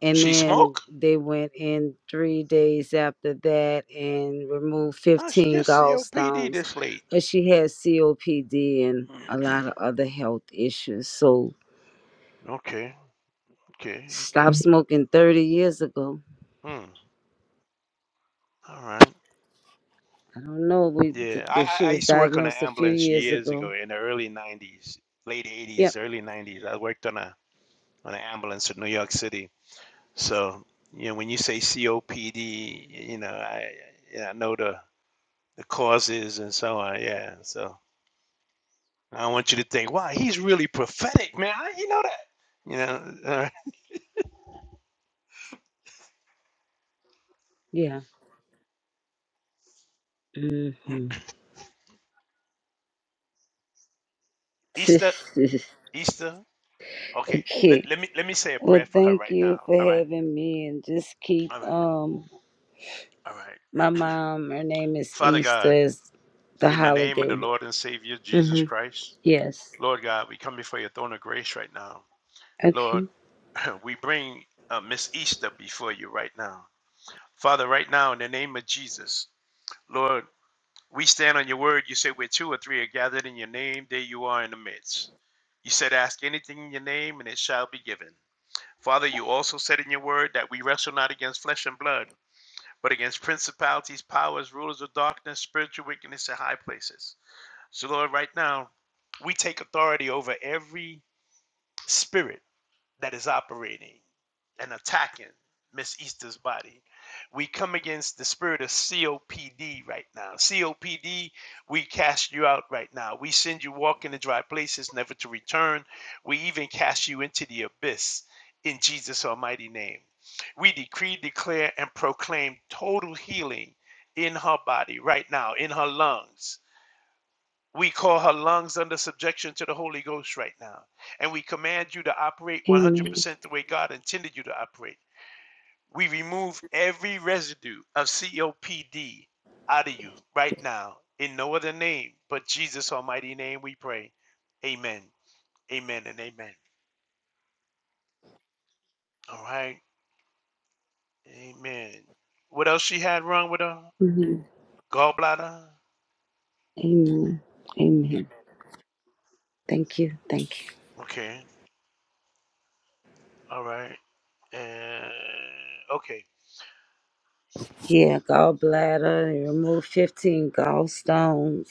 S12: And
S1: She
S12: then
S1: smoke?
S12: they went in three days after that and removed
S1: Oh, she
S12: 15
S1: gets COPD
S12: gallstones.
S1: this late.
S12: But she had COPD and
S1: Hmm.
S12: a lot of other health issues. So
S1: Okay. Okay.
S12: stopped
S1: Okay.
S12: smoking 30 years ago.
S1: Hmm. All right.
S12: I don't know. We th-
S1: Yeah. I,
S12: th-
S1: I
S12: she
S1: I
S12: was
S1: used to work on an
S12: diagnosed a few
S1: ambulance
S12: years
S1: years
S12: ago.
S1: ago in the early '90s, late
S12: Yep.
S1: '80s, early '90s. I worked on a on an ambulance in New York City. So you know, when you say COPD, you know, I yeah I know the the causes and so on. Yeah. So I want you to think, wow, he's really prophetic, man. How you know that? You know, all right.
S12: Yeah. hmm
S1: Easter, Easter. Okay. Let,
S12: okay.
S1: let me let me say a
S12: Well,
S1: prayer for her
S12: thank
S1: right
S12: you
S1: now.
S12: for
S1: All right.
S12: having me, and just keep
S1: All right.
S12: um
S1: All right.
S12: my mom. Her name is
S1: Father
S12: Easter.
S1: God,
S12: Is the
S1: in the name of the
S12: holiday?
S1: Lord and Savior Jesus
S12: Mm-hmm.
S1: Christ,
S12: Yes.
S1: Lord God, we come before your throne of grace right now. Lord,
S12: Okay.
S1: we bring uh, Miss Easter before you right now. Father, right now, in the name of Jesus, Lord. We stand on your word. You say where two or three are gathered in your name, there you are in the midst. You said, Ask anything in your name, and it shall be given. Father, you also said in your word that we wrestle not against flesh and blood, but against principalities, powers, rulers of darkness, spiritual wickedness in high places. So, Lord, right now, we take authority over every spirit that is operating and attacking Miss Easter's body. We come against the spirit of COPD right now. COPD, we cast you out right now. We send you walking to dry places, never to return. We even cast you into the abyss in Jesus' almighty name. We decree, declare, and proclaim total healing in her body right now, in her lungs we call her lungs under subjection to the Holy Ghost right now. And we command you to operate
S12: Amen.
S1: 100% the way God intended you to operate. We remove every residue of COPD out of you right now. In no other name but Jesus' almighty name we pray. Amen. Amen and amen. All right. Amen. What else she had wrong with her?
S12: hmm
S1: Gallbladder?
S12: Amen. Amen. Thank you. Thank you.
S1: Okay. All right. And okay.
S12: Yeah, gallbladder and remove fifteen gallstones.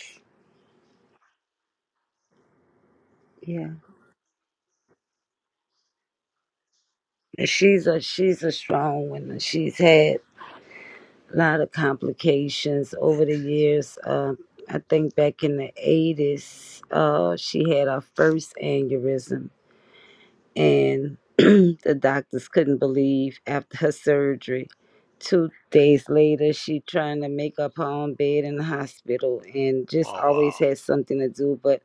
S12: Yeah, and she's a she's a strong one. and She's had a lot of complications over the years. Uh, I think back in the 80s, uh, she had her first aneurysm, and the doctors couldn't believe after her surgery. Two days later, she trying to make up her own bed in the hospital, and just
S1: Oh,
S12: always
S1: wow.
S12: had something to do. But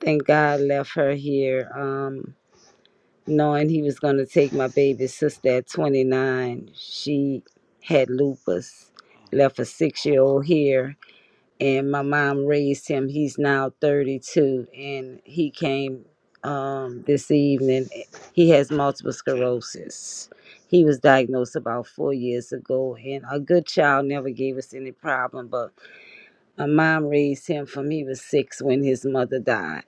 S12: thank God left her here. Um, knowing he was going to take my baby sister at 29. She had lupus,
S1: Hmm.
S12: left a six year old here, and my mom raised him. He's now 32, and he came um, this evening. He has multiple
S1: Okay.
S12: sclerosis. He was diagnosed about four years ago, and a good child never gave us any problem. But my mom raised him from he was six when his mother died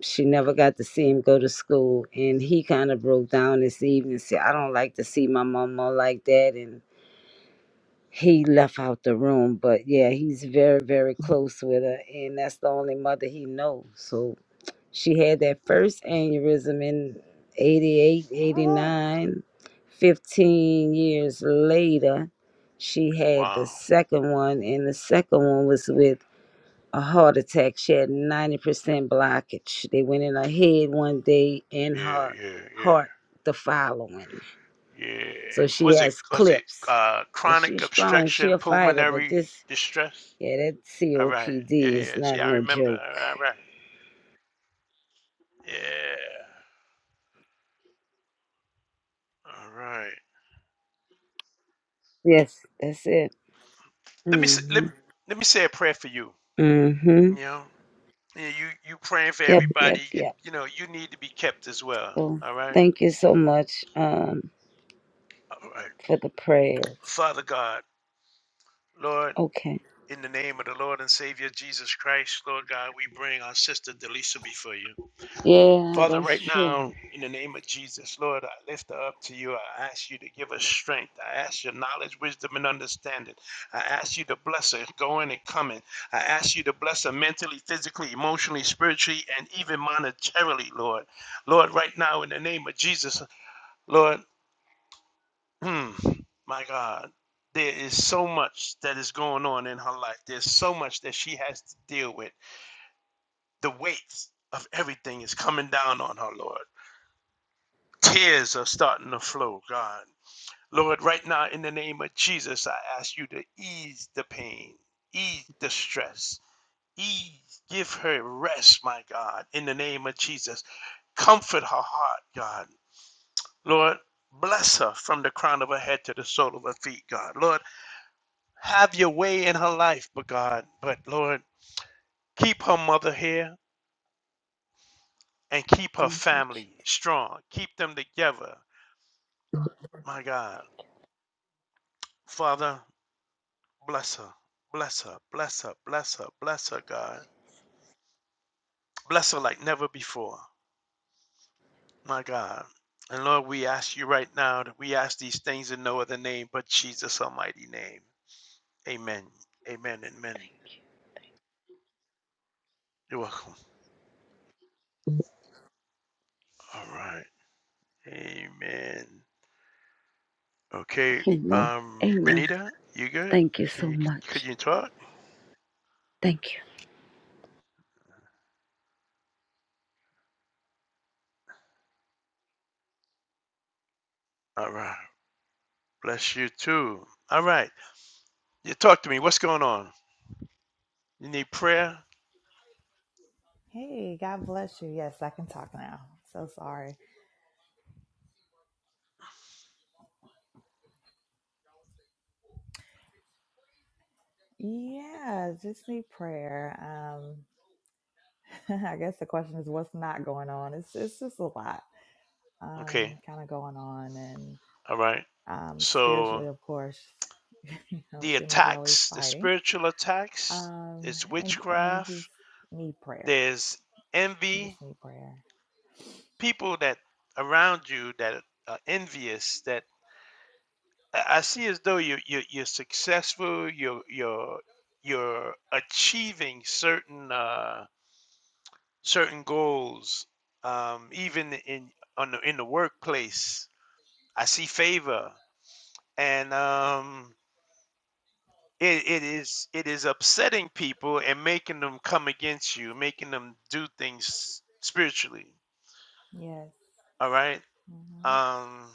S12: she never got to see him go to school and he kind of broke down this evening and said i don't like to see my mama like that and he left out the room but yeah he's very very close with her and that's the only mother he knows. so she had that first aneurysm in 88
S1: Woo.
S12: 89 15 years later she had the
S1: Wow.
S12: second one and the second one was with a heart attack. She had 90% blockage. They went in her head one day and
S1: Okay.
S12: her
S1: Yeah, yeah, yeah,
S12: heart the following.
S1: yeah.
S12: So she
S1: Was it
S12: has
S1: was it
S12: clips.
S1: uh
S12: And
S1: chronic
S12: she's strong. She
S1: obstruction
S12: a fighter, but
S1: pulmonary
S12: this,
S1: distress?
S12: yeah, that
S1: All right. Yeah,
S12: COPD is
S1: yeah. See,
S12: not
S1: I
S12: no
S1: remember.
S12: joke.
S1: All right. all right. Yeah. All right.
S12: Yes, that's it.
S1: Let me s- let
S12: Mm-hmm.
S1: let me say a prayer for you.
S12: Mm-hmm.
S1: You know, yeah, you you praying for
S12: Yep,
S1: everybody.
S12: yep,
S1: You
S12: yep.
S1: you know you need to be kept as well.
S12: So
S1: All right.
S12: thank you so much um,
S1: All right.
S12: for the prayers.
S1: Father God, Lord,
S12: Okay.
S1: in the name of the Lord and Savior Jesus Christ, Lord God, we bring our sister Delisa before you.
S12: Yeah,
S1: Father,
S12: that's
S1: right
S12: true.
S1: now, in the name of Jesus, Lord, I lift her up to you. I ask you to give her strength. I ask your knowledge, wisdom, and understanding. I ask you to bless her going and coming. I ask you to bless her mentally, physically, emotionally, spiritually, and even monetarily, Lord. Lord, right now, in the name of Jesus, Lord, hmm, my God. There is so much that is going on in her life. There's so much that she has to deal with. The weight of everything is coming down on her, Lord. Tears are starting to flow, God. Lord, right now, in the name of Jesus, I ask you to ease the pain, ease the stress, ease, give her rest, my God, in the name of Jesus. Comfort her heart, God. Lord, bless her from the crown of her head to the sole of her feet, God. Lord, have your way in her life, but God, but Lord, keep her mother here and keep her
S12: Mhm.
S1: family strong. Keep them together, my God. Father, Bless her. Bless her. Bless her. Bless her. Bless her, God. Bless her like never before. My God. And Lord, we ask you right now that we ask these things in no other name but Jesus' almighty name. Amen. Amen. Amen. You're welcome. All right. Amen. Okay.
S12: Amen.
S1: Um,
S12: Amen.
S1: Renita, you good?
S12: Thank you so
S1: Can you could
S12: much.
S1: you talk?
S12: Thank you.
S1: All right. Bless you too. All right. You talk to me. What's going on? You need prayer?
S13: Hey, God bless you. Yes, I can talk now. So sorry. Yeah, just need prayer. Um, I guess the question is what's not going on? It's it's just a lot
S1: Okay.
S13: um kind of going on and
S1: All right.
S13: um
S1: So
S13: spiritually of course, you know, it
S1: the
S13: seems like you're always
S1: attacks, the
S13: fighting.
S1: spiritual attacks,
S13: Um
S1: it's
S13: and and you just
S1: witchcraft,
S13: need prayer.
S1: there's
S13: You just
S1: envy,
S13: need prayer.
S1: people that around you that are envious that I see as though you you you're successful, you're you're you're achieving certain uh certain goals um even in on the, in the workplace. I see favor and um it, it is it is upsetting people and making them come against you making them do things spiritually
S13: Yes.
S1: all right
S13: hmm
S1: um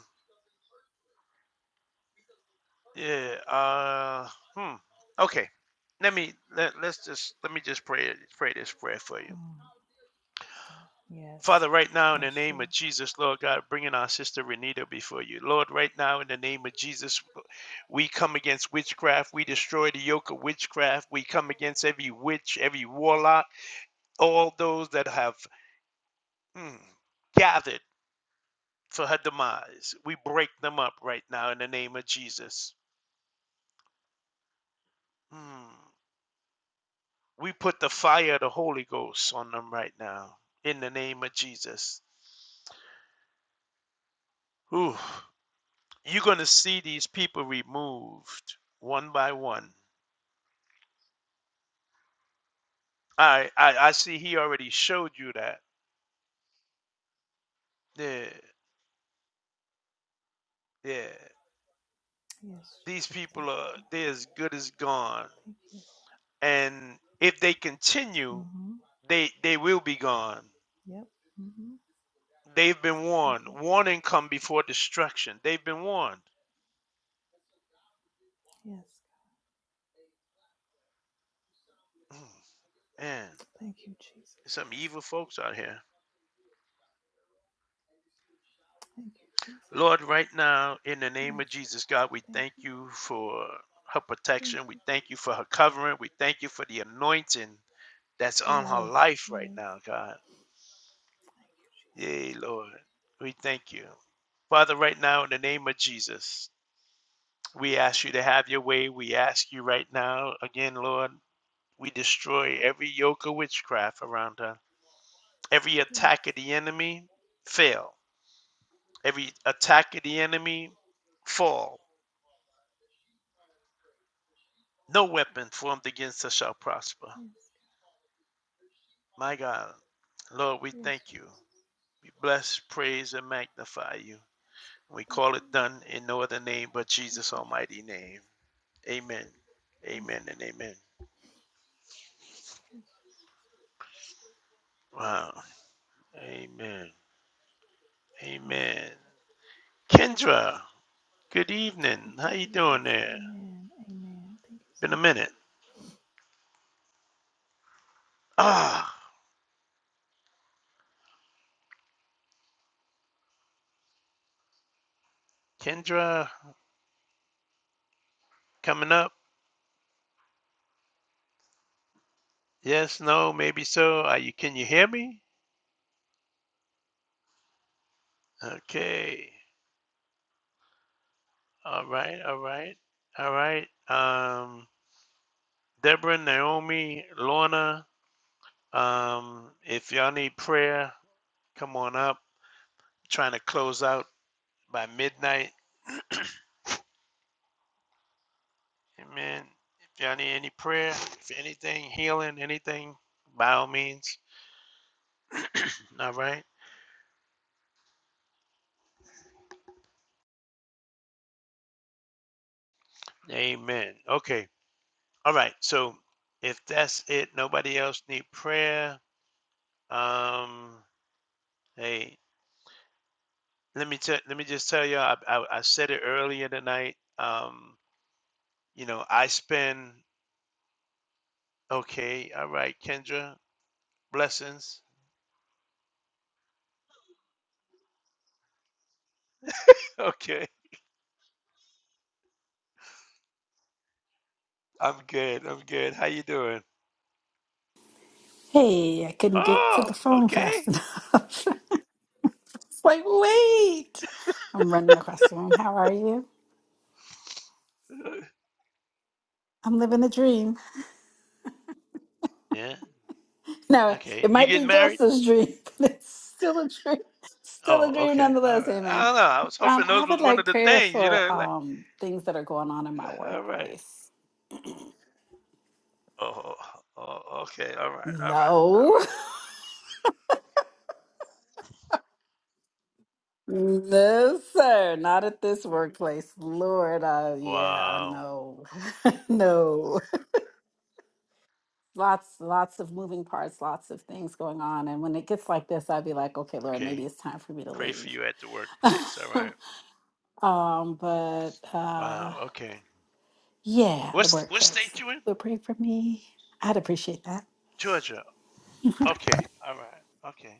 S1: yeah uh hmm okay let me let, let's just let me just pray pray this prayer for you
S13: Mm. Yes,
S1: father right now in the
S13: that's
S1: name
S13: true.
S1: of jesus lord god bringing our sister renita before you lord right now in the name of jesus we come against witchcraft we destroy the yoke of witchcraft we come against every witch every warlock all those that have mm, gathered for her demise. We break them up right now in the name of Jesus. Mm. We put the fire of the Holy Ghost on them right now in the name of Jesus. Ooh, you're going to see these people removed one by one. I, I, I see he already showed you that. Yeah, yeah.
S13: Yes,
S1: These
S13: Jesus. Thank
S1: people
S13: you,
S1: are,
S13: God.
S1: they're as good as gone.
S13: Thank you, Lord.
S1: And if they continue,
S13: Mm-hmm.
S1: they, they will be gone.
S13: Yep. Mm-hmm.
S1: They've been
S13: Thank
S1: warned. Warning come before destruction. They've been warned. Mm, Man,
S13: you, Jesus.
S1: there's some
S13: Yes,
S1: evil
S13: God.
S1: folks out here.
S13: Thank you, Jesus.
S1: Lord, right now, in the name
S13: Yes,
S1: of
S13: God.
S1: Jesus, God, we
S13: Thank
S1: thank
S13: you, Jesus.
S1: you for her
S13: Yes, God. Thank you. Thank
S1: protection. We
S13: you.
S1: thank you for her covering. We thank you for the anointing that's on her
S13: Yes.
S1: life right
S13: Yes.
S1: now, God. Yay, Lord. We thank you. Father, right now, in the name of Jesus, we ask you to have your way. We ask you right now, again, Lord, we destroy every yoke of witchcraft around her. Every attack of the enemy fail. Every attack of the enemy fall. No weapon formed against us shall prosper. My God, Lord, we thank you. We bless, praise, and magnify you. We call it done in no other name but Jesus' almighty name. Amen. Amen and amen. Wow. Amen. Amen. Kendra, good evening. How you doing there? Been a minute. Ah, Kendra coming up. Yes, no, maybe so. Are you, can you hear me? Okay. All right, all right, all right. Um, Deborah, Naomi, Lorna, um, if y'all need prayer, come on up. trying to close out by midnight. Amen. If y'all need any prayer, if anything, healing, anything, by all means. All right. Amen. Okay. All right. So if that's it, nobody else need prayer. Um, hey, Let me tell let me just tell you, I, I I said it earlier tonight. Um, you know, I spend okay, all right, Kendra, blessings. Okay, I'm good. I'm good. How you doing?
S14: Hey, I couldn't get to
S1: Oh,
S14: the phone
S1: okay.
S14: fast enough. it's like, wait, I'm running across the room. How are you? I'm living a dream.
S1: Yeah.
S14: No,
S1: Okay.
S14: it
S1: You
S14: might be
S1: getting married?
S14: Joseph's dream, but it's still a dream. Still a
S1: Oh,
S14: dream
S1: okay. All
S14: nonetheless.
S1: right. I
S14: Amen.
S1: don't know. I was
S14: Um,
S1: hoping
S14: I
S1: those
S14: would
S1: was one of
S14: like
S1: the
S14: prayer
S1: things, you
S14: for
S1: know, like
S14: um things that are going on in my
S1: all right.
S14: workplace.
S1: Oh, oh, okay. All right. All right. All
S14: No,
S1: right.
S14: no, sir, not at this workplace. Lord, uh, yeah,
S1: Wow.
S14: no, no. lots lots of moving parts lots of things going on and when it gets like this i'd be like okay lord maybe
S1: Okay.
S14: it's time for me to
S1: Pray for
S14: leave
S1: you at the workplace. All right.
S14: um but uh
S1: Wow. Okay.
S14: yeah the
S1: What's what
S14: workplace
S1: state
S14: if
S1: you in?
S14: you would pray for me i'd appreciate that
S1: Georgia. Okay. All right. Okay.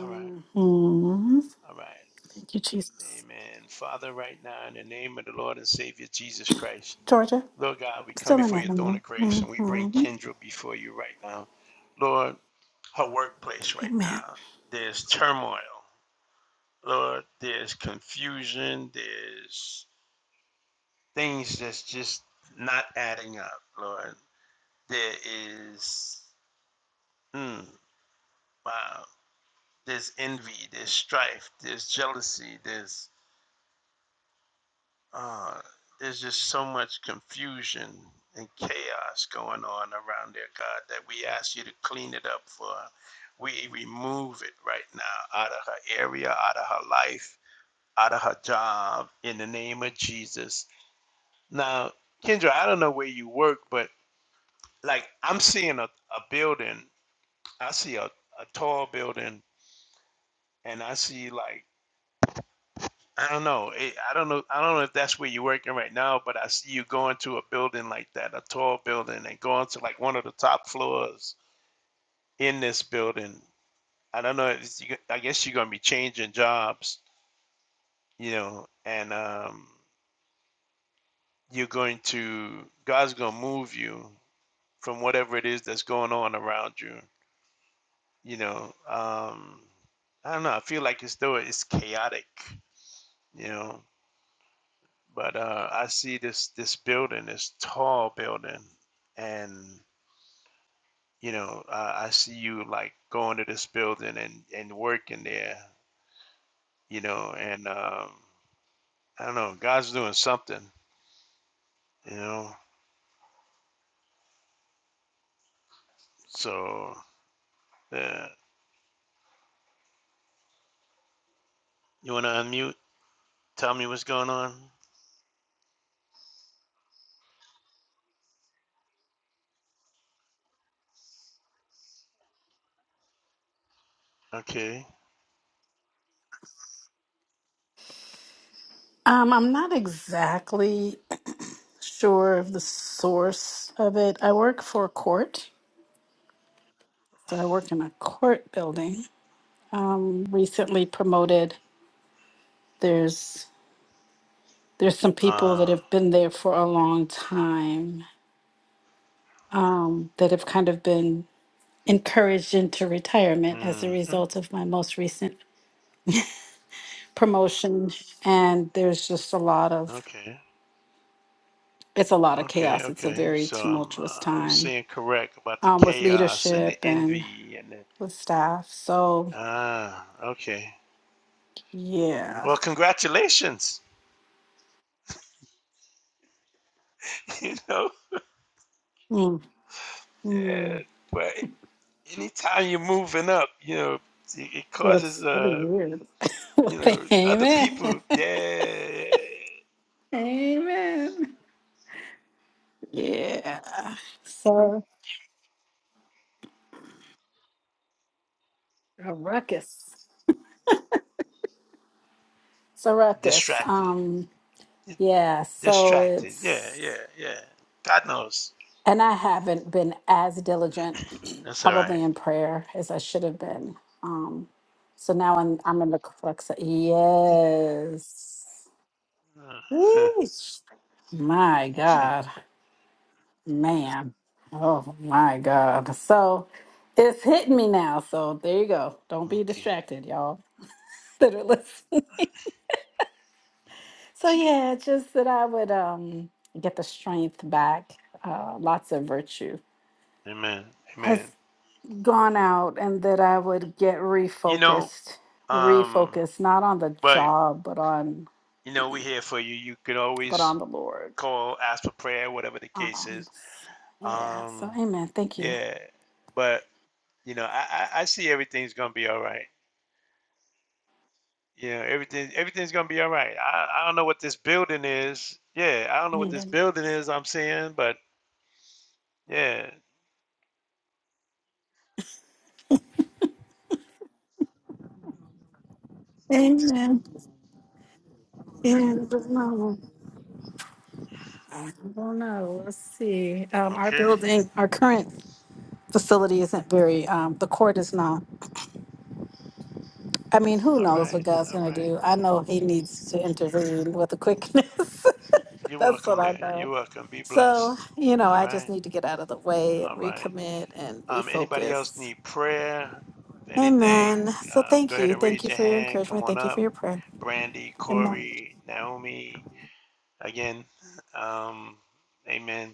S1: All right. All right.
S14: thank you jesus
S1: Amen. Father, right now, in the name of the Lord and Savior Jesus Christ,
S14: georgia I'm
S1: Lord God, we come
S14: still in
S1: before your throne
S14: atlanta
S1: of grace and we bring
S14: hmm
S1: Kendra before you right now. Lord, her workplace right
S14: amen
S1: now, there's turmoil. Lord, there's confusion. There's things that's just not adding up, Lord. There is, mm, wow. there's envy, there's strife, there's jealousy, there's uh, there's just so much confusion and chaos going on around there, God, that we ask you to clean it up for her. We remove it right now out of her area, out of her life, out of her job, in the name of Jesus. Now, Kendra, I don't know where you work, but like I'm seeing a, a building, I see a, a tall building, and I see like I don't know. It, I don't know. I don't know if that's where you're working right now, but I see you going to a building like that, a tall building, and going to like one of the top floors in this building. I don't know. It's, you, I guess you're going to be changing jobs, you know, and um, you're going to God's going to move you from whatever it is that's going on around you, you know. Um, I don't know. I feel like it's though it's chaotic, you know. But uh, I see this this building, this tall building, and you know I, I see you like going to this building and and working there, you know, and um, I don't know, God's doing something, you know. So uh, you want to unmute? Tell me what's going on. Okay.
S14: um i'm not exactly sure of the source of it i work for a court so i work in a court building um, recently promoted. There's there's some people that
S1: Uh,
S14: have been there for a long time um, that have kind of been encouraged into retirement as a
S1: mm-hmm.
S14: result of my most recent promotion. And there's just a lot of
S1: Okay.
S14: it's a lot of
S1: Okay.
S14: chaos. It's a
S1: Okay.
S14: very
S1: So I'm
S14: tumultuous
S1: uh, I was
S14: time
S1: saying correct about the
S14: um, with
S1: chaos and the
S14: leadership and
S1: envy and the
S14: with staff. So
S1: ah. Okay.
S14: yeah,
S1: Well, congratulations. You know,
S14: mm,
S1: yeah.
S14: mm.
S1: But anytime you're moving up, you know, it
S14: yeah,
S1: causes
S14: it's really
S1: uh,
S14: weird. well,
S1: you know, other
S14: amen.
S1: people, yeah,
S14: Amen. Yeah. So a ruckus. It's a ruckus.
S1: distracted,
S14: Um, yeah, so
S1: distracted. Yeah, yeah,
S14: it's
S1: yeah. God knows.
S14: and I haven't been as diligent
S1: That's all
S14: probably
S1: right.
S14: in prayer as I should have been. Um, so now I'm I'm in the crux of yes.
S1: Uh,
S14: Yeesh. My God, man. Oh my God. So it's hitting me now. So there you go. Don't be
S1: okay.
S14: distracted, y'all. Literally. So yeah, just that I would um get the strength back. Uh, lots of virtue
S1: Amen.
S14: has
S1: Amen.
S14: gone out, and that I would get
S1: You know,
S14: refocused,
S1: um,
S14: refocused not on the
S1: well,
S14: job, but on
S1: you know, we're here for you. You can
S14: but
S1: always
S14: on the Lord.
S1: call, ask for prayer, whatever the case
S14: Um,
S1: is.
S14: s- yeah. So
S1: Um,
S14: Amen. Thank you.
S1: yeah, but You know, I, I, I see everything's gonna be all right. You know, everything everything's gonna be all right. I, I don't know what this building is. Yeah, I don't know what this
S14: Amen.
S1: building is I'm seeing, but yeah.
S14: Amen. Amen. I don't know. Let's see. Um, our
S1: Okay.
S14: building, our current facility isn't very. Um, the court is not. I mean, who
S1: All
S14: knows what
S1: right.
S14: God's
S1: All
S14: going to
S1: right.
S14: do? I know He needs to intervene with a quickness.
S1: You're
S14: That's what
S1: welcome
S14: I
S1: there. You're
S14: know.
S1: welcome. Be
S14: So,
S1: blessed.
S14: you know,
S1: All
S14: I just
S1: right.
S14: need to get out of the way and
S1: All right.
S14: recommit and
S1: Um, anybody else
S14: refocus.
S1: need prayer? If Anything?
S14: Amen. So,
S1: Um, go
S14: thank
S1: ahead
S14: you.
S1: and
S14: Thank
S1: raise
S14: you
S1: your
S14: for your
S1: hand. Come
S14: encouragement.
S1: on
S14: Thank you for
S1: up.
S14: your prayer.
S1: Brandy,
S14: Amen.
S1: Corey, Naomi. Again. Um, amen.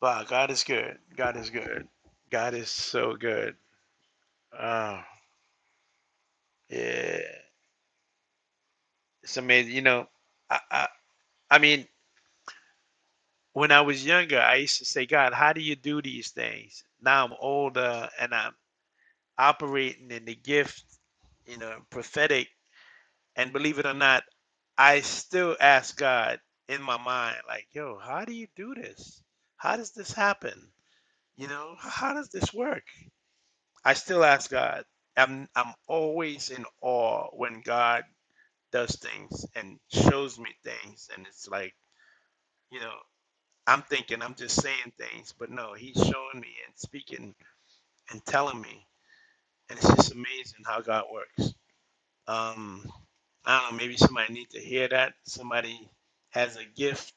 S1: But God is good. God is good. God is so good. Oh, yeah. It's amazing. You know, I, I, I mean, when I was younger, I used to say, God, how do you do these things? Now I'm older and I'm operating in the gift, you know, prophetic. And believe it or not, I still ask God in my mind, like, yo, how do you do this? How does this happen? You know, how does this work? I still ask God. I'm I'm always in awe when God does things and shows me things, and it's like you know I'm thinking I'm just saying things, but no, He's showing me and speaking and telling me, and it's just amazing how God works. Um, I don't know. Maybe somebody needs to hear that. Somebody has a gift.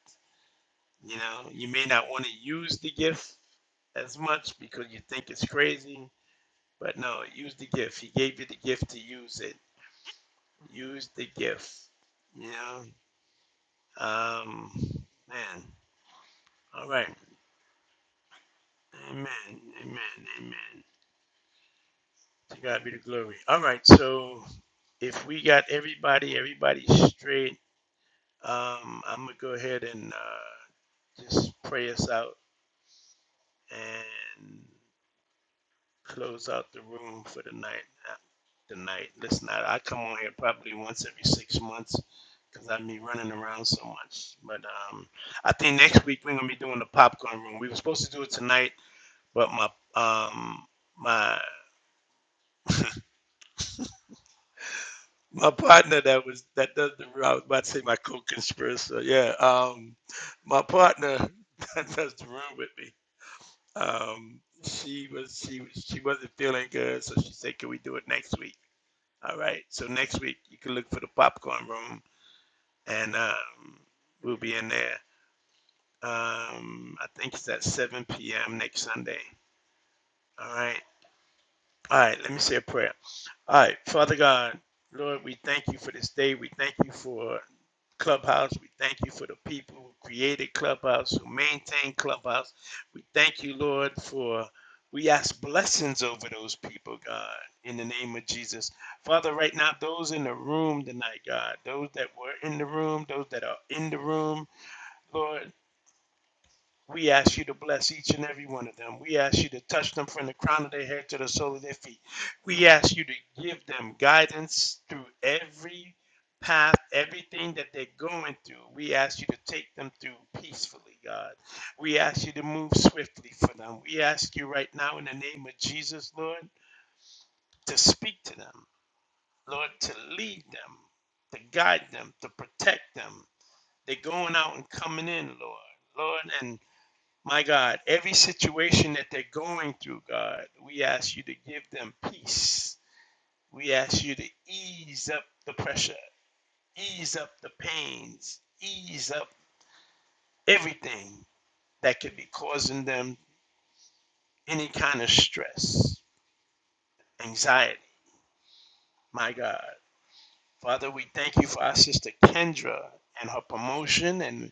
S1: You know, you may not want to use the gift as much because you think it's crazy, but no, use the gift. He gave you the gift to use it use the gift. You know, um, man. All right. Amen. Amen. Amen. To God be the glory. All right. So if we got everybody, everybody straight, um, I'm gonna go ahead and uh, just pray us out, and close out the room for the night. uh, Tonight, listen, I, I come on here probably once every six months because I be running around so much. But um, I think next week we're gonna be doing the popcorn room. We were supposed to do it tonight, but my um my my partner that was that does the I was about to say my co-conspirator. Yeah, um, my partner that does the room with me. Um, she was she was- she wasn't feeling good, so she said, "Can we do it next week?" All right. So next week you can look for the popcorn room, and um, we'll be in there. Um, I think it's at 7 p.m. next Sunday. All right. All right. Let me say a prayer. All right, Father God, Lord, we thank you for this day. We thank you for Clubhouse. We thank you for the people who created Clubhouse, who maintain Clubhouse. We thank you, Lord, for we ask blessings over those people, God, in the name of Jesus. Father, right now, those in the room tonight, God, those that were in the room, those that are in the room, Lord. We ask you to bless each and every one of them. We ask you to touch them from the crown of their head to the sole of their feet. We ask you to give them guidance through every path, everything that they're going through. We ask you to take them through peacefully, God. We ask you to move swiftly for them. We ask you right now in the name of Jesus, Lord, to speak to them, Lord, to lead them, to guide them, to protect them. They're going out and coming in, Lord. Lord, and my God, every situation that they're going through, God, we ask you to give them peace. We ask you to ease up the pressure, ease up the pains, ease up everything that could be causing them any kind of stress, anxiety. My God, Father, we thank you for our sister Kendra and her promotion. And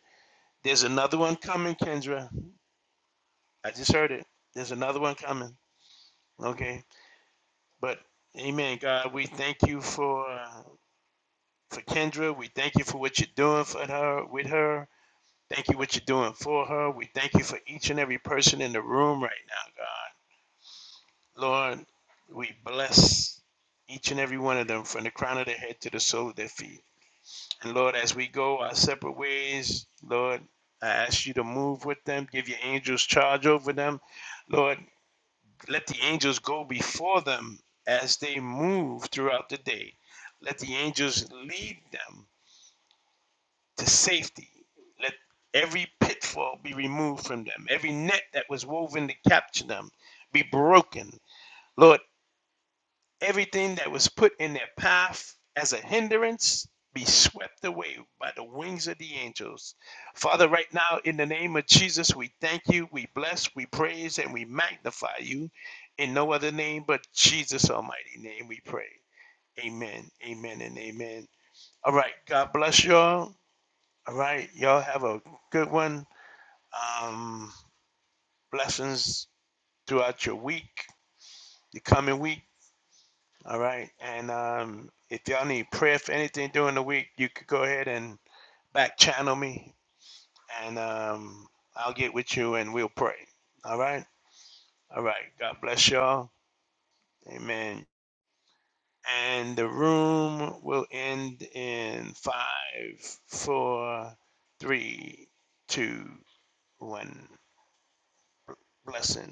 S1: there's another one coming, Kendra. I just heard it. There's another one coming. Okay. But Amen, God. We thank you for for Kendra. We thank you for what you're doing for her with her. Thank you for what you're doing for her. We thank you for each and every person in the room right now, God. Lord, we bless each and every one of them from the crown of their head to the sole of their feet. And Lord, as we go our separate ways, Lord, I ask you to move with them, give your angels charge over them. Lord, let the angels go before them as they move throughout the day. Let the angels lead them to safety. Let every pitfall be removed from them. Every net that was woven to capture them be broken. Lord, everything that was put in their path as a hindrance be swept away by the wings of the angels. Father, right now, in the name of Jesus, we thank you, we bless, we praise, and we magnify you. In no other name but Jesus' almighty name we pray. Amen, amen, and amen. All right, God bless y'all. All right. Y'all have a good one. Um, blessings throughout your week, the coming week. All right. And um, if y'all need prayer for anything during the week, you could go ahead and back channel me and um, I'll get with you and we'll pray. All right. All right. God bless y'all. Amen. And the room will end in five, four, three, two, one. Blessings.